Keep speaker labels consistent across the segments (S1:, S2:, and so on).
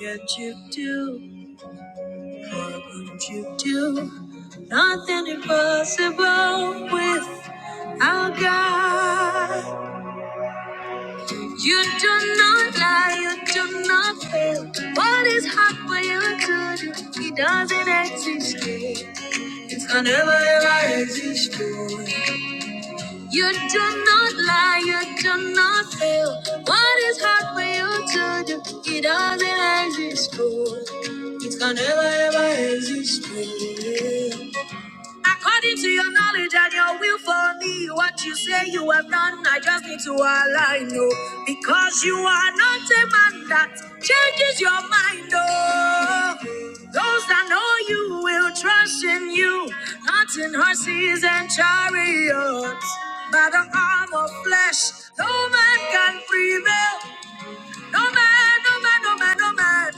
S1: Yet you do, would you do? Nothing impossible with our God. You do not lie, you do not fail. What is hard for you to do? He doesn't exist. It's gonna never ever exist. You do not lie, you do not fail. What is hard for you to do? It doesn't exist, oh. It can never ever exist. oh. According to your knowledge and your will for me, what you say you have done, I just need to align you. Because you are not a man that changes your mind. Oh, those that know you will trust in you, not in horses and chariots. By the arm of flesh, no man can prevail. No man, no man, no man, no man.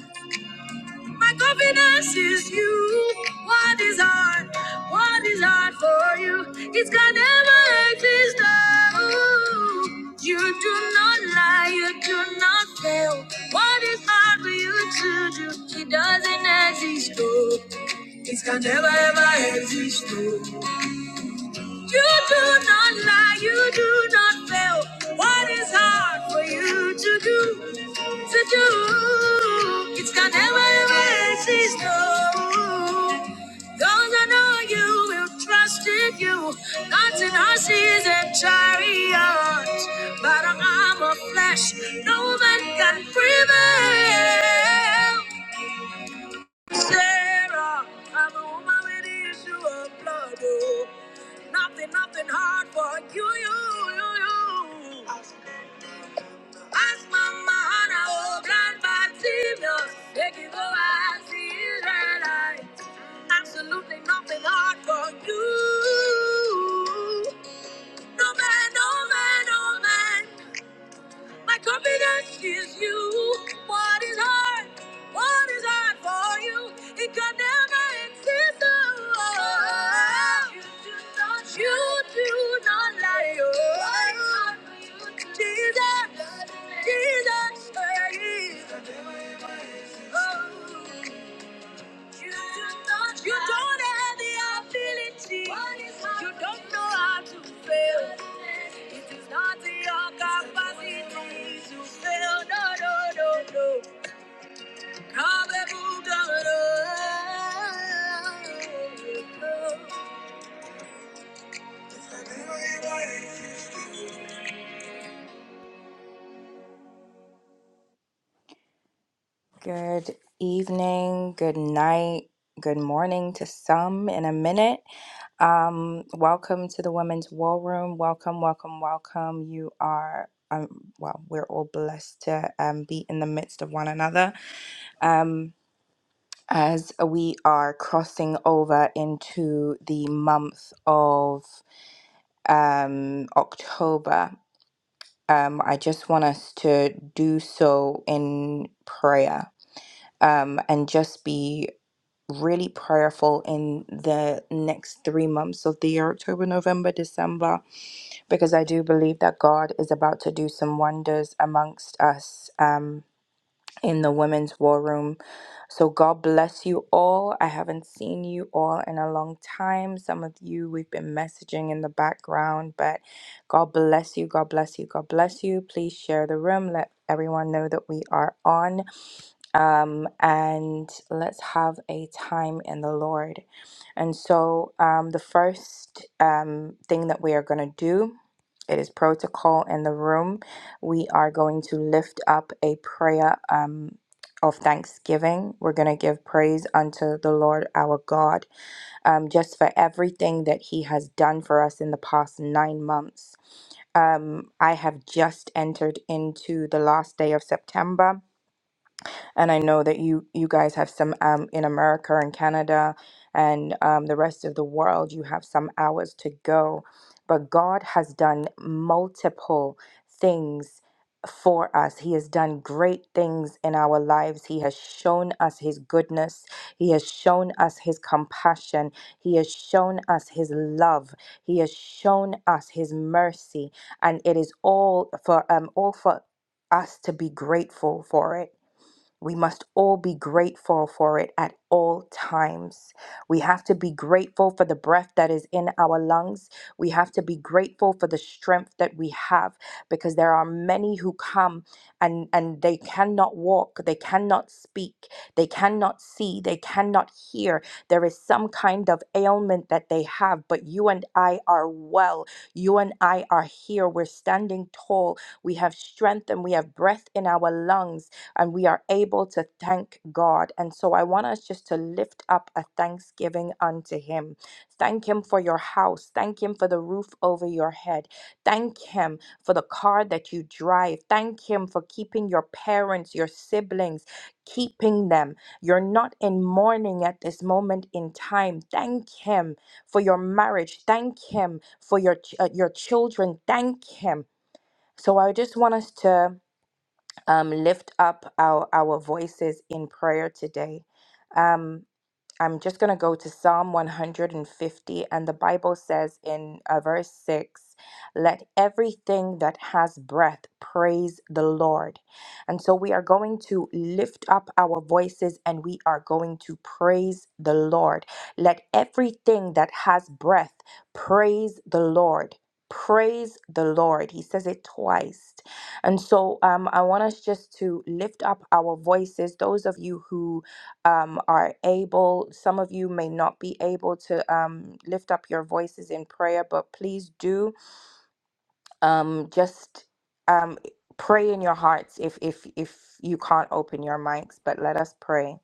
S1: My confidence is you. What is hard? What is hard for you? It's gonna never exist. Oh, you do not lie. You do not fail. What is hard for you to do? It doesn't exist. Oh, it can never ever exist. Oh, you do not lie. You do not fail. What is hard for you to do? to do. It's gonna never ever exist. No. Those I know you will trust in you. Gods and horses and chariots, but i arm of flesh. No man can prevail. Sarah, I'm a woman with the issue of blood. Oh. Nothing, nothing hard for you, you, you, you. As mama Hannah, oh, blind Bartimaeus, they can go as the Israelites. Absolutely nothing hard for you. No man, no man, no man. My confidence is you. What is hard? What is hard for you? It can never exist. Oh, you do not, you do not lie. Oh, Jesus, Jesus, Jesus. Oh. You don't have the ability. You don't know how to fail. It is not in your capacity to fail. No, no, no, no. Good evening, good night, good morning to some. You are, um, well, we're all blessed to um, be in the midst of one another. Um, as we are crossing over into the month of um, October, um, I just want us to do so in prayer um, and just be really prayerful in the next three months of the year October, November, December, because I do believe that God is about to do some wonders amongst us. Um, in the women's war room. So, God bless you all. I haven't seen you all in a long time. Some of you we've been messaging in the background, but God bless you. God bless you. God bless you. Please share the room. Let everyone know that we are on um, and let's have a time in the Lord. And so, um, the first um, thing that we are going to do. It is protocol in the room. We are going to lift up a prayer um, of thanksgiving. We're going to give praise unto the Lord our God um, just for everything that He has done for us in the past nine months. Um, I have just entered into the last day of September and I know that you you guys have some um, in America and Canada and um, the rest of the world. You have some hours to go, but God has done multiple things for us. He has done great things in our lives. He has shown us His goodness. He has shown us His compassion. He has shown us His love. He has shown us His mercy, and it is all for um all for us to be grateful for it we must all be grateful for it at all times. We have to be grateful for the breath that is in our lungs. We have to be grateful for the strength that we have because there are many who come and, and they cannot walk, they cannot speak, they cannot see, they cannot hear. There is some kind of ailment that they have, but you and I are well. You and I are here. We're standing tall. We have strength and we have breath in our lungs and we are able to thank God. And so I want us just to lift up a thanksgiving unto Him. Thank Him for your house. Thank Him for the roof over your head. Thank Him for the car that you drive. Thank Him for keeping your parents, your siblings, keeping them. You're not in mourning at this moment in time. Thank Him for your marriage. Thank Him for your, ch- uh, your children. Thank Him. So I just want us to um, lift up our, our voices in prayer today. Um, I'm just going to go to Psalm 150, and the Bible says in uh, verse 6 let everything that has breath praise the Lord. And so we are going to lift up our voices and we are going to praise the Lord. Let everything that has breath praise the Lord. Praise the Lord. He says it twice. And so um, I want us just to lift up our voices. Those of you who um, are able, some of you may not be able to um, lift up your voices in prayer, but please do um, just um, pray in your hearts if, if, if you can't open your mics, but let us pray.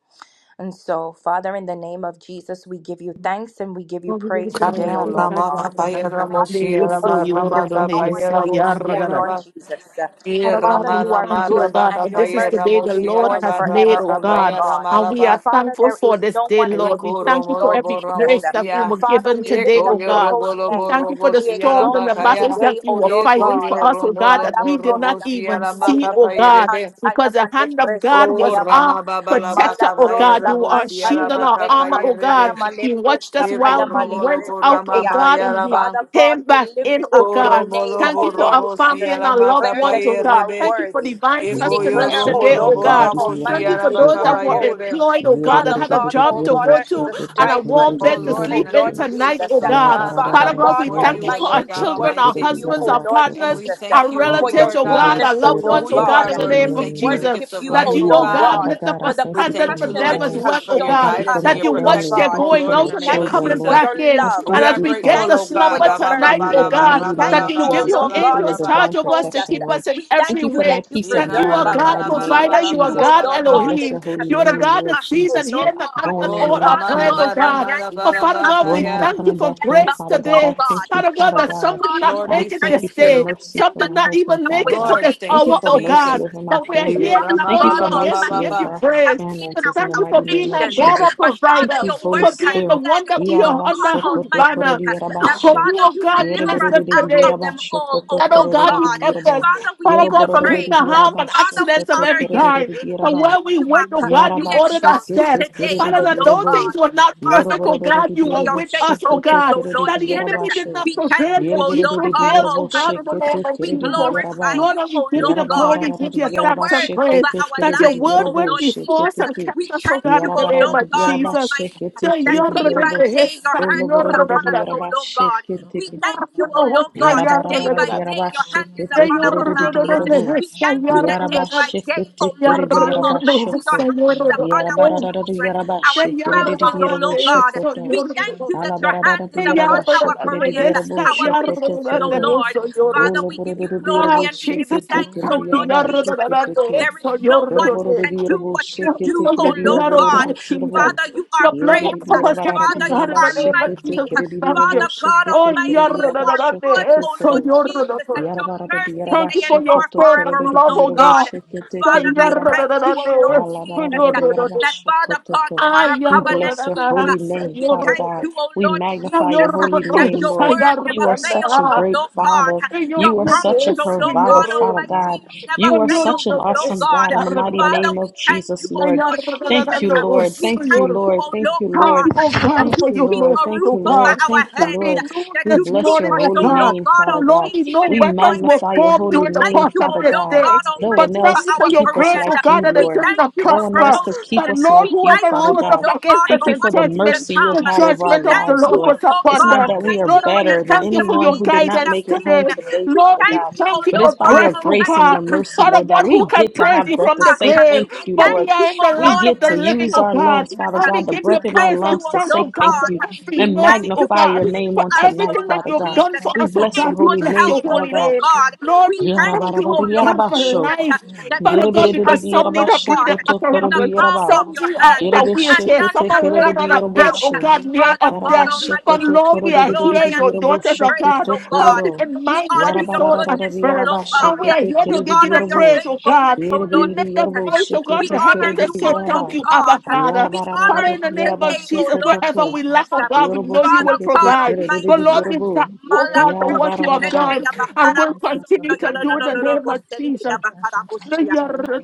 S1: And so, Father, in the name of Jesus, we give you thanks and we give you
S2: Father God,
S1: praise today,
S3: Kaya
S1: O Lord
S3: Rama
S1: God,
S3: Kapaya Ramo Shira Ma Rama Kapaya Ramo Shira
S1: Lord
S3: Ba
S1: Jesus. uh,
S3: E Rama
S2: we
S3: Rama
S2: thank you,
S3: Raba
S2: God, for this is
S3: Kapaya
S2: the day
S3: Ramo
S2: the Lord
S3: Shira
S2: has
S3: Ba
S2: made,
S3: Rama
S2: oh God,
S3: Kapaya Rama
S2: and we are
S3: Raba
S1: Father,
S2: thankful for
S1: there's
S2: this
S1: no
S2: day,
S1: one like
S2: Lord. We
S3: Eko
S1: you, O
S2: thank you
S3: Romo
S2: for
S3: Lobo
S2: every
S3: Ramo
S2: grace
S1: Lord.
S2: that we
S3: Shia
S2: were
S1: Father,
S2: given today,
S1: lift
S3: Eko
S1: up
S2: oh God.
S3: Yorobo
S1: your
S2: We
S1: name
S3: Lobo
S2: thank you for
S3: Robo
S2: the storms and
S3: Ba
S2: the
S1: to you
S2: battles
S3: Kaya
S1: today,
S2: that you
S1: O
S2: were
S1: Lord
S3: Eko
S2: fighting
S1: God.
S2: for us, oh
S3: Yoromo
S2: God, that
S3: Lobo
S2: we did
S3: Robo
S2: not even
S3: Shira
S1: panda
S3: Ma
S1: ye
S2: see, oh
S3: Kapaya
S1: bekeri
S2: God,
S3: Rebe
S1: antaya
S2: because the
S1: male
S2: hand of
S1: breske
S2: God
S3: O
S2: was
S1: payama.
S2: our
S3: Rama Baba Laba
S1: Mala
S2: protector, oh
S3: Kapaya
S2: God.
S1: broska
S2: You
S3: Ramo
S2: are our
S1: panta ye
S2: shield
S3: Shira
S2: and
S3: Ba
S2: our
S1: bekeri
S2: armor,
S3: Kapaya
S2: oh God.
S1: antaya
S3: Rebe
S1: male
S2: You watched
S1: broska
S2: us
S3: Eko
S2: while
S1: paya
S2: we
S1: male
S3: Romo
S2: went
S3: Lobo
S1: breske
S2: out, oh
S3: Rama
S1: paya.
S2: God,
S3: Paya
S2: and we
S3: Raba
S1: Father God,
S2: came
S1: we
S2: back in,
S1: lift
S2: oh
S1: up your
S2: God.
S3: Koromolo
S1: name,
S2: Thank you
S1: O
S2: for
S1: Lord
S2: our
S3: borobo
S2: family
S1: Jesus.
S2: and
S1: We
S3: siala
S2: our loved
S1: declare
S2: ones,
S1: that
S2: oh
S3: makapaye
S1: you
S2: God.
S1: are
S2: Thank you for
S1: worthy.
S2: divine
S1: We
S4: We are a
S3: Ekoyo
S2: sustenance
S1: declare,
S4: basha,
S1: O
S2: today,
S3: romolo
S4: we
S2: oh
S1: Lord
S4: are a
S1: God
S2: God.
S4: rari,
S3: borabo
S4: we are a
S2: Thank you
S1: Almighty,
S3: siala
S2: for
S1: that
S4: basha,
S2: those
S1: you
S4: we are
S2: that
S1: are
S2: were
S3: bakapaye
S4: a,
S1: holy.
S2: employed, oh
S4: we are a
S2: God, that
S1: Father
S4: rari,
S2: had
S5: Thank
S2: a
S4: we
S1: God,
S2: job
S1: all
S4: are
S2: to
S4: a
S2: go
S1: honor is
S2: to
S4: basha,
S2: and a
S1: ascribed
S2: warm
S1: unto
S3: Oh
S2: bed to
S1: you,
S3: Lord, in
S1: O
S2: sleep
S3: the
S2: in
S1: Lord
S3: name of
S2: tonight,
S3: Jesus,
S2: oh
S4: we
S3: oh
S1: Jesus.
S4: are
S2: God.
S3: God, we
S1: Father
S2: Father
S3: come
S4: a,
S2: God,
S1: God
S2: we
S4: we
S3: before
S2: thank you
S3: you, oh
S2: for our
S1: Almighty,
S3: Lord
S1: we
S3: God
S2: children, our
S1: worship
S3: Almighty.
S1: you,
S4: are a
S2: husbands,
S1: O
S2: our
S1: Lord
S3: And
S2: partners,
S4: basha.
S3: we
S1: Jesus, uh,
S2: our
S3: thank you, oh
S4: We
S1: for your
S4: thank
S2: relatives,
S3: Lord
S2: oh
S4: you,
S2: God,
S4: Holy
S3: God,
S2: our
S1: goodness, O
S2: loved
S4: Spirit.
S3: for
S4: We
S1: Lord
S2: ones,
S3: who
S2: oh
S3: you
S4: bless
S1: God.
S2: God,
S3: are,
S4: your
S2: in the
S3: Lord.
S4: holy
S3: We
S2: name
S1: We
S2: of
S3: thank
S4: name,
S3: you for the
S4: Lord,
S3: gift
S1: worship
S2: Jesus.
S3: of
S1: you,
S4: for
S2: That
S4: who
S3: life,
S1: O
S2: you,
S3: oh
S4: you
S2: oh
S1: Lord
S4: are,
S3: God.
S2: God,
S1: God,
S4: Father
S2: lift up
S4: God.
S2: a
S1: for
S4: I
S1: the
S4: thank
S3: We
S4: you
S2: standard
S4: for
S3: thank
S2: for
S3: you,
S4: my
S1: compassion
S2: them
S3: Lord
S1: that
S2: as
S1: you
S4: home.
S1: have
S2: well,
S3: Jesus, for
S2: oh
S4: I
S3: your
S1: shown
S2: God
S1: to
S4: thank you for
S3: guidance and
S1: us,
S4: my
S2: that
S3: your
S2: you
S1: O Lord
S2: watch
S4: family. I
S2: their
S3: protection,
S1: God.
S4: thank
S3: oh
S4: you
S2: going
S4: for
S3: Lord, in
S4: my
S2: out
S1: We
S3: the
S2: and they're
S3: name
S1: thank
S3: of
S4: children,
S1: you
S2: coming
S1: for
S4: Lord.
S3: Jesus.
S2: back
S1: your
S2: in.
S4: I
S1: love.
S2: And
S3: We
S4: thank
S2: as
S3: are
S4: you
S2: we
S1: We
S2: get
S4: for
S3: grateful,
S2: the
S1: thank
S3: oh
S1: you for
S3: God.
S2: slumber
S4: my
S1: your
S3: Rabba, ba,
S2: tonight,
S3: ba,
S2: oh
S1: mercy.
S4: career.
S3: la,
S4: In the
S3: ba,
S2: God,
S1: We
S4: mighty
S3: rabba,
S1: thank
S4: name
S2: that
S3: la,
S4: of
S2: you will
S1: you,
S3: ba,
S1: O
S2: give
S3: la,
S4: Jesus,
S3: ba,
S2: your
S1: Lord
S4: thank
S3: la,
S4: you for
S3: ba,
S1: God,
S4: your
S3: la,
S2: angels
S1: that you
S3: ba.
S2: charge
S4: divine
S2: over us
S1: uphold
S2: to
S1: us.
S4: protection,
S2: keep
S4: Lord.
S2: us in
S1: We
S4: Thank
S2: every
S1: thank
S4: you
S1: you
S4: for my
S2: way.
S1: that you
S4: peace
S3: Ye
S4: of
S2: That you
S1: preserve
S2: are
S4: mind in
S3: ramala
S1: us.
S4: the
S2: God
S3: bala
S4: mighty
S1: We
S3: bala
S4: name of
S2: provider,
S1: thank
S3: bala
S2: you are
S1: you,
S3: bala
S4: Jesus.
S1: O
S2: God
S3: bala
S1: Lord
S4: I
S3: ba.
S1: God,
S4: bless
S1: that
S2: Elohim,
S4: your
S1: you have
S4: holy
S2: you are the
S4: name,
S1: carried
S2: God that
S4: Lord
S1: us,
S2: sees
S1: O
S2: and
S4: Jesus,
S2: hears
S1: Lord
S4: for
S2: and
S1: God.
S2: answers
S4: going
S3: Oh
S4: in
S2: all
S4: and
S2: our
S4: not
S1: Father
S3: ramala
S2: prayers,
S4: coming.
S1: God,
S2: oh
S5: you.
S3: ba
S1: from
S2: God.
S3: ramala
S2: Oh
S5: Thank
S3: bala
S1: January
S2: Father
S3: ba
S1: up
S2: God, we
S4: Going out and
S1: until
S3: kaya.
S2: thank you
S4: coming
S2: for
S4: back in,
S1: September,
S2: grace
S1: oh
S4: Father God.
S1: Lord
S4: I
S2: today.
S1: God.
S4: thank you,
S2: Father God,
S4: Father
S2: that
S1: Father
S4: God.
S2: some did
S1: God,
S2: not
S1: we
S3: Lord,
S4: I
S3: we
S2: make it
S1: enter
S4: thank
S2: this
S4: you
S3: thank
S1: into
S4: for
S2: day,
S3: you.
S4: mercy
S2: some
S4: for
S1: September
S2: did
S4: my
S2: not
S4: husband,
S2: even
S1: 30th
S4: Father
S2: make
S1: with
S2: it to
S4: God.
S3: Lord,
S2: this
S1: praise,
S4: Thank
S3: thank
S4: you
S1: oh
S3: you,
S2: hour,
S4: for
S2: oh
S1: Lord
S4: mercy
S2: God.
S3: Jesus.
S1: Jesus.
S4: over my
S2: But we are
S3: Ye
S1: For
S4: family.
S2: here
S1: Father
S4: Thank
S2: before
S4: you
S3: Ramaba
S1: God
S2: you
S5: you.
S4: for
S3: ba ba ba
S2: again
S3: ba
S2: to
S3: ba
S4: mercy
S2: give
S1: Almighty,
S4: over
S2: you
S3: ba.
S4: our
S1: many
S5: Thank
S2: praise.
S1: have been
S2: And
S4: finances in the
S2: thank
S1: our
S2: you for
S4: mighty name
S2: being
S4: of
S2: our
S1: afflictions,
S2: God,
S4: Jesus.
S1: but Father,
S4: Thank
S2: provider,
S4: you,
S1: your
S4: Holy
S2: for
S1: word has
S2: being the
S4: Spirit.
S2: one
S1: said,
S2: that
S1: oh
S2: we are
S1: Lord God
S2: under whose
S1: Almighty,
S2: banner.
S1: that
S2: Hope
S4: Yarabashokotokorodiarabashe.
S2: you,
S1: Father,
S2: oh
S1: you
S2: God,
S1: deliver
S2: bless
S1: us
S2: us
S1: out
S2: today.
S1: of them all, oh
S2: That, oh
S1: Lord
S2: God, you
S1: God.
S2: kept us,
S4: Yerebedededediyarabashokotokorododidiraba.
S1: Father, we
S2: Father
S1: give you
S2: God, from hidden
S1: praise.
S2: harm and
S1: Father, we
S2: accidents of
S1: honor
S2: every
S1: you.
S2: kind.
S1: We
S2: But
S4: Yoroborododidirabashokotokorododidiraba.
S2: where
S1: lift
S2: we
S1: you
S2: went, oh
S1: up.
S2: God, you
S1: We
S4: Yaraba
S2: ordered
S4: shake
S2: our
S1: exalt you
S4: it,
S2: steps.
S4: take it,
S1: today,
S4: it it,
S2: Father,
S1: O
S2: that
S1: Lord
S2: those
S1: God.
S4: yorobo.
S2: things were not
S1: Father,
S2: perfect,
S1: we
S2: oh
S4: Yorobororo,
S1: thank
S2: God,
S1: you
S2: you
S1: for
S2: were
S1: your
S4: yorobo,
S2: with us,
S4: shake
S2: oh
S4: it,
S1: faithfulness,
S4: take
S2: God.
S4: it,
S1: O
S4: it
S1: Lord
S4: it,
S2: That the
S1: Jesus.
S2: enemy
S4: yaraba
S2: did
S4: show.
S2: not
S1: We thank
S2: prevail,
S1: you,
S2: but
S1: O
S2: you
S1: Lord
S4: Yereberere,
S1: God
S2: prevailed, oh
S4: yarabo,
S2: God, in
S4: shake
S2: the
S1: Almighty.
S4: it,
S2: name
S4: take
S2: of
S4: it,
S1: We
S4: it it,
S2: Jesus.
S1: glorify
S4: yaraba.
S2: Lord,
S1: you,
S2: that we
S1: O
S2: give you
S1: Lord
S2: the
S1: God,
S4: Yarabarara,
S2: glory, give
S1: for
S2: you
S1: your
S2: thanks
S4: yaraba,
S2: and
S1: word
S4: shake
S2: praise.
S1: over
S4: it, take
S1: our
S4: it,
S2: That
S4: it
S2: your
S4: it,
S1: lives,
S5: you.
S2: word
S1: O
S4: yarabo,
S2: went
S1: Lord
S4: shake
S2: before
S4: it,
S1: Jesus.
S2: us and
S4: take it.
S1: We
S2: kept us, oh
S1: thank
S2: God,
S1: you,
S2: in the
S1: O
S2: name
S4: Yarabarara,
S1: Lord
S2: of
S1: God
S4: yaraba,
S2: Jesus.
S4: shake
S1: Almighty,
S4: it,
S2: The
S4: take it,
S1: that
S4: it it,
S2: Yoruba,
S1: day
S2: the
S1: by
S4: yarabo.
S1: day your
S2: Hesa,
S1: hand is
S4: Olobororo,
S2: Yoruba,
S1: upon us, O
S2: the
S4: yaraba,
S1: Lord
S4: shake
S1: God.
S4: it,
S1: We
S4: take it.
S1: thank
S2: Yoruba,
S1: you, O
S2: the
S1: Lord
S2: Hosa,
S1: God, that day
S4: Yarabarara,
S1: by
S2: Yoruba,
S1: day your hand is
S4: yarabashikete,
S2: Ah,
S1: upon
S2: Jesus,
S1: our
S2: I
S4: keredidu,
S1: families.
S4: yorobo.
S2: thank
S1: We
S2: you.
S1: thank you that day by day, O
S4: Yarabashikete,
S1: Lord
S4: keredu,
S1: God Almighty, your
S4: yarabashoko.
S1: hand is upon our
S4: Yarabarara,
S1: children, our
S2: Thank you
S4: yarabashikeredidu,
S1: spouses, oh
S4: yorobo,
S1: Lord God.
S4: shokoto.
S1: We thank you that your
S4: Alabarara,
S1: hand is upon our
S5: Thank you.
S4: yarabashikerididu,
S1: careers,
S4: yorobo,
S1: our
S4: shokoto,
S1: businesses,
S5: Thank
S1: oh
S4: korodo.
S1: Lord. Father, we give you
S4: Oloborododo, yorobo,
S1: glory and we give you
S4: shikete,
S1: thanks,
S4: keredu,
S1: oh Lord Jesus.
S4: yarabashikete, ke.
S1: There is no one who can do
S4: Yoroborodirobo,
S1: what you
S4: shikete,
S1: do,
S2: for the
S1: oh
S4: keredidu,
S1: Lord
S2: blood of
S1: God.
S4: yorobororo,
S2: God, Jesus.
S4: yorobo.
S1: Father, you are
S2: The blood
S1: great.
S2: that covers us with
S1: Father, you
S2: God in the
S1: are
S2: name of
S4: Yerebiribirabararadiyarabashikete
S1: mighty.
S2: Jesus, we thank you.
S1: Father
S4: keredidiroboshe
S1: God
S4: kete
S2: Oh,
S1: Almighty,
S2: yarra,
S1: you
S2: da, da,
S1: are
S2: da, da,
S1: good, oh
S2: eso,
S4: keredidirabashokotokoro.
S1: Lord
S2: yarra, da,
S1: Jesus, and
S2: da.
S1: your
S4: Yarabara de
S1: mercies
S4: Yaraba
S2: Thank you
S1: they
S2: for your
S1: endure
S4: Shokoto
S2: fervent
S1: forever,
S4: Korodo de
S1: oh
S2: love,
S1: Lord
S2: oh
S4: Yarabo
S1: God.
S2: God.
S4: Shekete
S1: Father,
S2: Thank
S4: Keridi
S1: I
S4: Yaraba.
S1: thank you,
S5: you.
S1: oh Lord
S5: Thank
S1: Jesus,
S4: Alabarada
S1: uh,
S4: de Yaraba
S1: that Father God,
S4: Shokotoko.
S1: you are a
S4: We
S1: covenant
S4: bless your
S1: keeper.
S4: holy name,
S1: We
S4: Father
S1: thank
S4: God.
S1: you, oh
S4: We
S1: Lord
S4: magnify your
S1: Jesus, uh,
S4: holy
S1: that
S2: you.
S4: name,
S1: your
S4: Lord.
S1: word
S4: You
S1: never
S4: are such
S1: fails,
S4: a
S1: oh
S4: great
S1: Lord God.
S4: Father.
S1: Your
S4: You are
S1: promise,
S4: such a
S1: oh Lord
S4: provider,
S1: God
S4: Father
S1: Almighty,
S4: God.
S1: you never
S4: You are
S1: fail,
S4: such an
S1: oh Lord
S4: awesome
S1: God.
S4: God in the mighty
S1: Father,
S4: name
S1: we
S4: of
S1: thank you,
S4: Jesus,
S1: oh
S4: Lord.
S1: Lord
S4: Thank you,
S1: Jesus. uh,
S4: Lord.
S1: We
S4: Thank
S1: thank
S4: you,
S1: you,
S4: Lord.
S1: oh
S4: Thank
S1: Lord
S4: you,
S2: Thank
S4: Lord.
S1: God,
S2: you, oh
S1: that
S2: God, for
S1: you
S4: Thank you,
S2: your
S1: keep
S4: Lord.
S2: mercy,
S1: a
S4: Thank
S1: roof
S2: oh
S4: you,
S5: you.
S1: over
S2: God.
S4: Lord.
S1: our
S4: Thank you,
S2: That
S1: heads,
S2: we
S4: Lord.
S2: knew
S1: that
S5: Thank
S4: We
S1: you
S2: this
S4: bless
S1: keep
S4: your
S2: morning,
S1: us,
S2: oh
S4: holy
S1: oh
S2: God.
S1: Lord
S4: name,
S1: God
S2: That
S4: Father
S2: Lord,
S4: God.
S2: we
S1: Almighty,
S2: know
S1: in
S4: We
S2: weapons were
S1: employment,
S4: magnify your
S2: formed
S1: we
S4: holy
S2: during the
S1: thank
S4: name,
S2: course
S1: you,
S2: of
S1: oh
S4: Father
S2: this
S1: Lord
S4: God.
S2: day.
S1: God
S4: No
S2: But
S4: one
S1: Almighty, for
S2: thank
S4: else
S2: you for
S4: could
S1: our
S2: your
S4: keep us
S2: grace,
S1: careers.
S2: oh
S4: like
S2: God,
S4: you,
S2: that it
S1: We
S2: did
S4: Lord.
S1: thank
S2: not
S1: you
S4: No
S1: for
S4: one
S2: prosper.
S4: else could
S1: promotion.
S4: keep
S2: That
S4: us
S2: Lord,
S1: We
S4: like you,
S1: thank
S2: whoever
S4: Father
S1: you,
S2: rose
S1: oh
S2: up
S4: God.
S1: Lord
S2: against
S1: God,
S2: us
S4: Thank
S1: for
S4: you
S2: in
S4: for
S1: what
S4: the
S1: is to
S2: judgment,
S4: mercy you have
S2: the
S1: come.
S4: had over
S1: We
S4: our
S2: judgment
S5: you.
S2: of
S1: thank
S2: the
S4: lives,
S2: Lord
S1: you,
S4: Lord.
S1: oh
S2: was
S1: Lord
S4: It's
S2: upon
S1: God
S4: not
S2: them.
S5: Shut
S4: that
S5: up,
S4: we are
S2: Lord,
S1: Almighty,
S2: and
S4: better
S1: for
S2: we
S1: the
S4: better than
S2: thank you for
S4: anyone
S2: your
S1: testimonies
S4: who did
S1: that we
S4: not
S1: have
S2: guidance
S4: make it
S2: today.
S1: seen.
S4: home today,
S1: We
S2: Lord,
S4: Father
S2: we
S1: thank
S4: God.
S1: you, oh
S2: thank you
S4: But
S1: Lord
S4: it's
S2: for
S4: by
S1: God
S4: your
S2: breath, oh
S4: grace and
S1: Almighty,
S2: God.
S4: your mercy,
S1: for
S2: Father
S4: Lord, that
S2: God,
S1: what
S4: we
S2: who
S1: you have
S2: can
S4: get to
S2: praise
S1: birthed
S4: have
S2: you
S1: through
S4: breath
S2: from
S4: to
S2: the
S4: say
S2: grave?
S1: us.
S4: thank
S1: We
S4: you,
S2: but
S1: thank
S2: we
S4: Lord.
S1: you,
S2: are in the
S1: oh
S4: We
S2: land
S1: Lord,
S2: of
S4: get
S1: in
S2: the
S4: to
S1: the name
S2: living,
S4: use
S1: of
S2: oh
S4: our
S2: God.
S4: lungs,
S1: Jesus.
S4: Father
S2: And we
S4: God, the
S2: give you
S1: We
S4: breath in our
S1: thank
S2: praise
S1: you,
S2: and
S4: lungs
S1: oh
S4: to
S2: thank, oh
S1: Lord
S4: say
S2: God,
S4: thank
S2: for
S1: God.
S4: you
S1: We
S2: every
S4: and
S2: mercy,
S1: thank you
S2: oh
S1: for
S4: magnify
S2: God,
S4: your
S1: keeping
S4: name
S2: for
S4: on
S1: us,
S4: tonight,
S1: oh
S2: everything that
S1: Lord
S4: Father
S2: you've
S4: God.
S2: done
S1: Jesus,
S2: for
S4: We
S2: us, oh
S4: bless
S1: in
S4: your
S2: God. We
S1: good
S4: holy
S1: on
S2: bless
S1: health,
S4: name,
S2: your
S1: oh
S4: Father
S2: holy
S1: Lord
S4: God.
S2: name.
S1: God.
S2: Lord,
S1: We
S2: we
S1: thank
S2: thank
S4: Yarabara
S1: you,
S2: you,
S1: oh
S2: oh
S1: Lord
S2: God, for
S4: Yarabasho.
S1: Jesus, uh,
S2: life.
S1: that
S2: Father
S1: you
S2: God,
S1: keep us,
S2: because some
S1: oh
S2: need
S1: Lord
S2: a
S4: Yerebededededearabasho
S1: God,
S2: breathing
S4: koto
S1: in
S4: korodu
S1: the
S2: apparatus.
S1: palm
S4: yaraba.
S1: of
S2: Some
S1: your
S2: need are in
S1: hand, uh,
S2: a
S1: and
S4: Yerebeshe
S2: wheelchair.
S1: none
S2: Some
S4: kete
S1: can
S2: are laying
S1: pluck
S5: Shaka,
S2: on a
S1: us
S2: bed,
S1: out.
S2: oh
S1: Uh,
S4: kerededeyaraboshe.
S5: Papa,
S2: God,
S5: you
S2: near
S5: took
S1: Father
S2: of
S5: to the
S1: God
S2: death.
S5: end
S4: Yarabashe
S5: of
S2: But
S1: Almighty,
S5: the
S4: koto
S1: we
S5: day.
S2: Lord,
S1: give
S2: we
S1: you
S2: are
S5: Shaka
S2: here,
S1: glory and
S2: your
S1: we give you
S2: daughters,
S4: korodododododeyarabosho
S2: oh
S1: praise,
S2: God,
S4: koto
S1: oh God.
S2: healthy
S4: korodo.
S2: in
S1: We
S2: mind, body,
S1: honor your
S2: soul, and
S4: Yarabarararara
S1: goodness, oh
S2: spirit.
S1: Lord
S4: yarabashe
S2: And we
S1: God.
S2: are
S4: kete
S2: here to
S1: We
S2: give you the
S1: honor your
S4: kerededeyarabo.
S2: praise, oh God.
S1: faithfulness, oh
S2: We
S1: Lord
S2: lift up
S1: Jesus.
S2: voice,
S4: Yerebedeyaraboshe
S2: oh God,
S1: We
S4: kete
S2: to heaven
S1: honor
S2: to
S1: you,
S2: say
S1: oh Lord
S4: keredeyaraba.
S2: thank you, Abba
S1: God.
S2: Father.
S1: We
S2: Father,
S1: honor
S4: Yarabarararara
S2: in
S1: you
S2: the name of
S1: today,
S4: yarabashe
S1: oh
S2: Jesus,
S1: Lord
S4: koto
S2: wherever
S4: ko.
S2: we lack,
S1: Jesus.
S2: oh God, we know you
S4: Yoroboshe
S2: will
S1: Father
S4: kete
S1: God
S2: provide. But
S1: Almighty.
S2: Lord, we thank
S4: kerededeyarabo.
S2: you, oh God, for what
S1: Malabroske
S2: you have
S1: pende
S4: Yarabarararara.
S2: done
S1: ya
S2: and
S1: bakara
S2: will
S1: musondo
S2: continue
S1: ya
S2: to
S1: do do
S2: do in
S1: do
S2: the
S1: do
S2: name of
S1: bosende ya
S2: Jesus.
S1: bakara
S2: The
S1: busoya.
S2: yarra-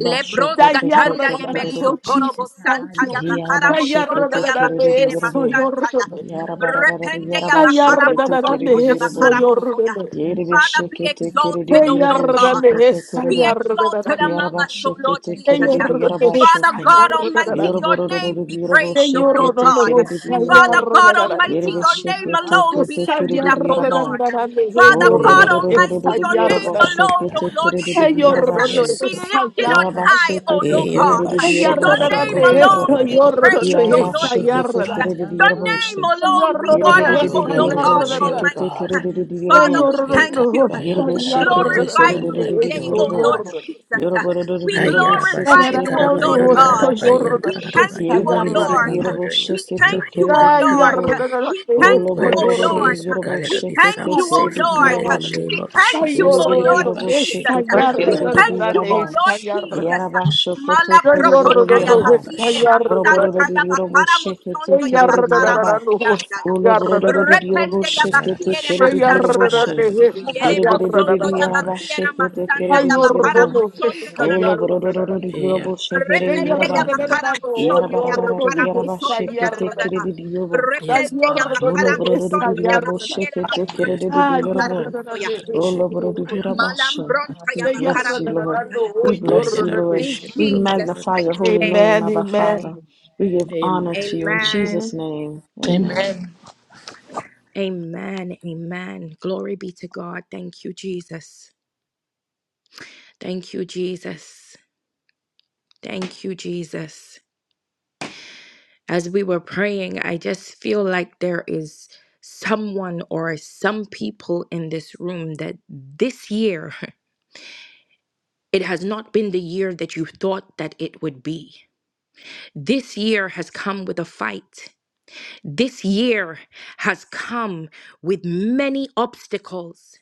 S1: Lebros
S2: the
S1: katanda ya
S2: yarra-
S1: melio
S2: Oh,
S1: korobo
S2: Jesus, thank
S1: santa
S2: you.
S1: ya bakara
S2: The
S1: mosondo ya
S2: yarra-
S1: bakiere
S2: so
S4: Yarabasheketekereririrobo.
S1: masanta
S2: your-
S1: ya.
S2: the
S5: Yes,
S1: Repende ya bakara bosonto ya
S2: yarra-
S4: Yarabarararararabasheketekereririrobo.
S2: so
S1: bakara
S2: your-
S1: bosoya. Father, be exalted,
S2: the
S1: O
S4: Yerebesheketekereririrobo
S1: Lord God.
S2: yarra- so
S1: Be
S4: shokotokororo.
S1: exalted
S2: your-
S1: among us, O Lord
S2: Señor,
S1: Jesus. Father
S4: Yarabasheketekereririrabashoko.
S1: God Almighty, your name be
S4: Yoroborororororobo
S1: praised, O Lord God.
S4: sheketekereririrobo.
S1: Father God Almighty, your name alone be lifted up, O
S4: Yerebesheketeketekereririraba.
S1: Lord. Father God
S6: Yes,
S1: Almighty, your
S4: Olobororororororobo
S1: name alone, O Lord
S6: Lord.
S1: Jesus,
S4: sheketekereririrabashe.
S1: be lifted on high, O
S4: Yarabashekete
S1: Lord
S4: kerede
S1: God.
S4: diarabo
S1: Your name
S4: shokotoko.
S1: alone be praised, O
S6: Name be
S1: Lord
S4: Yarabashekete
S1: Jesus.
S6: glorified.
S4: kerede
S1: Your
S4: diarabo
S5: Shadabaya
S1: name
S4: she.
S1: alone be
S5: Sotori
S4: Yerebe
S6: Oh,
S1: honored,
S6: you
S1: O Lord
S6: alone are
S4: diarabo
S1: God
S6: worthy,
S5: Adedekina
S6: O
S4: shekete
S1: Almighty.
S6: God.
S4: kerede dirobo.
S1: Father,
S5: Shadababa
S1: we thank you.
S5: Shatoro
S4: Yerebe
S1: We
S6: Ekarabayandararaba, There
S4: şekete
S6: is
S5: Masatara
S1: glorify
S6: none
S1: you you
S6: like
S4: kerererereri
S6: you,
S1: today,
S6: O
S1: oh
S4: yerobo.
S1: Lord
S5: Adedekina
S6: God.
S1: Jesus.
S4: Yoroborororori
S1: We
S4: yerobo
S5: Shadababa
S1: glorify
S4: şekete
S1: you, oh Lord
S4: kerereri
S1: God.
S4: yerabaşı.
S1: We
S5: Shakura
S1: thank you,
S6: Ayarabashikarabayandararabayandarararabayanda.
S1: oh
S6: Leave my
S4: Yereberereri
S6: lean
S1: Lord.
S4: yerobo
S5: Shaka,
S6: daughter in your,
S1: We
S6: in
S4: şekete
S6: your
S1: thank
S6: hand
S1: you, oh
S6: right
S4: kerereri
S2: Ay,
S6: now.
S1: Lord.
S4: yerobo.
S1: We
S2: arrogante
S1: thank you,
S2: estoy,
S6: Wherever
S1: oh
S6: she
S4: Olobororororori
S1: Lord.
S6: is, O
S2: arrogante.
S6: God,
S4: yerobo
S6: let her
S1: We
S6: be
S1: thank
S4: şekete
S6: found
S2: Ah,
S1: you, oh
S6: safe, O
S4: kerereri
S6: God, in the
S4: yerobo
S1: Lord.
S2: Lord.
S4: şe.
S6: name
S1: We
S6: of
S1: thank
S2: Ay,
S1: you,
S6: Jesus.
S1: oh
S4: Yereberereri
S1: Lord
S2: arrogante,
S4: yerobo
S2: yes,
S1: Jesus.
S2: ay,
S4: şekete
S7: Praise the
S1: We
S7: Lord.
S4: kerereri
S1: thank
S6: Ayarabashikarabayandararabashikarabayandararaba.
S1: you,
S2: arrogante,
S4: yeraba.
S1: oh
S2: yes,
S1: Lord
S2: ay, arrogante.
S1: Jesus.
S4: Yaraba şokoto
S1: Mala
S2: Ay,
S4: korororori
S1: prokonda ya
S2: arrogante,
S4: yeraba.
S2: yes, ay,
S1: bakiere
S6: Yarabashik,
S1: masanta
S2: arrogante.
S1: ya
S4: Yoroborororori yerobo
S1: bakara
S4: şekete
S2: Ay,
S1: mosondo ya
S4: kerereri
S1: bakara
S2: arrogante,
S4: yeraba.
S2: yes,
S1: basianda ya.
S2: ay,
S4: Oloborororori
S2: arrogante.
S4: yerobo
S1: Repende ya
S4: şekete
S1: bakiere
S6: Yarabashik,
S2: Ay,
S4: kerereri
S1: masanta
S4: yerobo şe.
S2: arrogante,
S1: ya.
S2: yes,
S4: We
S1: Yere
S2: ay,
S6: Rabayandarabashik,
S1: bosondo ya
S2: arrogante.
S4: bless you,
S1: bakiera
S6: Ayandarabashik,
S1: masanda
S2: Ay,
S1: ya bakara
S2: arrogante,
S1: mosondo
S2: yes, ay,
S1: yororo bosenge
S2: arrogante.
S1: ya.
S6: Yarabashik,
S2: Ay,
S1: Repende ya bakara
S2: arrogante,
S1: mosondo
S6: Rabayandarabashik,
S2: oh,
S1: ya bakara
S2: arrogante,
S6: Rabba.
S2: yes,
S1: mosondo
S2: ay,
S1: ya da da da
S2: arrogante.
S1: da.
S2: Ay,
S6: Yes,
S1: Repende ya
S6: God.
S1: bakara
S2: arrogante, yes,
S1: mosondo
S2: ay,
S1: ya
S2: arrogante.
S1: bakiera
S6: Yes,
S1: masanda ya
S2: Ah,
S6: God.
S1: bakara mosoya.
S6: Ayandarabashik, Rabayandar.
S1: Malambronta ya bakara
S4: Lord.
S1: mosondo ya ba.
S4: We bless you, Lord.
S1: In
S6: Ayandarabashik,
S4: We
S1: Jesus'
S4: magnify your
S1: mighty
S4: holy
S1: name.
S4: name,
S2: Amen,
S4: Abba
S2: amen.
S4: Father.
S5: Amen.
S4: We give honor
S6: Amen.
S4: to you in
S6: Amen.
S1: Amen.
S2: Amen.
S4: Jesus' name.
S7: Amen.
S4: Amen.
S1: Amen. Amen. Glory be to God. Thank you, Jesus. Thank you, Jesus. Thank you, Jesus. as we were praying, I just feel like there is someone or some people in this room that this year, it has not been the year that you thought that it would be. This year has come with a fight. This year has come with many obstacles.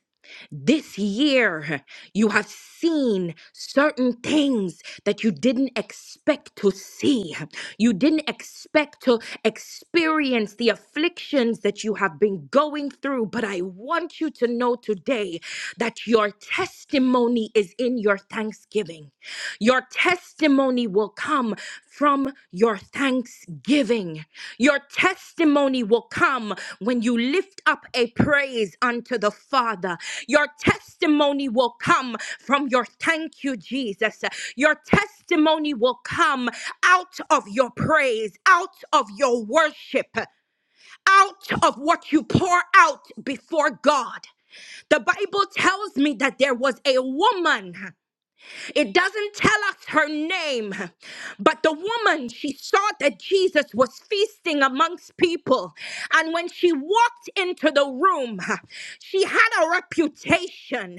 S1: This year, you have seen certain things that you didn't expect to see. You didn't expect to experience the afflictions that you have been going through. But I want you to know today that your testimony is in your thanksgiving. Your testimony will come from your thanksgiving. Your testimony will come when you lift up a praise unto the Father. Your testimony will come from your thank you, Jesus. Your testimony will come out of your praise, out of your worship. Out of what you pour out before God. The Bible tells me that there was a woman. It doesn't tell us her name, but the woman, she saw that Jesus was feasting amongst people. And when she walked into the room, she had a reputation,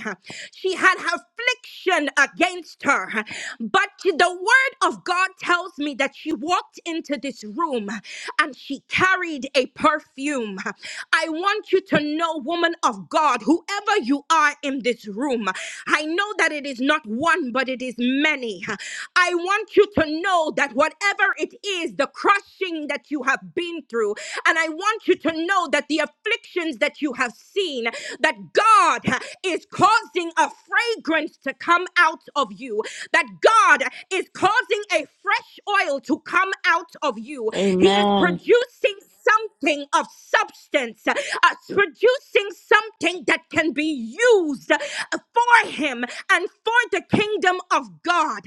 S1: she had affliction against her. But the word of God tells me that she walked into this room and she carried a perfume. I want you to know, woman of God, whoever you are in this room, I know that it is it is not one, but it is many. I want you to know that whatever it is, the crushing that you have been through, and I want you to know that the afflictions that you have seen, that God is causing a fragrance to come out of you, that God is causing a fresh oil to come out of you. He is
S4: Amen.
S1: producing something of substance, uh, producing something that can be used uh, for Him and for the kingdom of God.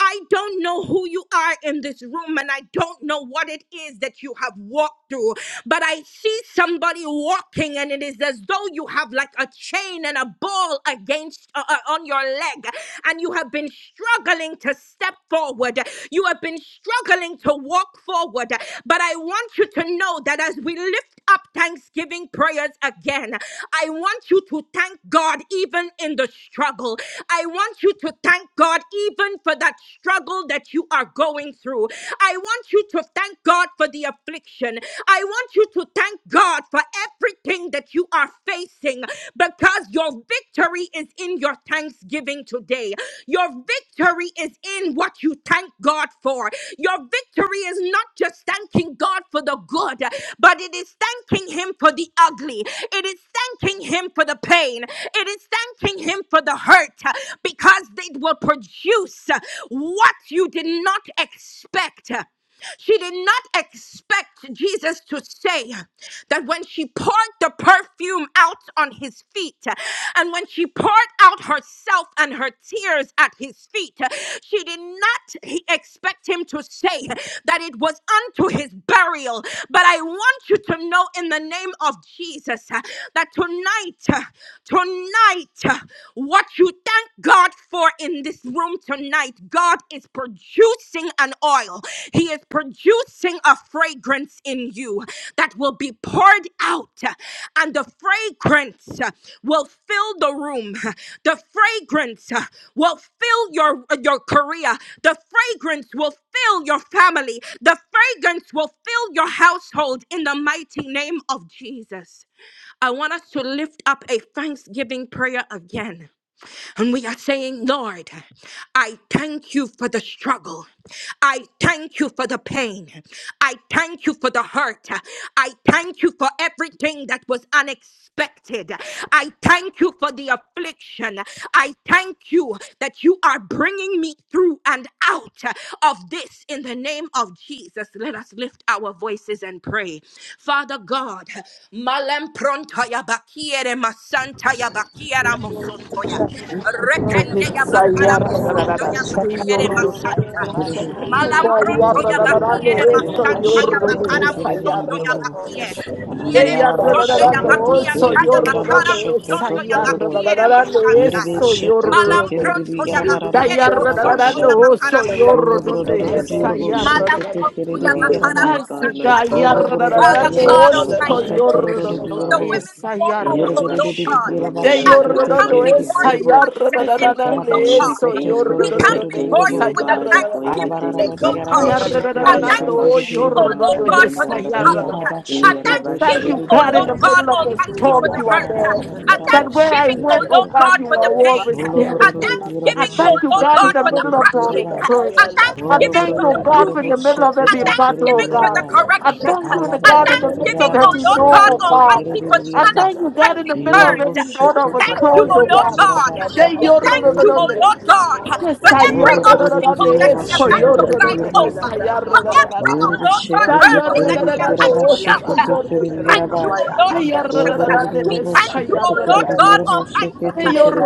S1: I don't know who you are in this room and I don't know what it is that you have walked through, but I see somebody walking and it is as though you have like a chain and a ball against uh, uh, on your leg and you have been struggling to step forward. You have been struggling to walk forward. But I want you to know that as we lift up thanksgiving prayers again, I want you to thank God even in the struggle. I want you to thank God even for that struggle that you are going through. I want you to thank God for the affliction. I want you to thank God for everything that you are facing thanksgiving because your victory is in your thanksgiving today. Your victory is in what you thank God for. Your victory is not just thanking God for the good, but it is thanking Him for the ugly. It is thanking Him for the pain. It is thanking Him for the hurt because it will produce what you did not expect. She did not expect Jesus to say that when she poured the perfume out on his feet and when she poured out herself and her tears at his feet, she did not he- expect him to say that it was unto his burial. But I want you to know in the name of Jesus that tonight, tonight, what you thank God. God for in this room tonight. God is producing an oil. He is producing a fragrance in you that will be poured out, and the fragrance uh, will fill the room. The fragrance uh, will fill your uh, your career. The fragrance will fill your family. The fragrance will fill your household in the mighty name of Jesus. I want us to lift up a thanksgiving prayer again. And we are saying, Lord, I thank you for the struggle. I thank you for the pain. I thank you for the hurt. I thank you for everything that was unexpected. I thank you for the affliction. I thank you that you are bringing me through and out of this in the name of Jesus. Let us lift our voices and pray. Father God, Malempronta ya bakiere masanta
S5: Yes,
S1: ya bakiera mosonto ya. Repende ya bakara
S2: Messiah.
S1: mosondo ya
S2: Thank you,
S1: bakiere masanta ya.
S4: Kerere,
S2: boy.
S1: Malambronto ya
S4: yoroborororo,
S2: Yarrarararane,
S1: bakiere
S2: eso,
S1: masanta ya
S4: yarabashekete,
S2: yorrone,
S1: bakara
S2: esa,
S4: kerere,
S1: mosondo ya
S2: yarrarara.
S4: yorobo.
S1: bakie.
S2: Te
S1: Yere mosondo ya
S2: yarrarararane,
S4: Yarabashekete,
S2: oso,
S1: bakianta
S4: kerere,
S1: ya bakara
S2: yorrone, esa,
S4: yarabashokoto,
S1: mosondo ya
S4: kororo.
S1: bakiere
S2: yarrarararane,
S1: masanta ya.
S2: eso,
S4: Yerebeshekete,
S1: Malam
S2: yorrone.
S4: kerere,
S1: pronto ya
S2: Ta
S4: yarabararara,
S1: bakiere
S6: Lord,
S8: Rekapaya
S1: bosonto
S4: yarabashe.
S2: yarrarararane,
S1: ya bakara
S2: oso,
S1: bosonto.
S2: yorrone,
S4: Oloborororo,
S2: esa,
S1: Malam
S4: yoroboshekete,
S2: yarrarararane.
S4: kerere,
S1: Prontoya
S4: yaraba.
S1: Bakara
S6: my
S2: Asi
S6: God, my
S2: ga
S1: Bosantaya.
S2: yarra
S6: Father,
S2: da da da
S4: Oloborororo,
S2: da
S6: I
S1: Father
S2: do
S6: thank
S1: God
S6: you,
S2: oso
S6: God,
S1: Almighty,
S4: yarabashokoto,
S6: I thank
S2: yorra
S4: kororo,
S2: da da
S6: you,
S1: we
S2: do
S1: the
S4: yorobo.
S6: God.
S1: women's
S2: esa
S1: war room,
S2: yarra
S1: O
S2: da.
S4: Yereberere,
S1: Lord God,
S2: Te
S1: as we
S2: yorra
S4: yarabashekete,
S2: da
S1: come
S6: For
S2: do
S4: kerere,
S6: every
S1: before
S2: esa
S1: you
S6: hurt,
S4: yorobo.
S2: yarra
S1: once
S2: da
S6: I
S2: da
S1: again,
S2: da
S6: thank
S2: da
S1: O
S6: you
S1: Lord
S6: for
S2: de
S6: every
S2: eso
S1: God,
S4: Yarabashokoto,
S6: pain.
S2: yorra
S1: we
S2: da
S4: kororo,
S2: da
S1: come
S2: da
S6: I thank
S1: before
S2: esa
S1: you
S6: you,
S4: yorobo.
S1: with a
S2: yarra
S6: God,
S2: da da
S6: for
S2: da.
S4: Ala
S1: thanksgiving,
S6: everything
S1: O
S6: we've
S1: Lord
S6: been
S1: God,
S2: Yarra
S6: through.
S2: da da
S1: a
S2: da da
S1: thanksgiving
S2: do
S1: thanksgiving, oh
S4: bararararirabashchehtecheereereerebom.
S2: yorra da
S1: Lord
S2: do
S1: God, for
S2: esa
S1: the
S2: yarra
S1: struggle.
S2: da da da.
S1: A
S2: I thank
S1: thanksgiving,
S2: you,
S1: oh
S2: God, in
S1: Lord
S2: the
S4: Iarabashchehtecheereereerebaba.
S1: God
S2: middle of the
S1: Almighty, for
S2: storm
S4: Ala
S1: the
S2: you are
S1: hurt.
S2: there
S1: A
S2: that where I
S1: thanksgiving, oh
S2: went, oh
S1: Lord
S4: barararararirabashchehtecheereereerebom.
S2: God,
S1: God,
S2: you are
S1: for the pain.
S2: always there
S1: A
S2: with me. I
S1: thanksgiving, oh
S2: thank you,
S1: Lord
S2: God, in
S1: God,
S2: the
S1: for
S5: Yes,
S1: the
S2: middle of the
S1: crushing.
S4: Woloborororotiraboschehtecheereereerebaba.
S1: A
S2: prison.
S5: Shut
S2: I
S1: thanksgiving
S2: thank
S1: for
S2: you, oh
S1: the
S2: God, in
S1: pruning.
S2: the middle of
S1: A
S2: every battle, oh
S1: thanksgiving for the
S2: God.
S4: Woloborororotiraboschehtecheereereerebaba.
S2: I
S1: correction.
S2: thank you,
S4: Ala
S1: A
S2: God, in the midst
S1: thanksgiving,
S2: of
S1: oh
S2: every
S1: Lord
S2: no,
S1: God
S2: oh God.
S1: Almighty, for the
S2: I
S4: barararararirabashchehtecheereereerebaba.
S2: thank you, God, in the
S1: unexpected
S2: middle of
S1: turns.
S2: every door
S1: We
S2: that was
S1: thank
S8: Rekapaya
S1: you,
S2: closed,
S8: la
S1: oh
S2: oh
S1: Lord
S2: God.
S8: brasha
S1: God.
S2: Say
S1: We
S2: your
S1: thank you, oh
S4: Iaraboschekotokorororotirabashchehtecheereereerebom.
S1: Lord God, for every obstacle that we have we have had to climb
S4: Woloborororotirabashchekotokorororotirabom.
S1: over, for every, oh Lord
S4: Yerabashekete
S1: God, hurdle that we have had to jump. We
S2: Yes,
S1: thank you, oh Lord Jesus. We
S2: Ayarradadadades,
S1: thank you, oh Lord God
S2: ayarradadadas.
S1: Almighty.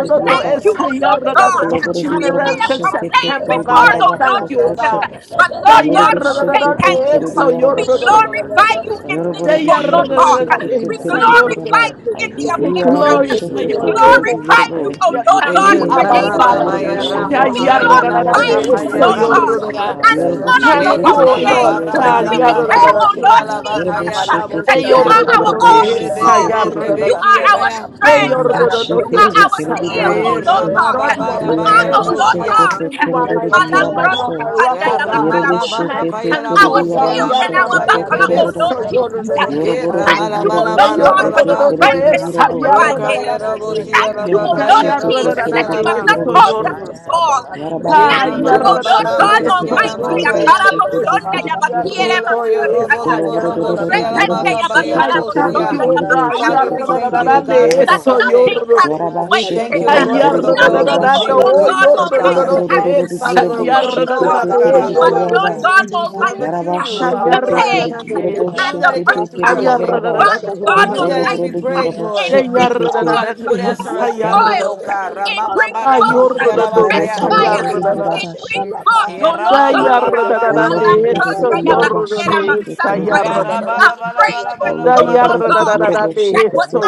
S1: We thank you,
S2: es
S1: oh Lord
S2: ayarradada.
S1: God.
S2: From
S1: We may
S2: January
S5: Maya,
S1: have
S2: to
S1: complained
S2: September, God,
S1: before,
S2: I
S1: oh Lord
S2: thank you,
S1: Jesus,
S2: God.
S1: but Lord God, we say thank you.
S2: Dayarradadadades,
S1: We
S6: I give
S2: ayorrodododod.
S1: glorify you in this, oh Lord oh God. We
S2: Dayarradadadades,
S1: glorify
S2: ayorrododod.
S1: you in the
S6: you
S2: I
S1: affliction.
S6: praise,
S2: glorify
S6: oh
S1: We
S2: your name,
S6: God.
S8: la
S2: O God.
S1: glorify
S6: I
S1: you, oh
S2: I
S6: give you
S1: Lord
S2: Thank
S1: God,
S2: you,
S3: Ye
S1: in
S6: praise,
S1: the
S2: Abba
S1: name
S3: Ramaba
S6: mighty
S1: of
S3: ba
S2: Father.
S6: God,
S3: ya
S1: Jesus.
S6: even the
S1: We
S3: ramosa
S6: pain,
S3: ya
S1: glorify
S3: Lamaka
S1: you,
S6: even
S2: Dayarradadadades,
S6: to
S1: oh
S3: kaya
S6: the
S1: Lord God,
S6: tears, oh
S3: rabosia.
S2: ayorrododod.
S6: God.
S1: and we
S6: I give
S1: honor
S2: Thank
S1: your
S3: Ye
S6: you
S2: you,
S1: holy
S2: O
S3: ramala
S6: worship,
S2: Lord
S1: name.
S3: ba
S6: oh
S2: God.
S6: Father.
S1: We
S3: ramala ba
S1: declare, oh
S6: I
S3: rabosia
S1: Lord
S3: la ba
S4: Yoruba
S1: Jesus,
S3: kaya
S4: shikete
S1: that
S2: Lord, you
S1: you
S3: rabosia.
S1: are
S4: kerede
S2: are
S1: our
S4: yoruba
S1: all
S3: Ye
S1: in
S3: rebe
S4: shikete
S1: all.
S3: rebe
S4: kerede
S1: You
S3: rebe
S1: are
S3: kia ba
S1: our
S3: ya.
S1: strength.
S4: yaraba
S1: You are
S4: shikete
S1: our
S4: kerede
S1: zeal,
S4: yoruba
S1: oh
S3: Ye
S1: Lord
S4: shi
S3: rama
S1: God.
S5: rupu
S3: ba
S5: de
S3: ya
S1: You
S5: de
S2: my
S3: ba
S5: de
S3: ya
S1: are,
S5: de
S1: oh
S4: yaraba
S2: praise, you
S5: de
S2: are
S1: Lord
S5: ya
S2: my
S3: rabosia.
S1: God,
S5: sa
S4: shokoto
S2: strength, you are
S5: ya
S2: my
S4: korodoro di yaraba
S2: redeemer, you
S1: Malabros
S2: are
S5: ma
S4: sho
S2: my
S5: a
S2: rock,
S5: sa
S1: Kapanda
S2: oh
S5: to
S2: God.
S3: Rama
S8: Rekapaya
S1: Yabakara
S4: yerebe
S3: baba
S5: ha
S2: And I
S5: de
S4: shikete
S1: Bushuya.
S5: de
S3: kapaya
S2: thank
S5: de
S2: you,
S3: rabo
S4: kerede
S1: our
S2: oh
S8: Rekapaya
S5: ku
S2: God.
S3: siya
S5: sa
S4: yaraba
S1: shield and
S3: rama
S5: ha
S1: and our
S5: ya
S4: shokoto
S3: kapaya
S5: sa
S1: buckler, oh
S3: rebe.
S4: korodoro
S1: Lord
S5: ra
S1: Jesus.
S5: u ti sa
S3: E
S4: yoruba
S1: We
S5: ta
S4: rododo
S1: thank
S3: rama la
S1: you,
S5: a
S3: ba
S1: oh
S4: yoruba
S3: la ba
S1: Lord
S3: la
S1: God,
S3: ba
S5: de
S1: for
S3: la
S4: shikete
S1: the
S5: ya
S3: ba.
S5: sa
S4: kerede
S1: strength that
S5: ya
S1: you have
S4: yoruba
S5: ma
S3: Re
S5: ye
S1: provided.
S5: de
S3: kaya rabo
S1: We
S5: de ya
S3: siya
S1: thank
S5: sa
S1: you,
S5: ta
S3: raba
S1: oh
S4: yaraba
S5: ra va
S1: Lord
S3: kaya
S5: ya
S4: shikete
S3: rabo
S5: sa
S1: Jesus,
S3: siya
S1: that
S4: kerede
S1: you
S5: ta
S1: have
S3: raba.
S1: not
S5: de
S4: yoruba
S1: caused
S4: shi
S1: us to fall.
S4: yaraba
S1: We
S3: Ye
S4: rododo
S1: thank you,
S3: rama
S4: yoruba
S1: oh
S3: la ba
S1: Lord God
S4: shikete
S3: ramo
S5: de
S3: siya
S4: kerede
S5: de
S1: Almighty.
S3: rama
S4: yoruba
S3: kaya.
S4: shikete
S1: Akaramosonda
S4: kerede yoruba
S1: yabakiere
S3: Ye
S5: Mama
S3: koya robo
S2: Yes,
S1: masantaya.
S3: lobo
S4: Oloboro
S3: robo
S4: dodo dodo
S3: siya rama
S1: Repende
S4: diroboshe
S3: kapaya
S2: I
S4: kete
S3: rabo
S4: kere
S2: thank
S4: didi
S3: siya.
S2: you,
S1: yabakaramosonda
S2: oh God.
S4: diroboshe
S3: Father, we
S4: kete
S3: thank
S4: kere
S3: you,
S1: yabakaramosontoya.
S3: O
S4: didi
S2: Yarrababande,
S3: God, for
S4: dirob.
S3: the
S1: That
S2: eso,
S1: nothing
S3: crushing.
S1: has
S4: Ya
S2: yorrote.
S1: been
S3: We
S4: raboshe
S3: thank
S1: wasted.
S3: you, O
S4: kete
S2: Ay,
S3: Lord,
S4: kere
S3: for the
S4: didi
S3: oil
S1: Nothing,
S3: that is
S1: oh
S3: being
S4: raboshe.
S2: yarrababando,
S1: Lord
S2: oh,
S1: God
S3: produced, O
S1: Almighty,
S4: Oloboro
S3: God.
S1: has
S8: la
S4: dodo
S2: yorrote,
S1: been
S4: dodo
S3: Father,
S2: esa,
S3: Lord,
S1: wasted,
S3: we
S1: oh
S4: diroboshe
S3: don't
S1: Lord
S3: know,
S8: Ya
S4: kete
S1: God.
S3: Father God,
S4: kere
S2: yarrababande,
S3: how the
S8: kapaya
S4: didi
S1: But
S8: la
S3: oil
S4: ya
S3: was
S4: rab.
S1: Lord
S3: going
S2: yorrote.
S3: to be
S8: brasa
S1: God
S3: produced, Lord,
S8: tebebe,
S4: Ya
S3: but
S1: Almighty,
S3: you knew,
S4: raboshe
S2: Esa,
S3: Father,
S1: the
S8: kapala
S4: kete
S3: Lord.
S1: pain
S4: kere
S8: sele
S2: yarrababande,
S3: You
S8: bra
S3: knew
S4: diroboshe
S1: and
S3: that
S1: the
S3: it
S8: kapa,
S4: kete
S3: came through
S4: kere
S2: ay,
S1: pressure,
S8: ya
S4: diya
S3: crushing.
S4: rab.
S8: kapra
S2: yarrababande,
S1: Father
S8: shada
S1: God
S3: You
S8: la
S2: ocho,
S3: knew that as
S4: Oloboro
S2: yorrote.
S3: we
S1: Almighty,
S4: didi
S8: bala kapra
S3: prayed,
S1: it
S4: roboshe
S2: De,
S3: Lord.
S8: tele la
S1: brings
S4: kete
S8: ba,
S3: Oh
S4: ke
S3: God, that
S2: yarrababande,
S3: you
S8: ya
S1: forth
S3: would answer
S2: esa,
S8: kapaya
S1: new
S3: us
S4: ya.
S8: la
S3: speedily,
S1: oil,
S3: oh
S8: brasa
S2: yarrababande.
S3: God.
S8: tele
S1: it
S8: ba
S3: Ra-ba-ba-ba-la-mo-shi-ya-la-ba-ka-ya.
S8: ka
S1: brings
S2: Ay,
S8: ba,
S1: forth
S4: Shoko
S2: yorrote,
S8: ya
S1: fresh
S4: doko
S2: esa,
S4: dodo
S8: kapaya
S4: dodo
S1: fire,
S8: la
S4: diya
S8: brasa
S1: it
S2: yarrababande.
S4: raboshe.
S8: tele
S1: brings
S8: la ba,
S1: forth,
S5: Shataya,
S1: oh Lord
S2: Da,
S8: ata
S5: Yes,
S8: da
S1: God,
S8: da brasa
S3: Yeah-ra-ma-ba-ba-ba-ba-ba-ba.
S4: Oloboro
S8: tele
S2: yarrababande,
S8: la
S4: dodo
S8: ba
S4: dodo
S2: eso,
S8: la
S1: Malamprontaya
S8: ba,
S4: diroboshe
S1: Bakiera
S2: yorrote,
S4: kete
S2: esa,
S4: kere
S1: Masantaya,
S4: didi.
S1: a
S2: yarrababande.
S8: ya
S4: Yoruba,
S8: kapaya la
S1: fragrance,
S2: Da,
S8: brasa
S1: oh Lord
S3: Yeah-ra-ba-la-ba-la-ba-la-ba-la-ba-la-ba.
S1: God,
S2: yarrababande,
S1: that was
S2: eso,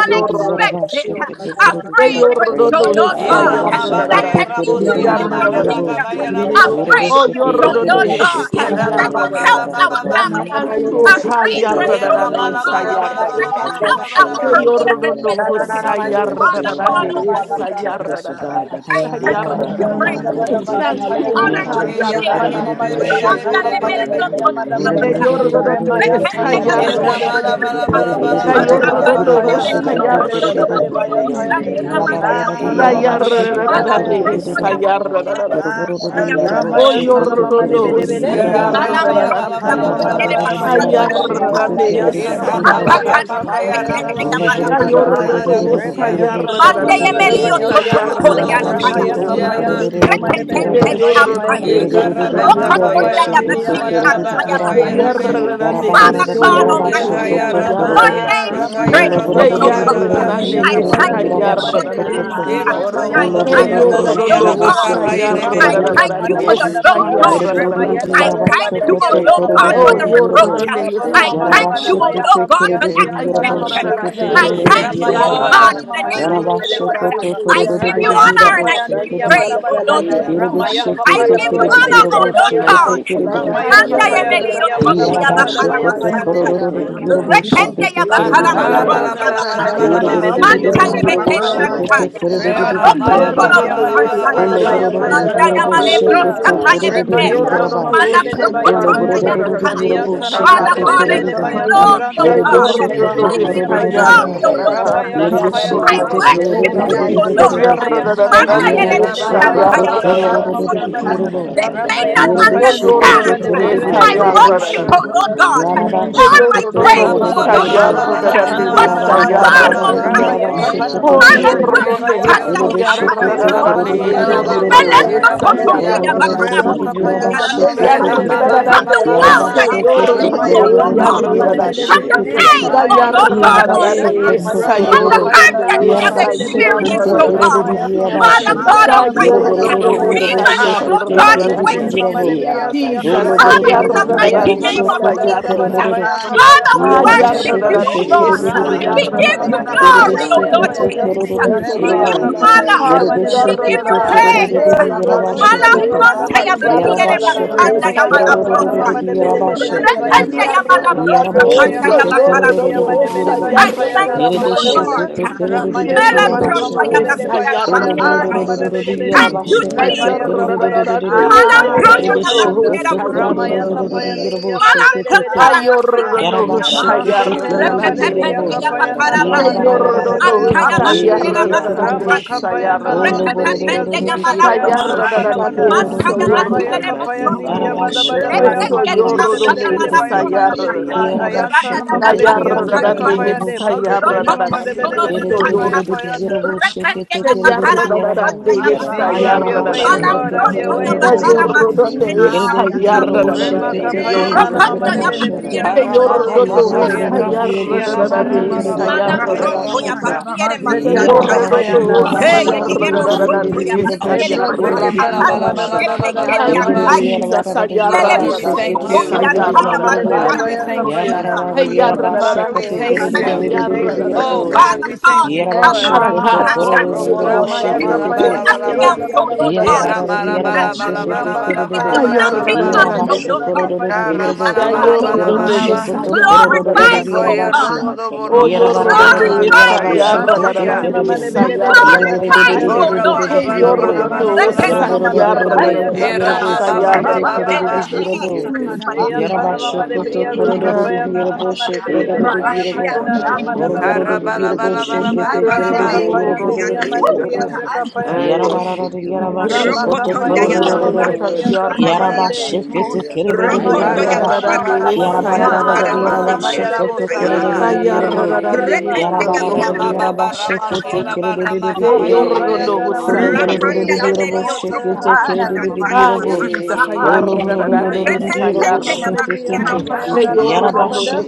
S8: kapaya la
S2: yorrote.
S8: brasa tele la ba, ya
S1: a fragrance,
S6: praise
S1: oh
S6: you,
S2: Yordono
S8: kapaya
S1: Lord
S6: God,
S1: God,
S6: in the
S1: that
S6: valley.
S2: Hesayarada.
S1: can be
S6: I
S7: Yeah, na
S1: used
S6: praise
S1: in
S7: na na
S6: you
S1: your
S7: na
S6: in the
S7: yo.
S2: Yarada.
S1: kingdom,
S8: la
S6: mountain,
S8: brasa
S7: Rere
S6: oh
S1: a
S8: tele
S7: yo
S8: la
S6: God.
S7: ko
S3: Yeah-ra-ma-ba-ba-ya-ra-mo-shi-ya-la-ma-ra-ma-ka-ba-ya-ra-mo-shi-ya.
S7: shi
S2: Oh,
S7: na
S1: fragrance,
S6: Hey,
S8: ba.
S7: na
S1: oh
S2: Yordono
S6: Araba,
S7: na
S1: Lord
S7: yo.
S1: God,
S6: Shekorobo,
S1: that will
S6: Yanda, da,
S1: help
S2: Hesayarada.
S6: da, da, da,
S1: our
S6: ba.
S7: Yeah,
S3: Yeah-ra-ba-ba-ba-ba-ba-ba-ba.
S7: na na
S1: families,
S7: na
S6: I
S2: Thank
S7: yo ko
S2: you,
S1: a
S6: gotta
S7: shi rere
S6: protect my
S7: yo.
S1: fragrance, oh
S6: family,
S1: Lord
S2: Kayarada
S6: oh
S1: God,
S6: God.
S7: Na na na yo
S2: Sayarada.
S1: that
S7: ka
S1: will
S6: Protect
S7: shi
S6: my
S1: help
S7: na na
S1: our
S7: na.
S6: children,
S3: Yeah-ra-ma-la-ba-la-ba-la-ba-la-ba-la-ba-la-ba.
S6: oh
S1: careers
S6: God.
S1: and
S2: Yordono
S7: Yeah, na na
S1: businesses.
S6: Protect
S7: na
S6: my
S7: yo ko shi
S6: husband,
S1: Father
S6: oh
S7: na
S2: Hesayarada
S1: God
S7: na
S6: God.
S7: na.
S1: Almighty,
S6: Protect us, oh
S1: we give
S6: God.
S1: you
S2: Sayarada.
S1: thanks
S6: Hey,
S1: and we give
S2: Sayarada.
S1: you
S6: Karaba,
S1: praise,
S6: Yanda, da,
S2: I
S9: Bada
S6: da,
S1: Lord.
S6: da,
S9: baya
S6: da,
S2: thank
S1: We
S2: you,
S5: Shatari
S6: Yanda,
S2: O
S6: da, da,
S9: tayandi.
S1: honor
S6: da,
S1: you
S6: da.
S9: Eyan
S1: today.
S6: I
S2: Kayarada.
S9: panama male
S6: gotta
S9: briya
S6: shake
S2: Eso
S1: Randa
S9: zaka
S2: Yordono.
S9: payandi
S1: yemelio
S3: Yeah-yeah-re-be-re-be-re-be-re-be-re-be-re-be.
S9: riya
S1: tondo
S9: mada
S2: The
S1: yabaka.
S9: bada.
S2: Yordono
S9: Rema yan
S6: I
S1: Rekende
S6: give
S9: tanama
S6: you
S9: male
S1: yabakara
S9: bede
S2: Hesayarada.
S6: worship.
S9: bede
S6: I
S2: The
S9: bede
S6: give you
S1: masantai.
S9: bede.
S6: praise, my God.
S9: Rebaka
S1: Rapanda
S2: Yordono
S3: Yeah-ra-ma-la-ba-la-ba-la-ba-la-ba-la-ba-la-ba.
S9: payanda
S1: yemelio
S9: nama male
S1: tondo
S9: bede
S2: Hesayarada.
S9: bede
S1: yabakoro
S9: baya
S2: Mm.
S1: moshanda
S9: tayandi.
S6: Hayarabashikoroboyandiriri.
S1: yamale
S9: Eyan tanama
S1: brosa.
S9: mada bada bada
S2: Sayarada.
S1: Malam
S9: baya.
S1: prondo ya bakiere
S6: Heyarabashikoroboyandarararararaba.
S2: Sayarada.
S1: masanta ya
S8: Thank
S1: bakara
S8: you.
S2: O
S9: Ramayan
S1: busoya.
S9: tanamama
S2: yorrono
S9: lebelebele,
S3: Oye, raba,
S1: Malam
S6: Hayarabashikoroboyandiriri.
S9: rebaya
S3: bala
S1: prondo
S2: hosayarrararane.
S3: bala
S1: ya
S3: bala
S9: kapanamama
S3: bala bala
S1: bakiere
S9: labadaba
S3: raba.
S1: masanta ya
S9: yapayande,
S1: baka.
S4: Arabarararararabashekete
S2: Ayarrararane
S9: eyan
S4: kererede
S3: E
S9: tanamama
S3: rama,
S4: tirobo.
S3: pa,
S6: Heyarabashikarabayandararararararaba.
S3: pa,
S9: lebriya
S1: Rakatan
S3: pa, pa,
S1: kuri
S2: hesayarrarararara.
S3: ya,
S9: zakapayan
S3: ramo,
S1: ekende ya
S9: nanamama
S3: sia, la,
S1: malam
S3: ma, pa,
S1: proska
S9: lebelebele,
S2: Ayorrono
S3: ya,
S1: paya.
S3: ramo,
S6: Hayarabashikoroboyaraba.
S3: sia.
S9: rebayan tanamama
S1: Mande
S2: hosayarrararane
S9: labadaba
S3: E
S1: Emelio
S3: coyo,
S9: yaliyanta,
S3: robo, lobo,
S1: Totokoriantaya.
S3: robo,
S9: ramaya
S2: hesayarrarararane
S4: Yerabashoko to
S3: sia, la,
S9: kapayan
S6: Heyarabashikoroboyandarararararaba.
S2: yorrono.
S3: ma.
S4: kororo
S9: diriyama
S5: Yerebe
S2: De
S9: lebelebele
S1: Lipreketenteri Ampaya.
S5: Soto
S2: yorronone
S3: E
S9: bayapayande,
S5: Satahan
S3: caraba,
S9: rema
S3: pa,
S6: Hayarabashikoroboyandarararararaba.
S3: pa, ya,
S5: Epe
S9: kapayan
S1: Rokotondaya
S2: hesayarrararane.
S3: ramo,
S6: Praise
S9: diriyama
S6: you,
S1: Bakeri
S3: sia, la,
S6: God.
S3: ba,
S9: labada,
S1: Antaya
S3: ca, pa,
S5: Kasatava
S2: De
S3: ya,
S9: ayam
S1: Bakaraba.
S6: Praise
S3: rebe.
S6: you
S9: panamama
S2: yarrararane
S5: Roo
S1: Father
S9: lebelebele
S6: praise
S2: hesto
S6: you
S1: God
S6: when I'm
S3: E
S9: bayatayan
S5: Satepe
S1: Almighty,
S2: yorrono
S6: doubting,
S3: caya,
S6: oh
S9: diriyama
S3: ramo,
S5: Ma
S6: God.
S1: your
S9: labada,
S2: hoyarrarara.
S3: sia,
S6: I
S3: la,
S1: name
S3: ma,
S1: be
S6: praise you
S9: ramaya
S3: caya,
S6: when I
S5: Satare
S1: praised,
S2: De
S3: rabo,
S1: O
S6: don't
S1: Lord
S9: kapanamama
S6: know
S3: sia, la,
S1: God.
S6: where
S9: lebriya
S3: ba.
S2: yarrararane
S1: I
S6: things are
S1: thank
S9: ziyakapayan
S6: going,
S1: you,
S6: oh
S1: O
S5: Sato
S9: diriyama
S1: Lord
S6: God,
S9: lebele,
S6: how
S2: hesayarrararara.
S8: Lima
S1: Jesus.
S3: E
S6: things are
S8: suasa
S6: going,
S3: coromo,
S1: I
S6: oh
S5: Yabaya
S9: Remayaka
S8: lebih
S2: De
S3: lobo,
S6: God.
S1: thank you,
S3: robo,
S5: Satan
S9: payandara
S8: sekali
S1: O
S6: I
S3: sia,
S2: yorrono
S9: mabada
S1: Lord
S3: la,
S6: choose
S8: bahas,
S6: to
S3: ba, ca,
S9: bada.
S1: God.
S3: pa,
S6: praise you,
S3: ya,
S6: my
S3: rebe.
S1: I
S8: Rakapaya
S6: Lord.
S9: Rabayaka
S1: thank
S8: lebih
S2: hosayarrararane
S1: you
S6: I
S5: Satoya
S1: for
S9: panama
S1: the
S9: bada
S6: choose
S8: sekali
S6: to
S1: closed
S9: bada.
S8: bahas,
S1: doors.
S6: worship you, oh
S5: Yarabaya
S2: hesayarrararane.
S1: I
S9: Remayentana
S6: God.
S8: Kapaya
S1: thank
S5: Satori
S9: mamade
S1: you,
S6: I
S1: O
S8: labrasa
S6: thank
S1: Lord
S9: briyazaka
S6: you,
S1: God,
S6: oh
S1: for
S2: Oh,
S5: Vendeya
S1: the
S8: dalagalada,
S9: payande.
S6: God.
S2: you're
S1: reproach.
S4: Yirabo,
S2: on the
S6: I
S9: Mazontono
S8: rekapaya
S1: I
S2: inside,
S6: thank you,
S9: mamada
S6: oh
S4: Yaraba
S1: thank
S2: thank
S9: bada
S1: you, O
S8: labrasa
S2: you,
S6: God.
S2: God.
S4: shekete
S1: Lord
S9: bayaka
S5: Sanarabaya
S1: God,
S6: I
S8: dalagalada,
S1: for
S4: kererere
S5: Siya
S1: that
S6: thank you,
S9: briyaziyantana
S4: yarabo
S6: Lord.
S1: rejection.
S9: mamada
S8: rakapaya
S2: Ayarra-da-da-da-da-da. da da
S4: shekete
S2: da
S9: bada.
S6: I
S1: I
S2: yes,
S3: Mm,
S6: thank
S4: kererere
S8: ndibandia
S1: thank
S3: thank you,
S1: you,
S6: you, oh
S4: yaraba.
S1: oh
S9: Rabayaka
S2: ayarra da.
S8: tasiapa,
S1: God,
S2: da
S3: Lord.
S1: in
S6: God.
S2: da
S9: panama
S1: the
S2: da,
S9: made
S1: name
S8: banzi
S6: Eh,
S1: of
S9: mede
S4: Yaraba
S9: mede
S2: you're
S8: kadabra
S1: Jesus.
S4: shokoto
S2: on
S9: bayanta.
S2: the
S1: I give
S2: inside,
S8: hasiyante,
S1: you
S4: korororororo
S2: ayarra da
S5: Sanarabahu
S9: Remayaka
S1: honor
S2: da
S4: yarabo
S1: and I
S2: da.
S1: give you
S9: payandiri
S8: rakabrasa
S4: shekete.
S1: praise,
S9: yamada
S1: oh
S9: bada.
S2: I
S1: Lord
S6: Hey,
S8: dalagalada,
S2: give you
S1: Jesus.
S4: Yerebe
S6: Araba,
S2: honor,
S9: Ramayaka
S1: I
S4: shekete
S6: Shikuru,
S8: rakasoka
S2: praise,
S9: panama
S1: give you
S2: Lord,
S9: made
S4: kererere
S2: and I
S6: Boyanda,
S1: honor,
S9: bede
S6: Araba.
S4: yarabo
S1: oh
S9: bede
S2: thank
S8: yamadiaba,
S1: Lord
S2: you,
S6: I
S9: bayanta.
S4: shekete
S2: God.
S1: God.
S6: thank you,
S4: kererere.
S6: Lord,
S8: labrasa
S6: through it
S9: Ramayaka
S1: Manda
S6: all.
S9: payandiri
S1: yemelio
S2: Ayarra-da-da-da-da-da. Ayarra-da-da-da-da-da.
S6: I
S8: dalagalada,
S9: yamada
S1: tondo
S6: thank
S9: bada
S4: Yaraba
S2: So
S6: you, O
S9: bada
S1: yabakara
S9: baya
S2: you're-
S4: shokoto
S6: God.
S8: rakapaya
S2: on
S1: masanta.
S9: payande.
S6: I
S2: the
S4: korororororo
S8: labrasa
S6: thank you,
S2: inside.
S6: my
S4: yarabo
S8: dalagalada,
S1: Rekende
S6: Father,
S4: shekete
S3: Ba,
S6: in
S3: ra,
S1: yabakara
S4: kererere
S6: my
S3: bala
S8: rakapaya
S4: yaraba.
S9: Abba
S2: Ayarra
S1: musondo
S3: bala
S6: marriage.
S2: da
S3: bala
S2: da da
S8: labrasa
S1: yabaka.
S9: satane
S3: bala
S2: da,
S3: ba,
S6: I
S3: ba, la, ba, la,
S9: mama de
S3: ba.
S8: dalagalada,
S2: yes,
S6: thank
S9: bede
S5: Shalabaya,
S6: you, O
S4: Yerebererere
S9: bede
S1: Manta
S2: you're on
S6: God,
S9: bede baya
S4: yarabo
S1: yebekeri
S8: rekapaya
S6: for
S9: paya
S6: my
S5: Rapapaya,
S4: shekete
S1: antai.
S8: labrasa
S6: husband.
S3: We,
S4: kererere
S9: Rema
S6: I
S2: the
S8: dalagalada,
S3: rama,
S9: kapaya
S3: la,
S6: thank
S4: yaraba.
S3: ba,
S6: you, O
S1: Rotongoro
S9: dili
S3: la,
S2: Lord,
S3: ba,
S6: God,
S9: yamana bada
S6: for
S1: busantai.
S6: our
S9: bada
S5: Shatarabandelebeya,
S3: ba.
S9: baya
S6: children.
S4: Olobororororo
S9: payanda
S1: Manda
S8: Rakapaya
S9: dana
S6: I
S2: Ayarra-da-da-da-da-da.
S4: yarabo
S9: mama
S1: yamale
S9: da
S5: Ashatola
S6: thank
S2: You're
S6: you, O
S9: bada.
S1: broska
S4: shekete
S1: pa
S5: Shataya,
S6: God.
S9: Rema
S1: yebeke.
S4: kererere
S9: yentana
S4: yaraba.
S2: on the
S9: mama de
S1: Mala
S2: Lord,
S9: bede
S5: Yakashatera
S9: baya
S4: Olo
S9: taya
S1: prokotonda
S6: Yarabashikuruboyandara
S9: de.
S6: For
S4: borororororo
S1: yabaka.
S6: my
S5: Bahundelebeya,
S4: yorobo
S2: Ayarra-da-da-da-da.
S6: mother,
S9: Eyantana
S6: I
S9: mama
S1: Father
S4: shekete
S9: de
S1: God,
S9: bede
S6: thank
S1: I
S6: you,
S2: Ayarra-da-da-da-da.
S9: bede
S1: give
S4: kererere.
S1: you
S6: God,
S9: baya
S5: Mashatahande
S6: for my
S1: glory,
S9: kabran
S1: oh
S9: tana
S2: De
S6: job.
S4: Yerebe
S9: mama
S1: God.
S9: de
S5: Shatoya,
S9: bede
S6: Thank
S4: shokoto
S6: you
S9: bede
S1: I
S2: yorgunluğu
S6: for a
S1: give
S9: baya
S1: you
S6: roof
S2: istan
S9: payanda.
S6: over our
S4: korororororo.
S1: glory, O
S5: Yekerebeya,
S6: head, oh
S1: Lord
S6: God.
S9: Rabaya
S2: yargılarande
S1: Jesus.
S4: Yerebe
S5: Shatahante
S6: I
S9: kapayanda
S1: I
S6: thank you
S9: dana
S4: shekete
S9: baba
S6: for
S9: de
S2: istiyorsun.
S9: bede
S1: worship
S5: Shatoya,
S1: you,
S9: bede.
S1: O
S5: and
S2: De
S6: finances, for
S1: Lord.
S4: kererere.
S6: the
S9: Rema
S6: bills to be
S5: Ruku
S9: yantana
S1: Manda
S9: mama
S3: Ay,
S6: paid.
S1: ya
S9: de
S1: da
S2: yargılarande
S4: Yaraba
S9: bede
S3: raba
S9: bede
S2: istan
S3: ba ba
S9: baya
S5: Shatahaya
S4: shokoto
S3: ba ba ba
S9: kabran
S3: ba.
S9: tana
S5: Shato
S4: korororororo
S2: yargılarande.
S9: mama da bada.
S5: Shatahanda
S4: yorobo.
S1: They
S5: Bebe
S1: may
S9: Rabaya
S1: not
S4: Yerebe
S5: Sotoya
S2: O
S9: kapaya dili
S4: shekete
S1: understand
S6: Ayarabashikuruboyandarararabayandererererebe.
S9: yamana de
S2: yorgunluğu
S9: bede
S4: kererere
S9: bede
S2: istan
S1: my
S4: yorobo
S5: Ratatapaya
S9: bede.
S1: worship,
S4: she.
S1: O
S2: yargılarande.
S1: Lord
S5: Ruku
S1: God,
S5: Shatere
S4: Yaraba
S2: De
S5: Bebe
S1: or
S6: Ayarabashikuruboyandarabba.
S1: my
S4: shokoto
S3: We
S1: praise,
S2: yorgunluğu
S3: rama
S5: Sotoya
S1: O
S3: la
S4: korororororo
S2: istan
S3: ba
S1: Lord
S3: la ba
S4: yorobo.
S3: la
S9: Rabba
S3: ba la
S1: Jesus.
S3: ba la
S5: Maya
S9: satana
S2: yargılarande
S3: ba
S1: But
S3: la ba
S9: mamada
S2: istan
S6: Ayarabashikuruboyandarabba.
S3: la
S1: Lord
S3: ba
S9: badaha.
S3: la
S1: God
S6: I
S5: Shatarabaya
S3: ba
S4: Alabarabarabarara
S3: la
S6: thank
S2: yargılarande.
S9: Rabba
S6: you, O
S3: ba.
S4: yaraba
S1: Almighty,
S6: God,
S5: Yeke
S6: and I
S9: yakapana
S4: shekete
S2: O
S9: mamada
S1: male
S5: Shatoria
S6: worship
S9: bede
S4: kererere.
S6: you.
S9: bede
S3: Ne
S1: prosta
S2: yorgunluğu
S9: baya.
S5: Nerebeya
S6: I
S3: koyo
S1: tanda
S2: istan
S1: ya
S4: Elebe
S1: ba
S3: robo
S6: worship
S5: Shatoya
S9: Rabba
S3: lobo
S6: you
S4: shekete
S6: in your
S2: yargılarande
S9: yakapana
S6: holy
S4: kererererere
S3: ramosia
S9: de
S5: Papaya
S3: la
S8: Rekapaya
S9: bede
S3: ba
S9: bede
S3: ka
S6: tabernacle, O
S4: yirobo.
S5: Shata
S3: ba
S9: bede
S2: yorgunluğu
S3: ye
S6: God,
S9: baya
S2: istan
S9: payande.
S5: Yeke
S3: ramosia.
S6: because you
S2: yargılarande.
S6: see
S9: Rabba
S4: Olobororororere
S5: Peshato
S6: me too.
S4: yiraba
S9: kapayana
S6: You
S2: De
S9: na
S3: E
S9: de
S6: see
S9: bede
S6: it,
S4: sheketeke.
S6: O
S5: Masataria
S3: rama
S9: bede
S3: ba
S6: God.
S9: bede
S3: ba
S1: From
S2: yargılarande
S3: ba
S1: the
S9: baya
S3: ba
S5: Nerebeya
S3: ba
S4: Yaraba
S1: world that
S9: payande.
S3: ba.
S2: istiyorsun.
S1: is
S4: shokoto
S1: within,
S5: Akaya
S9: Rama
S2: De
S1: O
S9: ya
S1: Lord
S5: Shatari
S9: kapana
S4: korororororere
S1: God
S9: yakapana de.
S4: yiraba
S2: yargılarande.
S9: bede
S5: Nerebeya
S1: from
S9: bede
S1: the
S9: yasi
S4: sheketeke.
S1: pain, oh
S5: Ebaya
S9: yakapayana
S6: Ayarabashikuruboyandarabba.
S1: Lord
S9: na
S1: God
S4: Yaraba
S9: da
S5: Shato
S9: bada.
S6: Hey,
S2: Sayarradadadane,
S1: Almighty,
S4: shokoto
S9: Rabba
S1: from the
S4: korororo.
S9: kapaya
S1: hurt
S6: Yarabashikurubo.
S1: that
S9: nana
S5: Makaya
S2: sayordone,
S1: we
S9: mama
S1: have
S6: Shut
S9: de
S4: Yaraba
S6: the
S9: bede
S6: mouths
S9: bede
S6: of
S9: ha.
S6: the
S4: shekete
S1: experienced, oh
S6: lions, O
S1: God.
S9: Rama
S4: kererere
S2: sayarradadadane,
S9: ya
S6: God.
S5: Nukushitirebea,
S4: yiraba
S6: Shut
S1: Father
S6: the
S4: she.
S1: God
S6: mouths of
S9: yamada
S6: the
S9: bada bada
S1: Almighty,
S5: masatea
S9: bada
S6: lion, O
S9: bada
S2: sayordono,
S4: Yoroborororere
S5: sato,
S6: God.
S9: baya
S4: yirobo
S1: even,
S9: payande.
S1: oh
S5: satahaya
S6: Shut
S1: Lord
S4: shekete
S6: them,
S1: God,
S6: Lord
S8: la
S5: kachato
S1: in
S4: kererere
S9: Maseteli
S6: God.
S2: sayarradadadane.
S1: waiting
S4: yirabo.
S9: mamada
S6: Hey,
S9: bir
S5: ponderebea,
S1: seasons.
S9: yazı
S6: Araba,
S9: yaka
S2: Jesus,
S6: Shikoro,
S1: Father,
S9: payande.
S1: in the
S4: Olobororororere
S9: Ayan
S1: mighty
S4: yiraba
S5: masatereanderebe
S6: Boyande,
S2: sayarradadadane,
S9: tana
S1: name of
S4: shokoto
S9: mamada
S5: satoya,
S9: bada
S1: Jesus.
S9: bada
S2: sayarradadane,
S4: korororo.
S9: baya
S5: yakaya
S1: Father,
S9: kapayan
S1: we
S9: nana
S6: Oh,
S4: Yaraba
S9: mamada
S1: worship
S9: bede
S5: satahanderebea
S6: yaraba
S1: you,
S4: shekete
S9: bede.
S1: oh
S2: sayarradadane,
S5: no
S1: Lord.
S6: shikuru
S5: sataha,
S9: Ramayan
S1: We
S4: kererere.
S6: boyanda da
S9: tana
S6: da
S1: give
S6: da
S1: you
S6: da
S2: sayarradadane.
S6: da
S9: mamada
S6: da
S9: bede
S2: Give
S5: yekerebahaya,
S1: glory,
S9: bede
S1: oh
S2: you
S6: bayanda
S9: baya
S6: da
S1: Lord
S6: da
S4: Yerebeshokoto
S6: da
S2: Glory
S6: da ba.
S2: and
S9: payande.
S5: yeketerebe
S1: Jesus.
S5: um
S2: praise, O
S1: We
S9: Remaya
S4: kororororobo.
S1: give
S2: God.
S1: you
S9: kapayan dili
S1: honor.
S5: satahanderebea
S6: Eh,
S9: yamada
S1: We
S5: sato,
S6: yaraba
S9: bede
S6: da
S1: give
S9: bede
S4: Yerebeshekete
S1: you
S6: ba
S9: baya
S2: Sayarradadadane,
S5: aya da
S1: praise.
S9: tayande.
S6: shikuru
S4: kererererere
S6: bo.
S5: baba baba
S6: All honor
S9: Maseteli
S4: yarabashekete.
S2: sayordone,
S5: yesenta,
S6: and
S9: mamada
S6: glory
S1: Malabronteya
S9: bada
S6: be
S9: bayan
S6: unto
S1: bakiere
S9: ta.
S6: you,
S5: eh,
S6: Lord.
S2: sayarradadadane,
S1: masanda
S4: Yarabashokoto
S1: ya
S9: Remayan
S6: All
S9: kapana
S6: honor
S1: malabroska.
S4: kororororororo
S6: and
S2: sayarradadane.
S9: mamada
S5: sato,
S9: bede
S6: glory be
S9: bede
S4: yarabashe.
S9: bede
S6: unto
S9: baya
S6: you,
S1: Repanda
S6: my
S5: yanderebea
S1: ya
S9: payande.
S5: no,
S6: Father.
S1: malabroska
S2: Sayarradadadane,
S6: All
S9: Ramaya
S1: kanda
S6: honor
S1: ya
S4: Yarabashokoto
S6: and
S9: kapayan
S5: yekeraya
S6: glory
S9: biri
S6: be
S1: bakarabusu.
S4: kororororororo
S2: sayordone,
S9: yamada
S6: unto
S9: bede
S6: you,
S5: sato,
S4: yorobo.
S9: baya
S1: I
S6: mighty
S9: payan
S1: thank
S6: God.
S9: ana
S1: you,
S9: mama
S1: O
S9: da
S2: sayarradadane.
S5: Maya
S6: All
S9: bada.
S1: Lord.
S6: honor
S4: Yerebeshekete
S6: and
S5: Sataya,
S6: glory
S2: Yes,
S4: kererererere
S2: so
S6: be
S9: Ramaya
S2: you're
S6: unto
S9: kapana
S5: Yekeya
S6: you,
S9: mama
S4: yarabashoko.
S2: the
S9: de
S1: Malabronteya
S6: God.
S9: bede
S5: Sato,
S1: bakiere
S9: baya
S2: Messiah.
S9: payan
S6: Eh,
S9: ana
S1: masanta
S5: Sahaya
S1: ya.
S9: mama
S6: yaraba
S4: Oloborororororo
S9: lebede
S5: Sato,
S1: Thank
S9: bede.
S6: shikuru
S1: you,
S6: boyanda
S5: Nerebeya
S6: da
S4: yarabashekete
S6: da
S9: Rebaya
S6: da da
S1: Jesus.
S6: da
S5: Satoya,
S6: ba.
S9: kapayan biri
S4: kererererere.
S6: Eh,
S9: yamada bede
S6: karaba
S5: Aya
S1: Malabronto
S9: baya
S1: ya
S6: yanda da da
S9: tayan
S5: Sato,
S1: bakiere
S4: Yerebeshokoto
S5: Ooh,
S9: Ramaya
S1: masontoya.
S5: Sateheba
S6: da da da
S4: kororororororo
S6: da
S9: kapayan
S6: da
S9: biri
S4: yorobo
S9: yama
S1: Malam
S9: lebede
S4: shekete
S9: bede
S4: ke.
S9: baya payade
S5: Sata,
S1: Karamasikentayaba.
S6: Hayaraba
S9: Masetele
S6: shikurubu
S5: Makaya
S9: mamale ya
S5: Satoya,
S9: kapayanda na
S6: yandarararararaba
S1: Repepependeyabakaraba.
S9: mamale bede bede
S5: Saterebeya,
S6: yandararararaba. yandarararaba.
S9: baya
S1: Mantayaba
S5: Apaya
S9: kapayande.
S1: Kiera
S6: Hey, araba
S5: Sataya,
S9: Rabba
S1: Masantaya.
S6: shikurubu
S9: kapayanda na
S5: Sataya
S9: mamale briya
S6: yandariribi.
S9: ziya
S5: Pasatoya,
S1: Repepependeyamala
S6: I
S9: kapayanda na
S1: Brosa.
S9: mamada
S5: Maya
S6: worship you, O
S9: bada.
S6: God.
S1: Mantaya
S5: Satoya
S9: Rabba ya
S6: I
S1: bakingere
S5: Nea,
S1: mosonto.
S6: magnify
S9: kapayandiriya
S6: your
S5: Roo
S9: bada
S6: name, O
S9: bada
S2: Yes,
S6: God.
S9: baya
S5: Satahanda
S9: pana
S1: Leprengeri
S9: mamale
S5: Nerebeya
S9: bede
S1: ampaya
S6: Hikurubu
S9: bede baya
S5: Satoya,
S1: malabrosta
S6: yandariribi
S9: tayande.
S1: paya.
S5: Sakaya
S6: yararaba
S9: Ayanta na
S5: Satoya,
S1: Radadada
S9: mamale
S6: shikurubu
S9: briya ziya
S5: Satebeya
S6: yandararararaba.
S1: basikantaya.
S9: kapayande. Mazetele
S5: Yes,
S6: Yes,
S9: mamale bede
S1: Ropotonkoro
S9: bede
S6: Lord.
S2: so
S9: bede baya
S1: bosantaya.
S2: you're
S9: payanda.
S1: reprenge ya bakara
S2: Mm.
S1: masandaya
S9: May
S1: baka.
S9: you have your way, O
S1: Malam
S9: God, have your
S1: pronto ya
S9: way in the
S1: bakara
S9: name of
S6: Ayarabashikuraboyandarararabayandiribe.
S1: masikente ya
S9: Jesus.
S1: bakara bosoya.
S9: Rema kapayanda na
S1: Ropondo
S9: mamale
S1: ya
S9: bede briya
S1: bakiyere
S3: Harama
S6: Iyarabashikarabayandararararaba.
S1: mosondo
S3: pa
S1: ya
S9: kapayande.
S3: pa pa
S1: bakara
S3: ye
S1: bosaya.
S3: ramosia la ma rama
S9: Hmm
S3: la ba ka
S1: Malam
S3: pa ye
S1: pronto ya
S6: Ayarabashikuraboyandararararabayandi.
S3: ramosa.
S1: bakiere
S9: Mazretele
S1: masanta
S9: kapayanda nama
S1: Hey, ye
S9: maraba.
S1: ye ye mosunto
S6: Iyarabashikuraboyandiririririri.
S1: ya
S6: I
S1: bakiere
S6: give
S9: Lebro
S6: you
S3: O
S9: zeke
S1: masika
S3: rama
S6: worship,
S3: la
S6: O
S9: panama
S3: ba la
S1: tantu
S6: God.
S3: ba
S1: di
S9: maraba
S3: la ba la
S9: raba
S3: ba
S6: I
S9: raba
S3: la
S1: epengeri
S3: ba
S2: Thank
S6: give
S3: la
S2: you,
S6: you
S3: ba.
S1: antai.
S9: yapayande.
S6: worship, O
S2: Jesus.
S6: God.
S1: Lilele
S3: Father, we
S1: mosunto
S2: Sayarradadadane,
S3: thank you.
S1: kodi
S9: Masat
S2: sayarradadada.
S9: hanama
S1: antaya
S9: marebe de
S3: Father,
S1: malikara
S3: we
S9: baya
S2: Mm.
S3: thank
S1: mosondo ya
S3: you.
S9: kapayanda nama
S1: baka.
S9: maraba.
S5: Ruhu
S3: Father, we
S6: I
S2: Sayarradadadane,
S6: know,
S3: thank
S5: şakahande
S1: Thank
S3: you.
S6: God,
S1: you.
S5: tete
S6: when
S5: tete
S6: the
S9: Thank you
S6: enemy
S5: tete
S3: Oh
S6: come up
S5: tete
S2: sayarradadadane.
S9: Jesus.
S3: God,
S1: Father
S3: we
S1: God,
S3: thank you,
S5: şato.
S1: we
S6: against
S1: come
S9: Thank you
S1: to
S3: Lord.
S6: me
S1: give
S2: Parang
S4: Yerabashoko
S1: you
S4: to
S2: hat,
S9: Jesus.
S6: like a
S1: thanks
S5: Ah,
S3: Oh,
S4: kororo
S2: thanks
S1: today.
S2: you
S6: flood,
S3: Romolo
S4: yorobo
S2: Lord.
S3: Bola
S2: Ayar
S9: Ramaya
S6: you
S1: If
S6: will
S1: we
S2: da
S3: Mala
S4: shekete
S2: da
S1: do
S2: da
S6: raise a
S3: Bala
S4: ke.
S9: kapayandi
S5: yeke.
S3: Bala
S1: nothing
S9: diya
S6: standard,
S3: Ba.
S1: else,
S6: oh
S2: na
S9: maraba
S1: oh
S6: God.
S9: raba
S1: Lord
S9: daha.
S1: God,
S6: Raise
S3: Ira
S1: we
S6: a
S1: give
S3: Mala
S1: you
S6: standard
S2: de,
S6: in
S3: Bala
S6: my
S1: thanks.
S3: Bala
S5: Ruhu
S6: marriage, oh
S3: Bala
S9: Rama
S1: If
S6: God.
S3: Bala
S1: we
S3: Bala
S1: do
S6: Raise a
S5: şakahaya
S9: kapayanda
S3: Bala
S2: ayar
S9: nama
S2: da
S3: Bala
S1: nothing
S6: standard
S5: şato
S2: da
S6: for
S3: Ba.
S2: da
S6: my
S9: marebe
S2: na
S1: else,
S9: de
S1: oh
S2: de,
S9: bede
S6: family,
S1: Lord
S6: oh
S9: ba
S5: yesete
S4: Yarabashokoro
S1: God,
S6: God.
S5: tebe
S1: we
S5: ya.
S1: give
S6: Raise
S9: kapayande.
S1: you
S3: Kara
S6: a
S4: Yorobo
S3: Mala
S1: thanks,
S6: standard,
S1: oh
S6: oh
S3: Bala
S2: ayar
S5: Şataya
S1: Lord.
S6: God,
S5: da
S2: da da da na de, ayor
S3: Bala
S6: for
S4: Yorobo
S6: our
S3: Bala
S2: dunde
S9: Hmm.
S5: bahande
S2: si
S3: Ba.
S1: We
S6: children,
S5: ya.
S6: oh
S4: Shokoto
S2: ayar
S6: God.
S4: Kororo
S2: da
S5: Oku
S2: da
S1: glorify
S6: Raise a
S2: da na
S1: you,
S3: Eko
S2: de,
S1: O
S3: Ye
S6: standard, oh
S4: Yarabashi
S1: God.
S5: şakahaya
S6: God,
S3: Romolo
S6: for
S2: oh
S6: my
S5: şato.
S3: Boromo
S1: We
S2: yor
S4: Yarabara
S3: Sia
S6: household, oh
S5: Ah,
S3: Rama
S2: dunde
S6: God.
S1: glorify
S2: si
S5: baba
S3: Kapa
S1: you,
S5: de
S3: Ye
S6: Hey,
S1: O
S2: ayar
S4: Yarabashi
S3: Rebo
S2: da
S6: araba
S2: da
S1: Lord.
S4: Kete
S2: da na
S9: Masetene
S3: Sia.
S5: şakahaya.
S2: de,
S9: mama
S4: Kerede
S9: de
S2: si
S1: We
S9: bede
S5: Ruhu
S9: bede
S2: ayar
S5: ya
S2: da
S9: baya
S2: da da,
S1: glorify you,
S6: Hey,
S5: şakahaya
S1: O
S9: kapayande.
S6: araba
S1: Lord.
S3: Bala
S2: hey
S5: şatere
S3: Bala
S2: yor
S5: be be
S3: Bala
S4: Yorobo
S5: be be
S3: Bala
S2: dunde
S5: be
S3: Bala
S5: be
S2: si
S3: Ba.
S9: Masetene
S5: be
S4: Yorobo
S5: ya.
S9: mama da
S2: ayar da
S9: bada
S2: da
S6: Hey,
S9: baya
S2: da
S5: Hadi
S6: araba
S2: na de,
S5: şato
S3: Ira
S1: Rekendeyabakaramusondayaba.
S4: Yorobo
S5: ya.
S3: Ma
S9: kapayanda
S2: si
S3: Ba
S9: nama
S2: ayar
S3: Ba
S2: da
S3: Ba
S4: Shekete
S9: marebe
S2: da
S5: Baba
S9: de
S3: Ba
S2: da.
S5: ha
S3: Ba
S1: In
S4: Kerede
S5: ha
S3: Ba.
S6: Let
S5: ha
S6: your
S9: yapayande.
S5: ha
S4: Yorobo
S6: spirit be a
S1: Jesus'
S2: Please,
S5: şatana
S6: bowl of
S5: bah
S9: Ya
S1: mighty
S5: ya
S2: please,
S1: name.
S6: fire
S9: panama
S5: şato.
S6: around
S9: mare
S6: me,
S4: Yarabashokoto
S9: bria
S6: around my
S9: za
S4: Kororo
S2: man,
S6: household,
S9: kapaya
S6: oh
S9: na
S6: God.
S4: Yorobo
S9: mama de bede
S6: Hey,
S9: bede
S4: Shekerede
S6: araba
S9: baya
S4: Yorobo
S1: Hallelujah.
S9: paya
S2: just
S9: na na
S2: one,
S9: mama de
S4: Yorobo
S9: bede ha.
S3: Kara Bala
S4: Yorobo
S3: Bala Bala Bala
S4: Shekete
S2: just
S3: Bala
S9: Rabba
S4: Kerede
S2: one
S3: Ba.
S6: I
S2: yor
S9: kapaya
S6: give you
S9: ndiri ya
S2: dunde si
S6: praise,
S9: mare
S6: O
S2: ayar,
S9: bria
S4: Yorobo
S6: God.
S9: za
S1: Rantayebekeriantayabakarabusoya.
S9: kapaya
S6: I
S9: de.
S6: worship you, my Lord.
S9: Rabba
S2: yor
S9: kapaya
S6: You
S9: na na
S2: dunde
S6: alone
S2: si
S4: Yarabarararararabashokotokorororororo.
S6: are
S9: de bria
S6: worthy
S9: za
S6: to be
S1: Rokotondayabakieremasantaya.
S9: kapaya
S2: ayar.
S6: praised.
S9: de.
S6: Hallelujah.
S9: Rema ya
S4: Yarabasheketekererererereraba.
S3: Barama
S9: kapana
S3: Baba
S9: mama da
S2: Sayarradarande,
S3: Labo
S9: bada
S3: Sia
S9: baya
S3: Rama
S9: paya
S3: Rama
S9: ndiri ya
S2: sayarradarande.
S3: Kapa Ye
S9: mare
S6: Ayarabashikarabayandididididididi.
S3: Rabo
S9: baya
S1: Ropondoyabakaramusondayabakarabasenkeriantayabaka.
S3: Saraba.
S9: paya na na
S4: Yarabarararararabashokotokororororororabo.
S9: mama de bede
S2: Sayarradarande,
S9: baha.
S6: Hey, yeah, yeah, yeah,
S3: Rama
S6: yeah, yeah,
S2: sayorradarande.
S3: Baba
S6: yeah,
S3: rama
S6: yeah, yeah, yeah, yeah,
S3: siela
S6: yeah, yeah.
S3: barama
S1: Rependeyabakaramasikankayabakarabusoto.
S9: Maka
S4: Yarabarararararabasheketekerererererererabo.
S9: paya
S3: kabayelebe.
S2: Sayorrondo,
S9: na mama de bede
S1: Rapanda
S6: Hey,
S9: bede
S1: ya
S2: sayarradarande.
S9: bede
S4: Oloborororororororabo.
S9: baya
S1: melio
S9: paya na na
S1: tonkorobo
S9: mama de
S6: yarabashikarabayandi.
S9: bede
S1: santa ya
S9: bede
S2: Ah,
S4: Sheketekererererererabo.
S9: bede.
S2: Jesus,
S1: bakaraba.
S6: Hey,
S2: sayarradarande,
S4: Olobororororororororabo.
S9: Masetene
S1: Repentende
S9: mama
S5: Shatahan,
S1: ya
S6: yarabashikurubu.
S2: sayarradarande.
S1: bakia
S4: Sheketeke.
S9: kapaya
S5: Raka'a
S9: na na
S1: ramusonto ya ba.
S9: da
S5: yasatoya
S9: bada.
S2: Sayorrondo,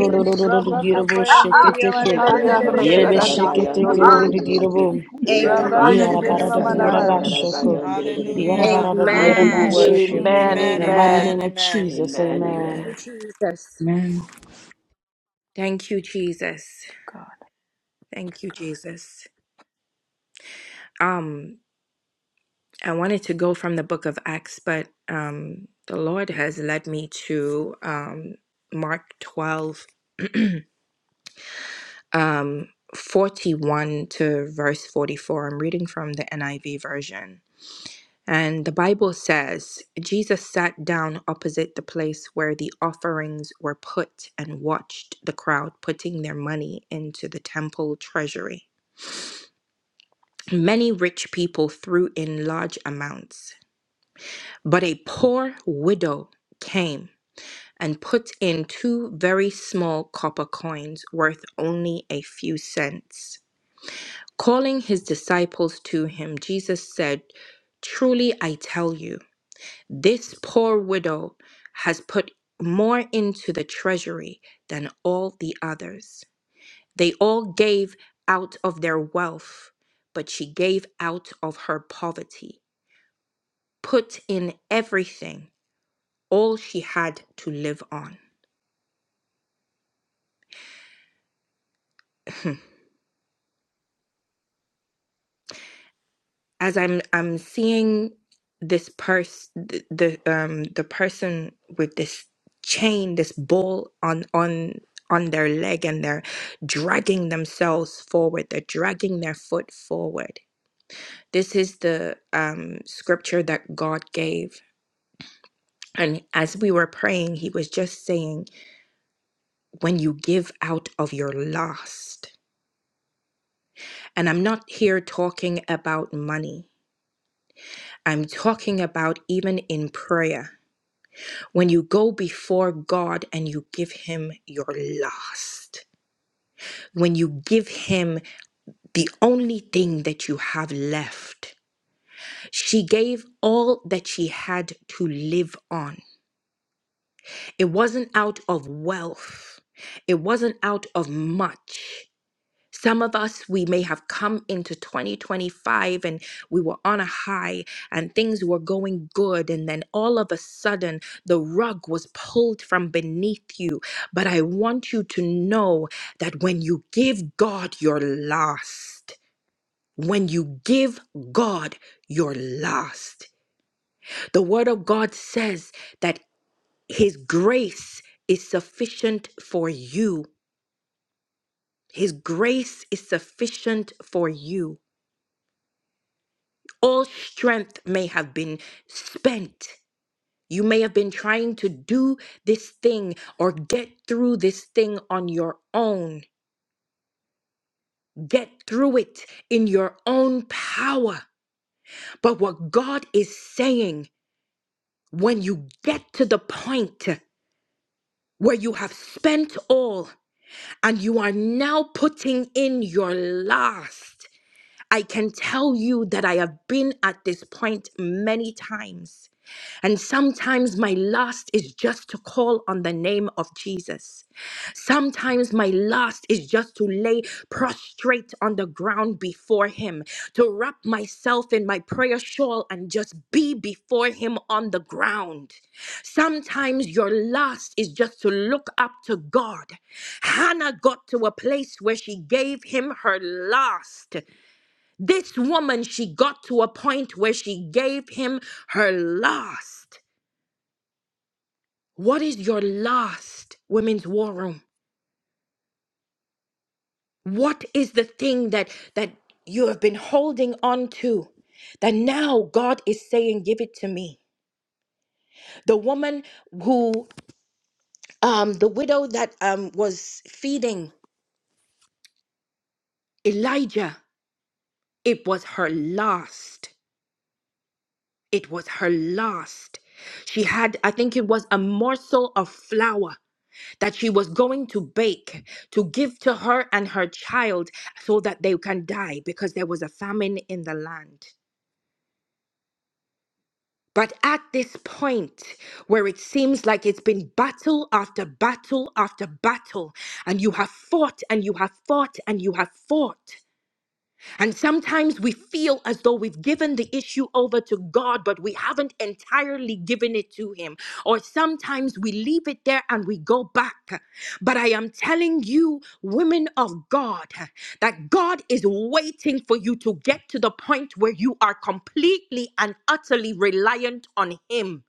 S1: In
S9: Rabba
S5: besatoya
S1: Jesus'
S9: kapayandiri
S1: mighty
S4: Sheketeke.
S9: yamare bere bere bere
S5: satahanderere
S9: bere.
S5: beya
S2: Sayarradarande,
S5: raka'a
S2: sayorradarande.
S6: Hayarabashikarabayandidididididi.
S4: Yerebesheketekerererererabo.
S5: satahuku
S1: name.
S9: Rabba
S5: satahanderere
S9: setene
S1: Amen.
S9: mama
S5: beya in
S2: Sayarradarande.
S4: Yarabarada-yarabashoko.
S5: Jesus' name.
S6: Heyarabashikarabayandadadadabayandidididididi.
S3: Hallelujah.
S6: I give you
S9: Amen.
S1: Amen.
S5: Hallelujah.
S6: worship,
S4: Yarabarada-yarabasheke.
S6: O
S2: Amen,
S5: Amen.
S4: In
S3: Amen,
S4: the
S6: Lord.
S4: mighty
S2: amen.
S3: amen,
S4: name of
S3: amen.
S4: Jesus,
S6: Amen, amen.
S4: amen.
S1: Thank you, Jesus.
S9: God.
S1: Thank you, Jesus. Um, I wanted to go from the book of Acts, but um, the Lord has led me to um, Mark 12. um, 41 to verse 44. I'm reading from the NIV version. And the Bible says Jesus sat down opposite the place where the offerings were put and watched the crowd putting their money into the temple treasury. Many rich people threw in large amounts, but a poor widow came and put in two very small copper coins worth only a few cents. Calling his disciples to him, Jesus said, Truly I tell you, this poor widow has put more into the treasury than all the others. They all gave out of their wealth, but she gave out of her poverty, put in everything, all she had to live on. as I'm I'm seeing this person, the, the um the person with this chain this ball on on on their leg and they're dragging themselves forward they're dragging their foot forward this is the um scripture that God gave and as we were praying he was just saying when you give out of your last and I'm not here talking about money I'm talking about even in prayer When you go before God and you give Him your last, when you give Him the only thing that you have left, she gave all that she had to live on. It wasn't out of wealth, it wasn't out of much. Some of us, we may have come into 2025 and we were on a high and things were going good. And then all of a sudden, the rug was pulled from beneath you. But I want you to know that when you give God your last, when you give God your last, the word of God says that his grace is sufficient for you. His grace is sufficient for you. All strength may have been spent. You may have been trying to do this thing or get through this thing on your own. Get through it in your own power. But what God is saying, when you get to the point where you have spent all and you are now putting in your last, I can tell you that I have been at this point many times And sometimes my last is just to call on the name of Jesus. Sometimes my last is just to lay prostrate on the ground before Him, to wrap myself in my prayer shawl and just be before Him on the ground. Sometimes your last is just to look up to God. Hannah got to a place where she gave Him her last. This woman, she got to a point where she gave Him her last. What is your last women's war room? What is the thing that that you have been holding on to that now God is saying, give it to me? The woman who um the widow that um was feeding Elijah, it was her last. It was her last. She had, I think it was a morsel of flour. that she was going to bake to give to her and her child so that they can die because there was a famine in the land. But at this point, where it seems like it's been battle after battle after battle, and you have fought and you have fought and you have fought. And sometimes we feel as though we've given the issue over to God, but we haven't entirely given it to Him. Or sometimes we leave it there and we go back. But I am telling you, women of God, that God is waiting for you to get to the point where you are completely and utterly reliant on Him,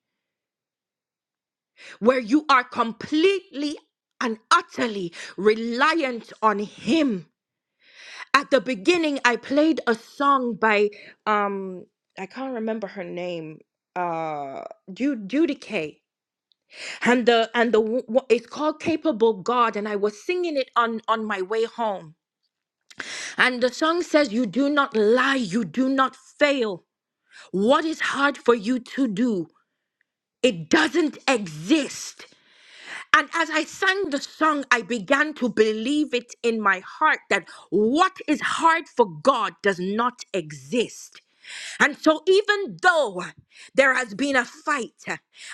S1: where you are completely and utterly reliant on Him at the beginning I played a song by um I can't remember her name uh Ju- Judy Kay and the and the w- w- it's called Capable God and I was singing it on on my way home and the song says you do not lie you do not fail what is hard for you to do it doesn't exist and as I sang the song, I began to believe it in my heart that what is hard for God does not exist. And so, even though there has been a fight,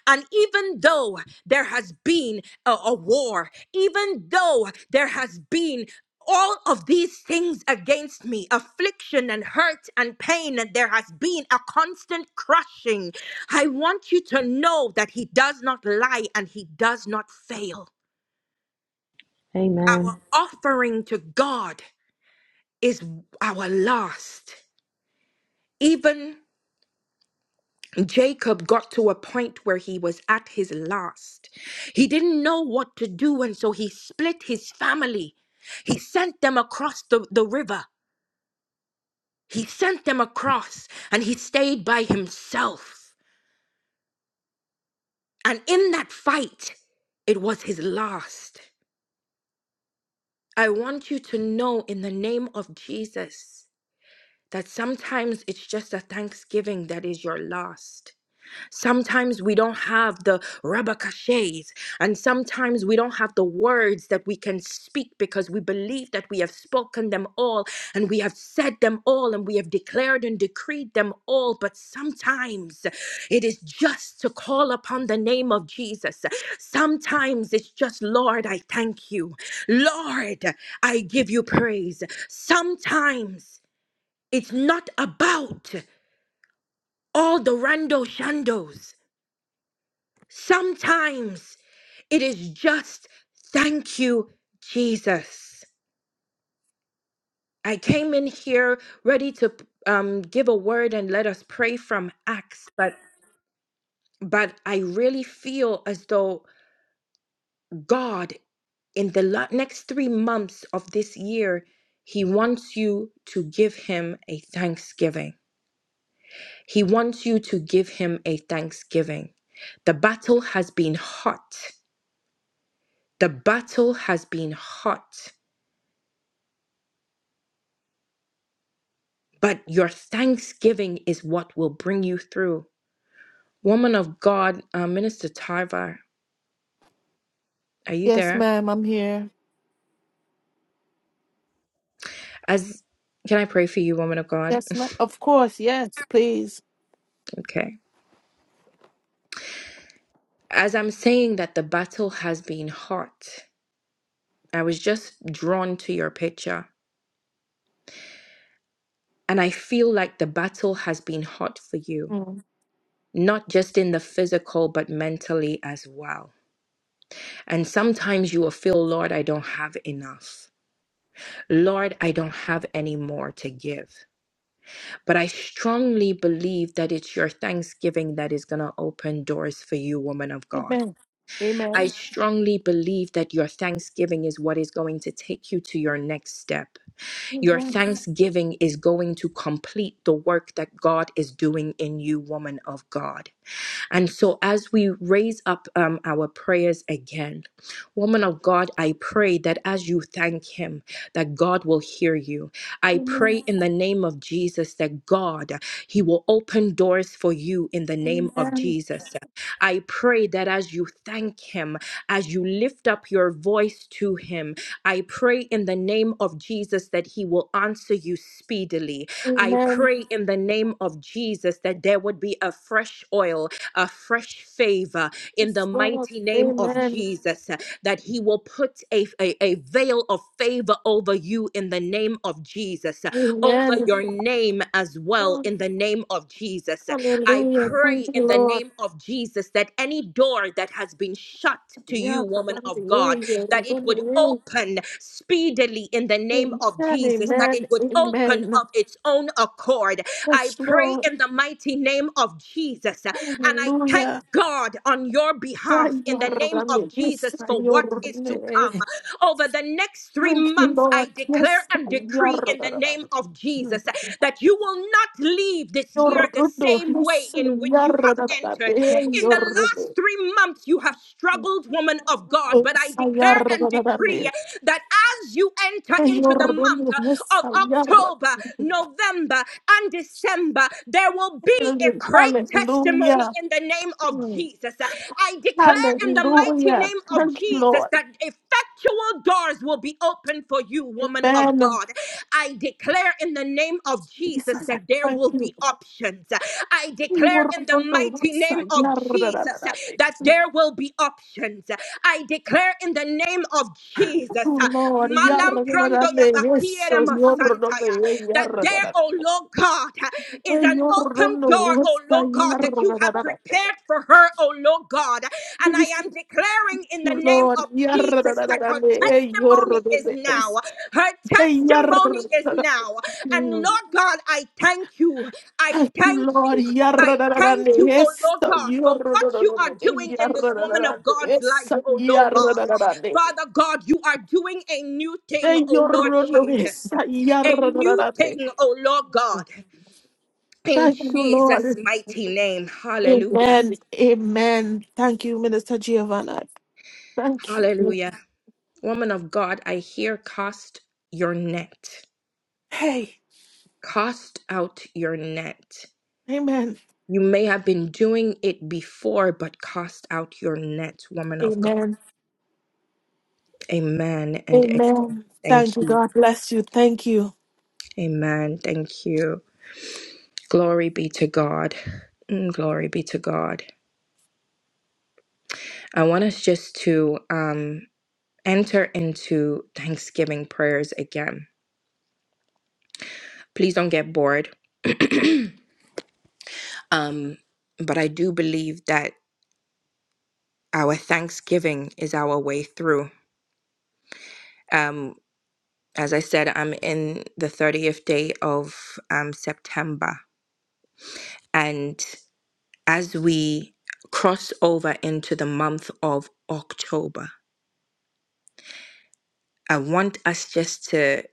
S1: and even though there has been a, a war, even though there has been all of these things against me affliction and hurt and pain, and there has been a constant crushing. I want you to know that He does not lie and He does not fail. Our
S4: Amen.
S1: offering to God is our last. Even Jacob got to a point where he was at his last. He didn't know what to do, and so he split his family. He sent them across the, the river. He sent them across, and he stayed by himself. And in that fight, it was his last. I want you to know in the name of Jesus that sometimes it's just a thanksgiving that is your last. Sometimes we don't have the rabakashes, and sometimes we don't have the words that we can speak because we believe that we have spoken them all, and we have said them all, and we have declared and decreed them all. But sometimes it is just to call upon the name of Jesus. Sometimes it's just, Lord, I thank you. Lord, I give you praise. Sometimes it's not about all the rando shandos. Sometimes it is just thank you, Jesus. I came in here ready to um, give a word and let us pray from Acts, but but I really feel as though God, in the lo- next three months of this year, He wants you to give Him a thanksgiving. He wants you to give Him a thanksgiving. The battle has been hot. The battle has been hot. but your thanksgiving is what will bring you through. Woman of God, uh, Minister Tarvar, are you
S2: Yes,
S1: there?
S2: ma'am, I'm here.
S1: As can I pray for you, woman of God?
S2: Yes, ma'am. Of course, yes, please.
S1: Okay. As I'm saying that the battle has been hot, I was just drawn to your picture, and I feel like the battle has been hot for you,
S2: Mm.
S1: not just in the physical, but mentally as well. And sometimes you will feel, Lord, I don't have enough. Lord, I don't have any more to give. But I strongly believe that it's your thanksgiving that is going to open doors for you, woman of God.
S2: Amen.
S1: I
S2: Amen.
S1: strongly believe that your thanksgiving is what is going to take you to your next step. Your thanksgiving is going to complete the work that God is doing in you, woman of God. And so, as we raise up um, our prayers again, woman of God, I pray that as you thank Him, that God will hear you. I
S2: Amen.
S1: pray in the name of Jesus that God, He will open doors for you in the name of
S2: Amen.
S1: Jesus. I pray that as you thank Him, as you lift up your voice to Him, I pray in the name of Jesus that He will answer you speedily. I
S2: Amen.
S1: pray in the name of Jesus that there would be a fresh oil a fresh favor in the
S2: Yes, Lord.
S1: mighty name of
S2: Amen.
S1: Jesus, uh, that He will put a, a, a veil of favor over you in the name of Jesus, uh, over
S2: Amen.
S1: your name as well
S2: Oh,
S1: in the name of Jesus. uh, I
S2: hallelujah. Thank
S1: pray in
S2: you,
S1: the
S2: Lord.
S1: name of Jesus that any door that has been shut to
S2: Yeah,
S1: you, woman of God,
S2: hallelujah.
S1: that it would
S2: Hallelujah.
S1: open speedily in the name of
S2: Amen.
S1: Jesus, that it
S2: Amen.
S1: would open
S2: Amen.
S1: of its own accord. I
S2: Yes,
S1: pray
S2: Lord.
S1: in the mighty name of Jesus, and I thank
S2: Hallelujah.
S1: God on your behalf
S2: Thank you,
S1: in the name
S2: Lord.
S1: of
S2: Yes,
S1: Jesus for what
S2: Lord.
S1: is to come over the next three
S2: Thank you,
S1: months, I
S2: Lord.
S1: declare
S2: Yes,
S1: and decree
S2: Lord.
S1: in the name of Jesus that you will not leave this
S2: Your
S1: year the
S2: Rudo,
S1: same way
S2: yes,
S1: in which you
S2: Lord.
S1: have entered. In the last three months, you have struggled, woman of God, but I declare
S2: Your
S1: and
S2: Rudo.
S1: decree that as you enter into the month,
S2: Yordan, yes,
S1: of
S2: Yarra.
S1: October, November, and December, there will be a great testimony
S2: Hallelujah.
S1: in the name of
S2: Mm.
S1: Jesus. I declare in the mighty
S2: Hallelujah.
S1: name of
S2: Thank you,
S1: Jesus
S2: Lord.
S1: that effectual doors will be open for you, woman of
S2: Amen.
S1: God. I declare in the name of Jesus
S2: Jesus, I
S1: that there
S2: thank
S1: will
S2: you.
S1: be options. I declare in the
S2: Yordan,
S1: mighty
S2: yes,
S1: name of
S2: Yarra.
S1: Jesus that there will be options. I declare in the name of Jesus
S2: Oh, Lord. Yarra.
S1: Malamprando ya
S2: Yes,
S1: bakiera
S2: so Thank
S1: masantaya. That there, oh Lord God, is an
S2: you,
S1: open door, oh Lord God, that you have prepared for her, oh Lord God. And I am declaring in the name
S2: Lord.
S1: of
S2: Yarra.
S1: Jesus that her testimony
S2: Yordan,
S1: is
S2: yes,
S1: now. Her
S2: Hey,
S1: testimony is
S2: yarrrrrrrrrrr.
S1: now. And Lord God, I thank you. I
S2: Thank you,
S1: thank
S2: Lord.
S1: you. I thank
S2: Yarrrrrrrrrrr.
S1: you, oh
S2: Yes,
S1: Lord God, for what you are
S2: yarrrrrrrrrrr.
S1: doing in this woman of
S2: Yarrrrrrrrrr.
S1: God's
S2: Yes,
S1: life, oh Lord God.
S2: yarrrrrrrrrr.
S1: Father God, you are doing a new thing,
S2: Hey,
S1: oh Lord
S2: yarrrrrrrrrr. Yes,
S1: Jesus. A new
S2: yarrrrrrrrrr.
S1: thing, oh Lord God. In
S2: Thank you,
S1: Jesus'
S2: Lord.
S1: mighty name. Hallelujah.
S2: Amen. Amen. Thank you, Minister Giovanna. Thank you.
S1: Hallelujah. Woman of God, I hear cast your net.
S2: Hey,
S1: Cast out your net.
S2: amen.
S1: You may have been doing it before, but cast out your net, woman of God.
S2: Amen.
S1: Amen and a-
S2: Amen. Thank
S1: thank
S2: you.
S1: you.
S2: God bless you. Thank you.
S1: Amen. Thank you. Glory be to God. Mm, Glory be to God. I want us just to um, enter into Thanksgiving prayers again. Please don't get bored. Um, but I do believe that our Thanksgiving is our way through. Um, as I said, I'm in the 30th day of um, September. And as we cross over into the month of October, I want us just to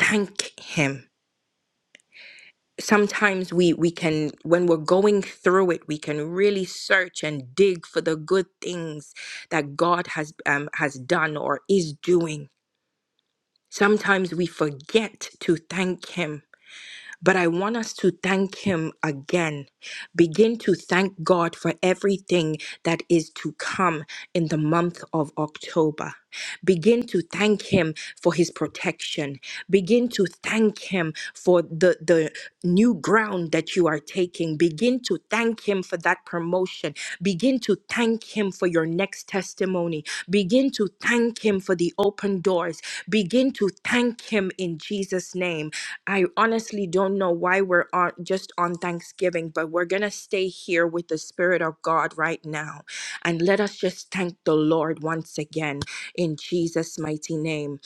S1: thank Him sometimes we we can when we're going through it we can really search and dig for the good things that god has um, has done or is doing sometimes we forget to thank him but I want us to thank Him again. Begin to thank God for everything that is to come in the month of October. Begin to thank Him for His protection. Begin to thank Him for the, the new ground that you are taking. Begin to thank Him for that promotion. Begin to thank Him for your next testimony. Begin to thank Him for the open doors. Begin to thank Him in Jesus' name. I honestly don't know why we're on, just on Thanksgiving, but we're going to stay here with the Spirit of God right now. And let us just thank the Lord once again in Jesus' mighty name.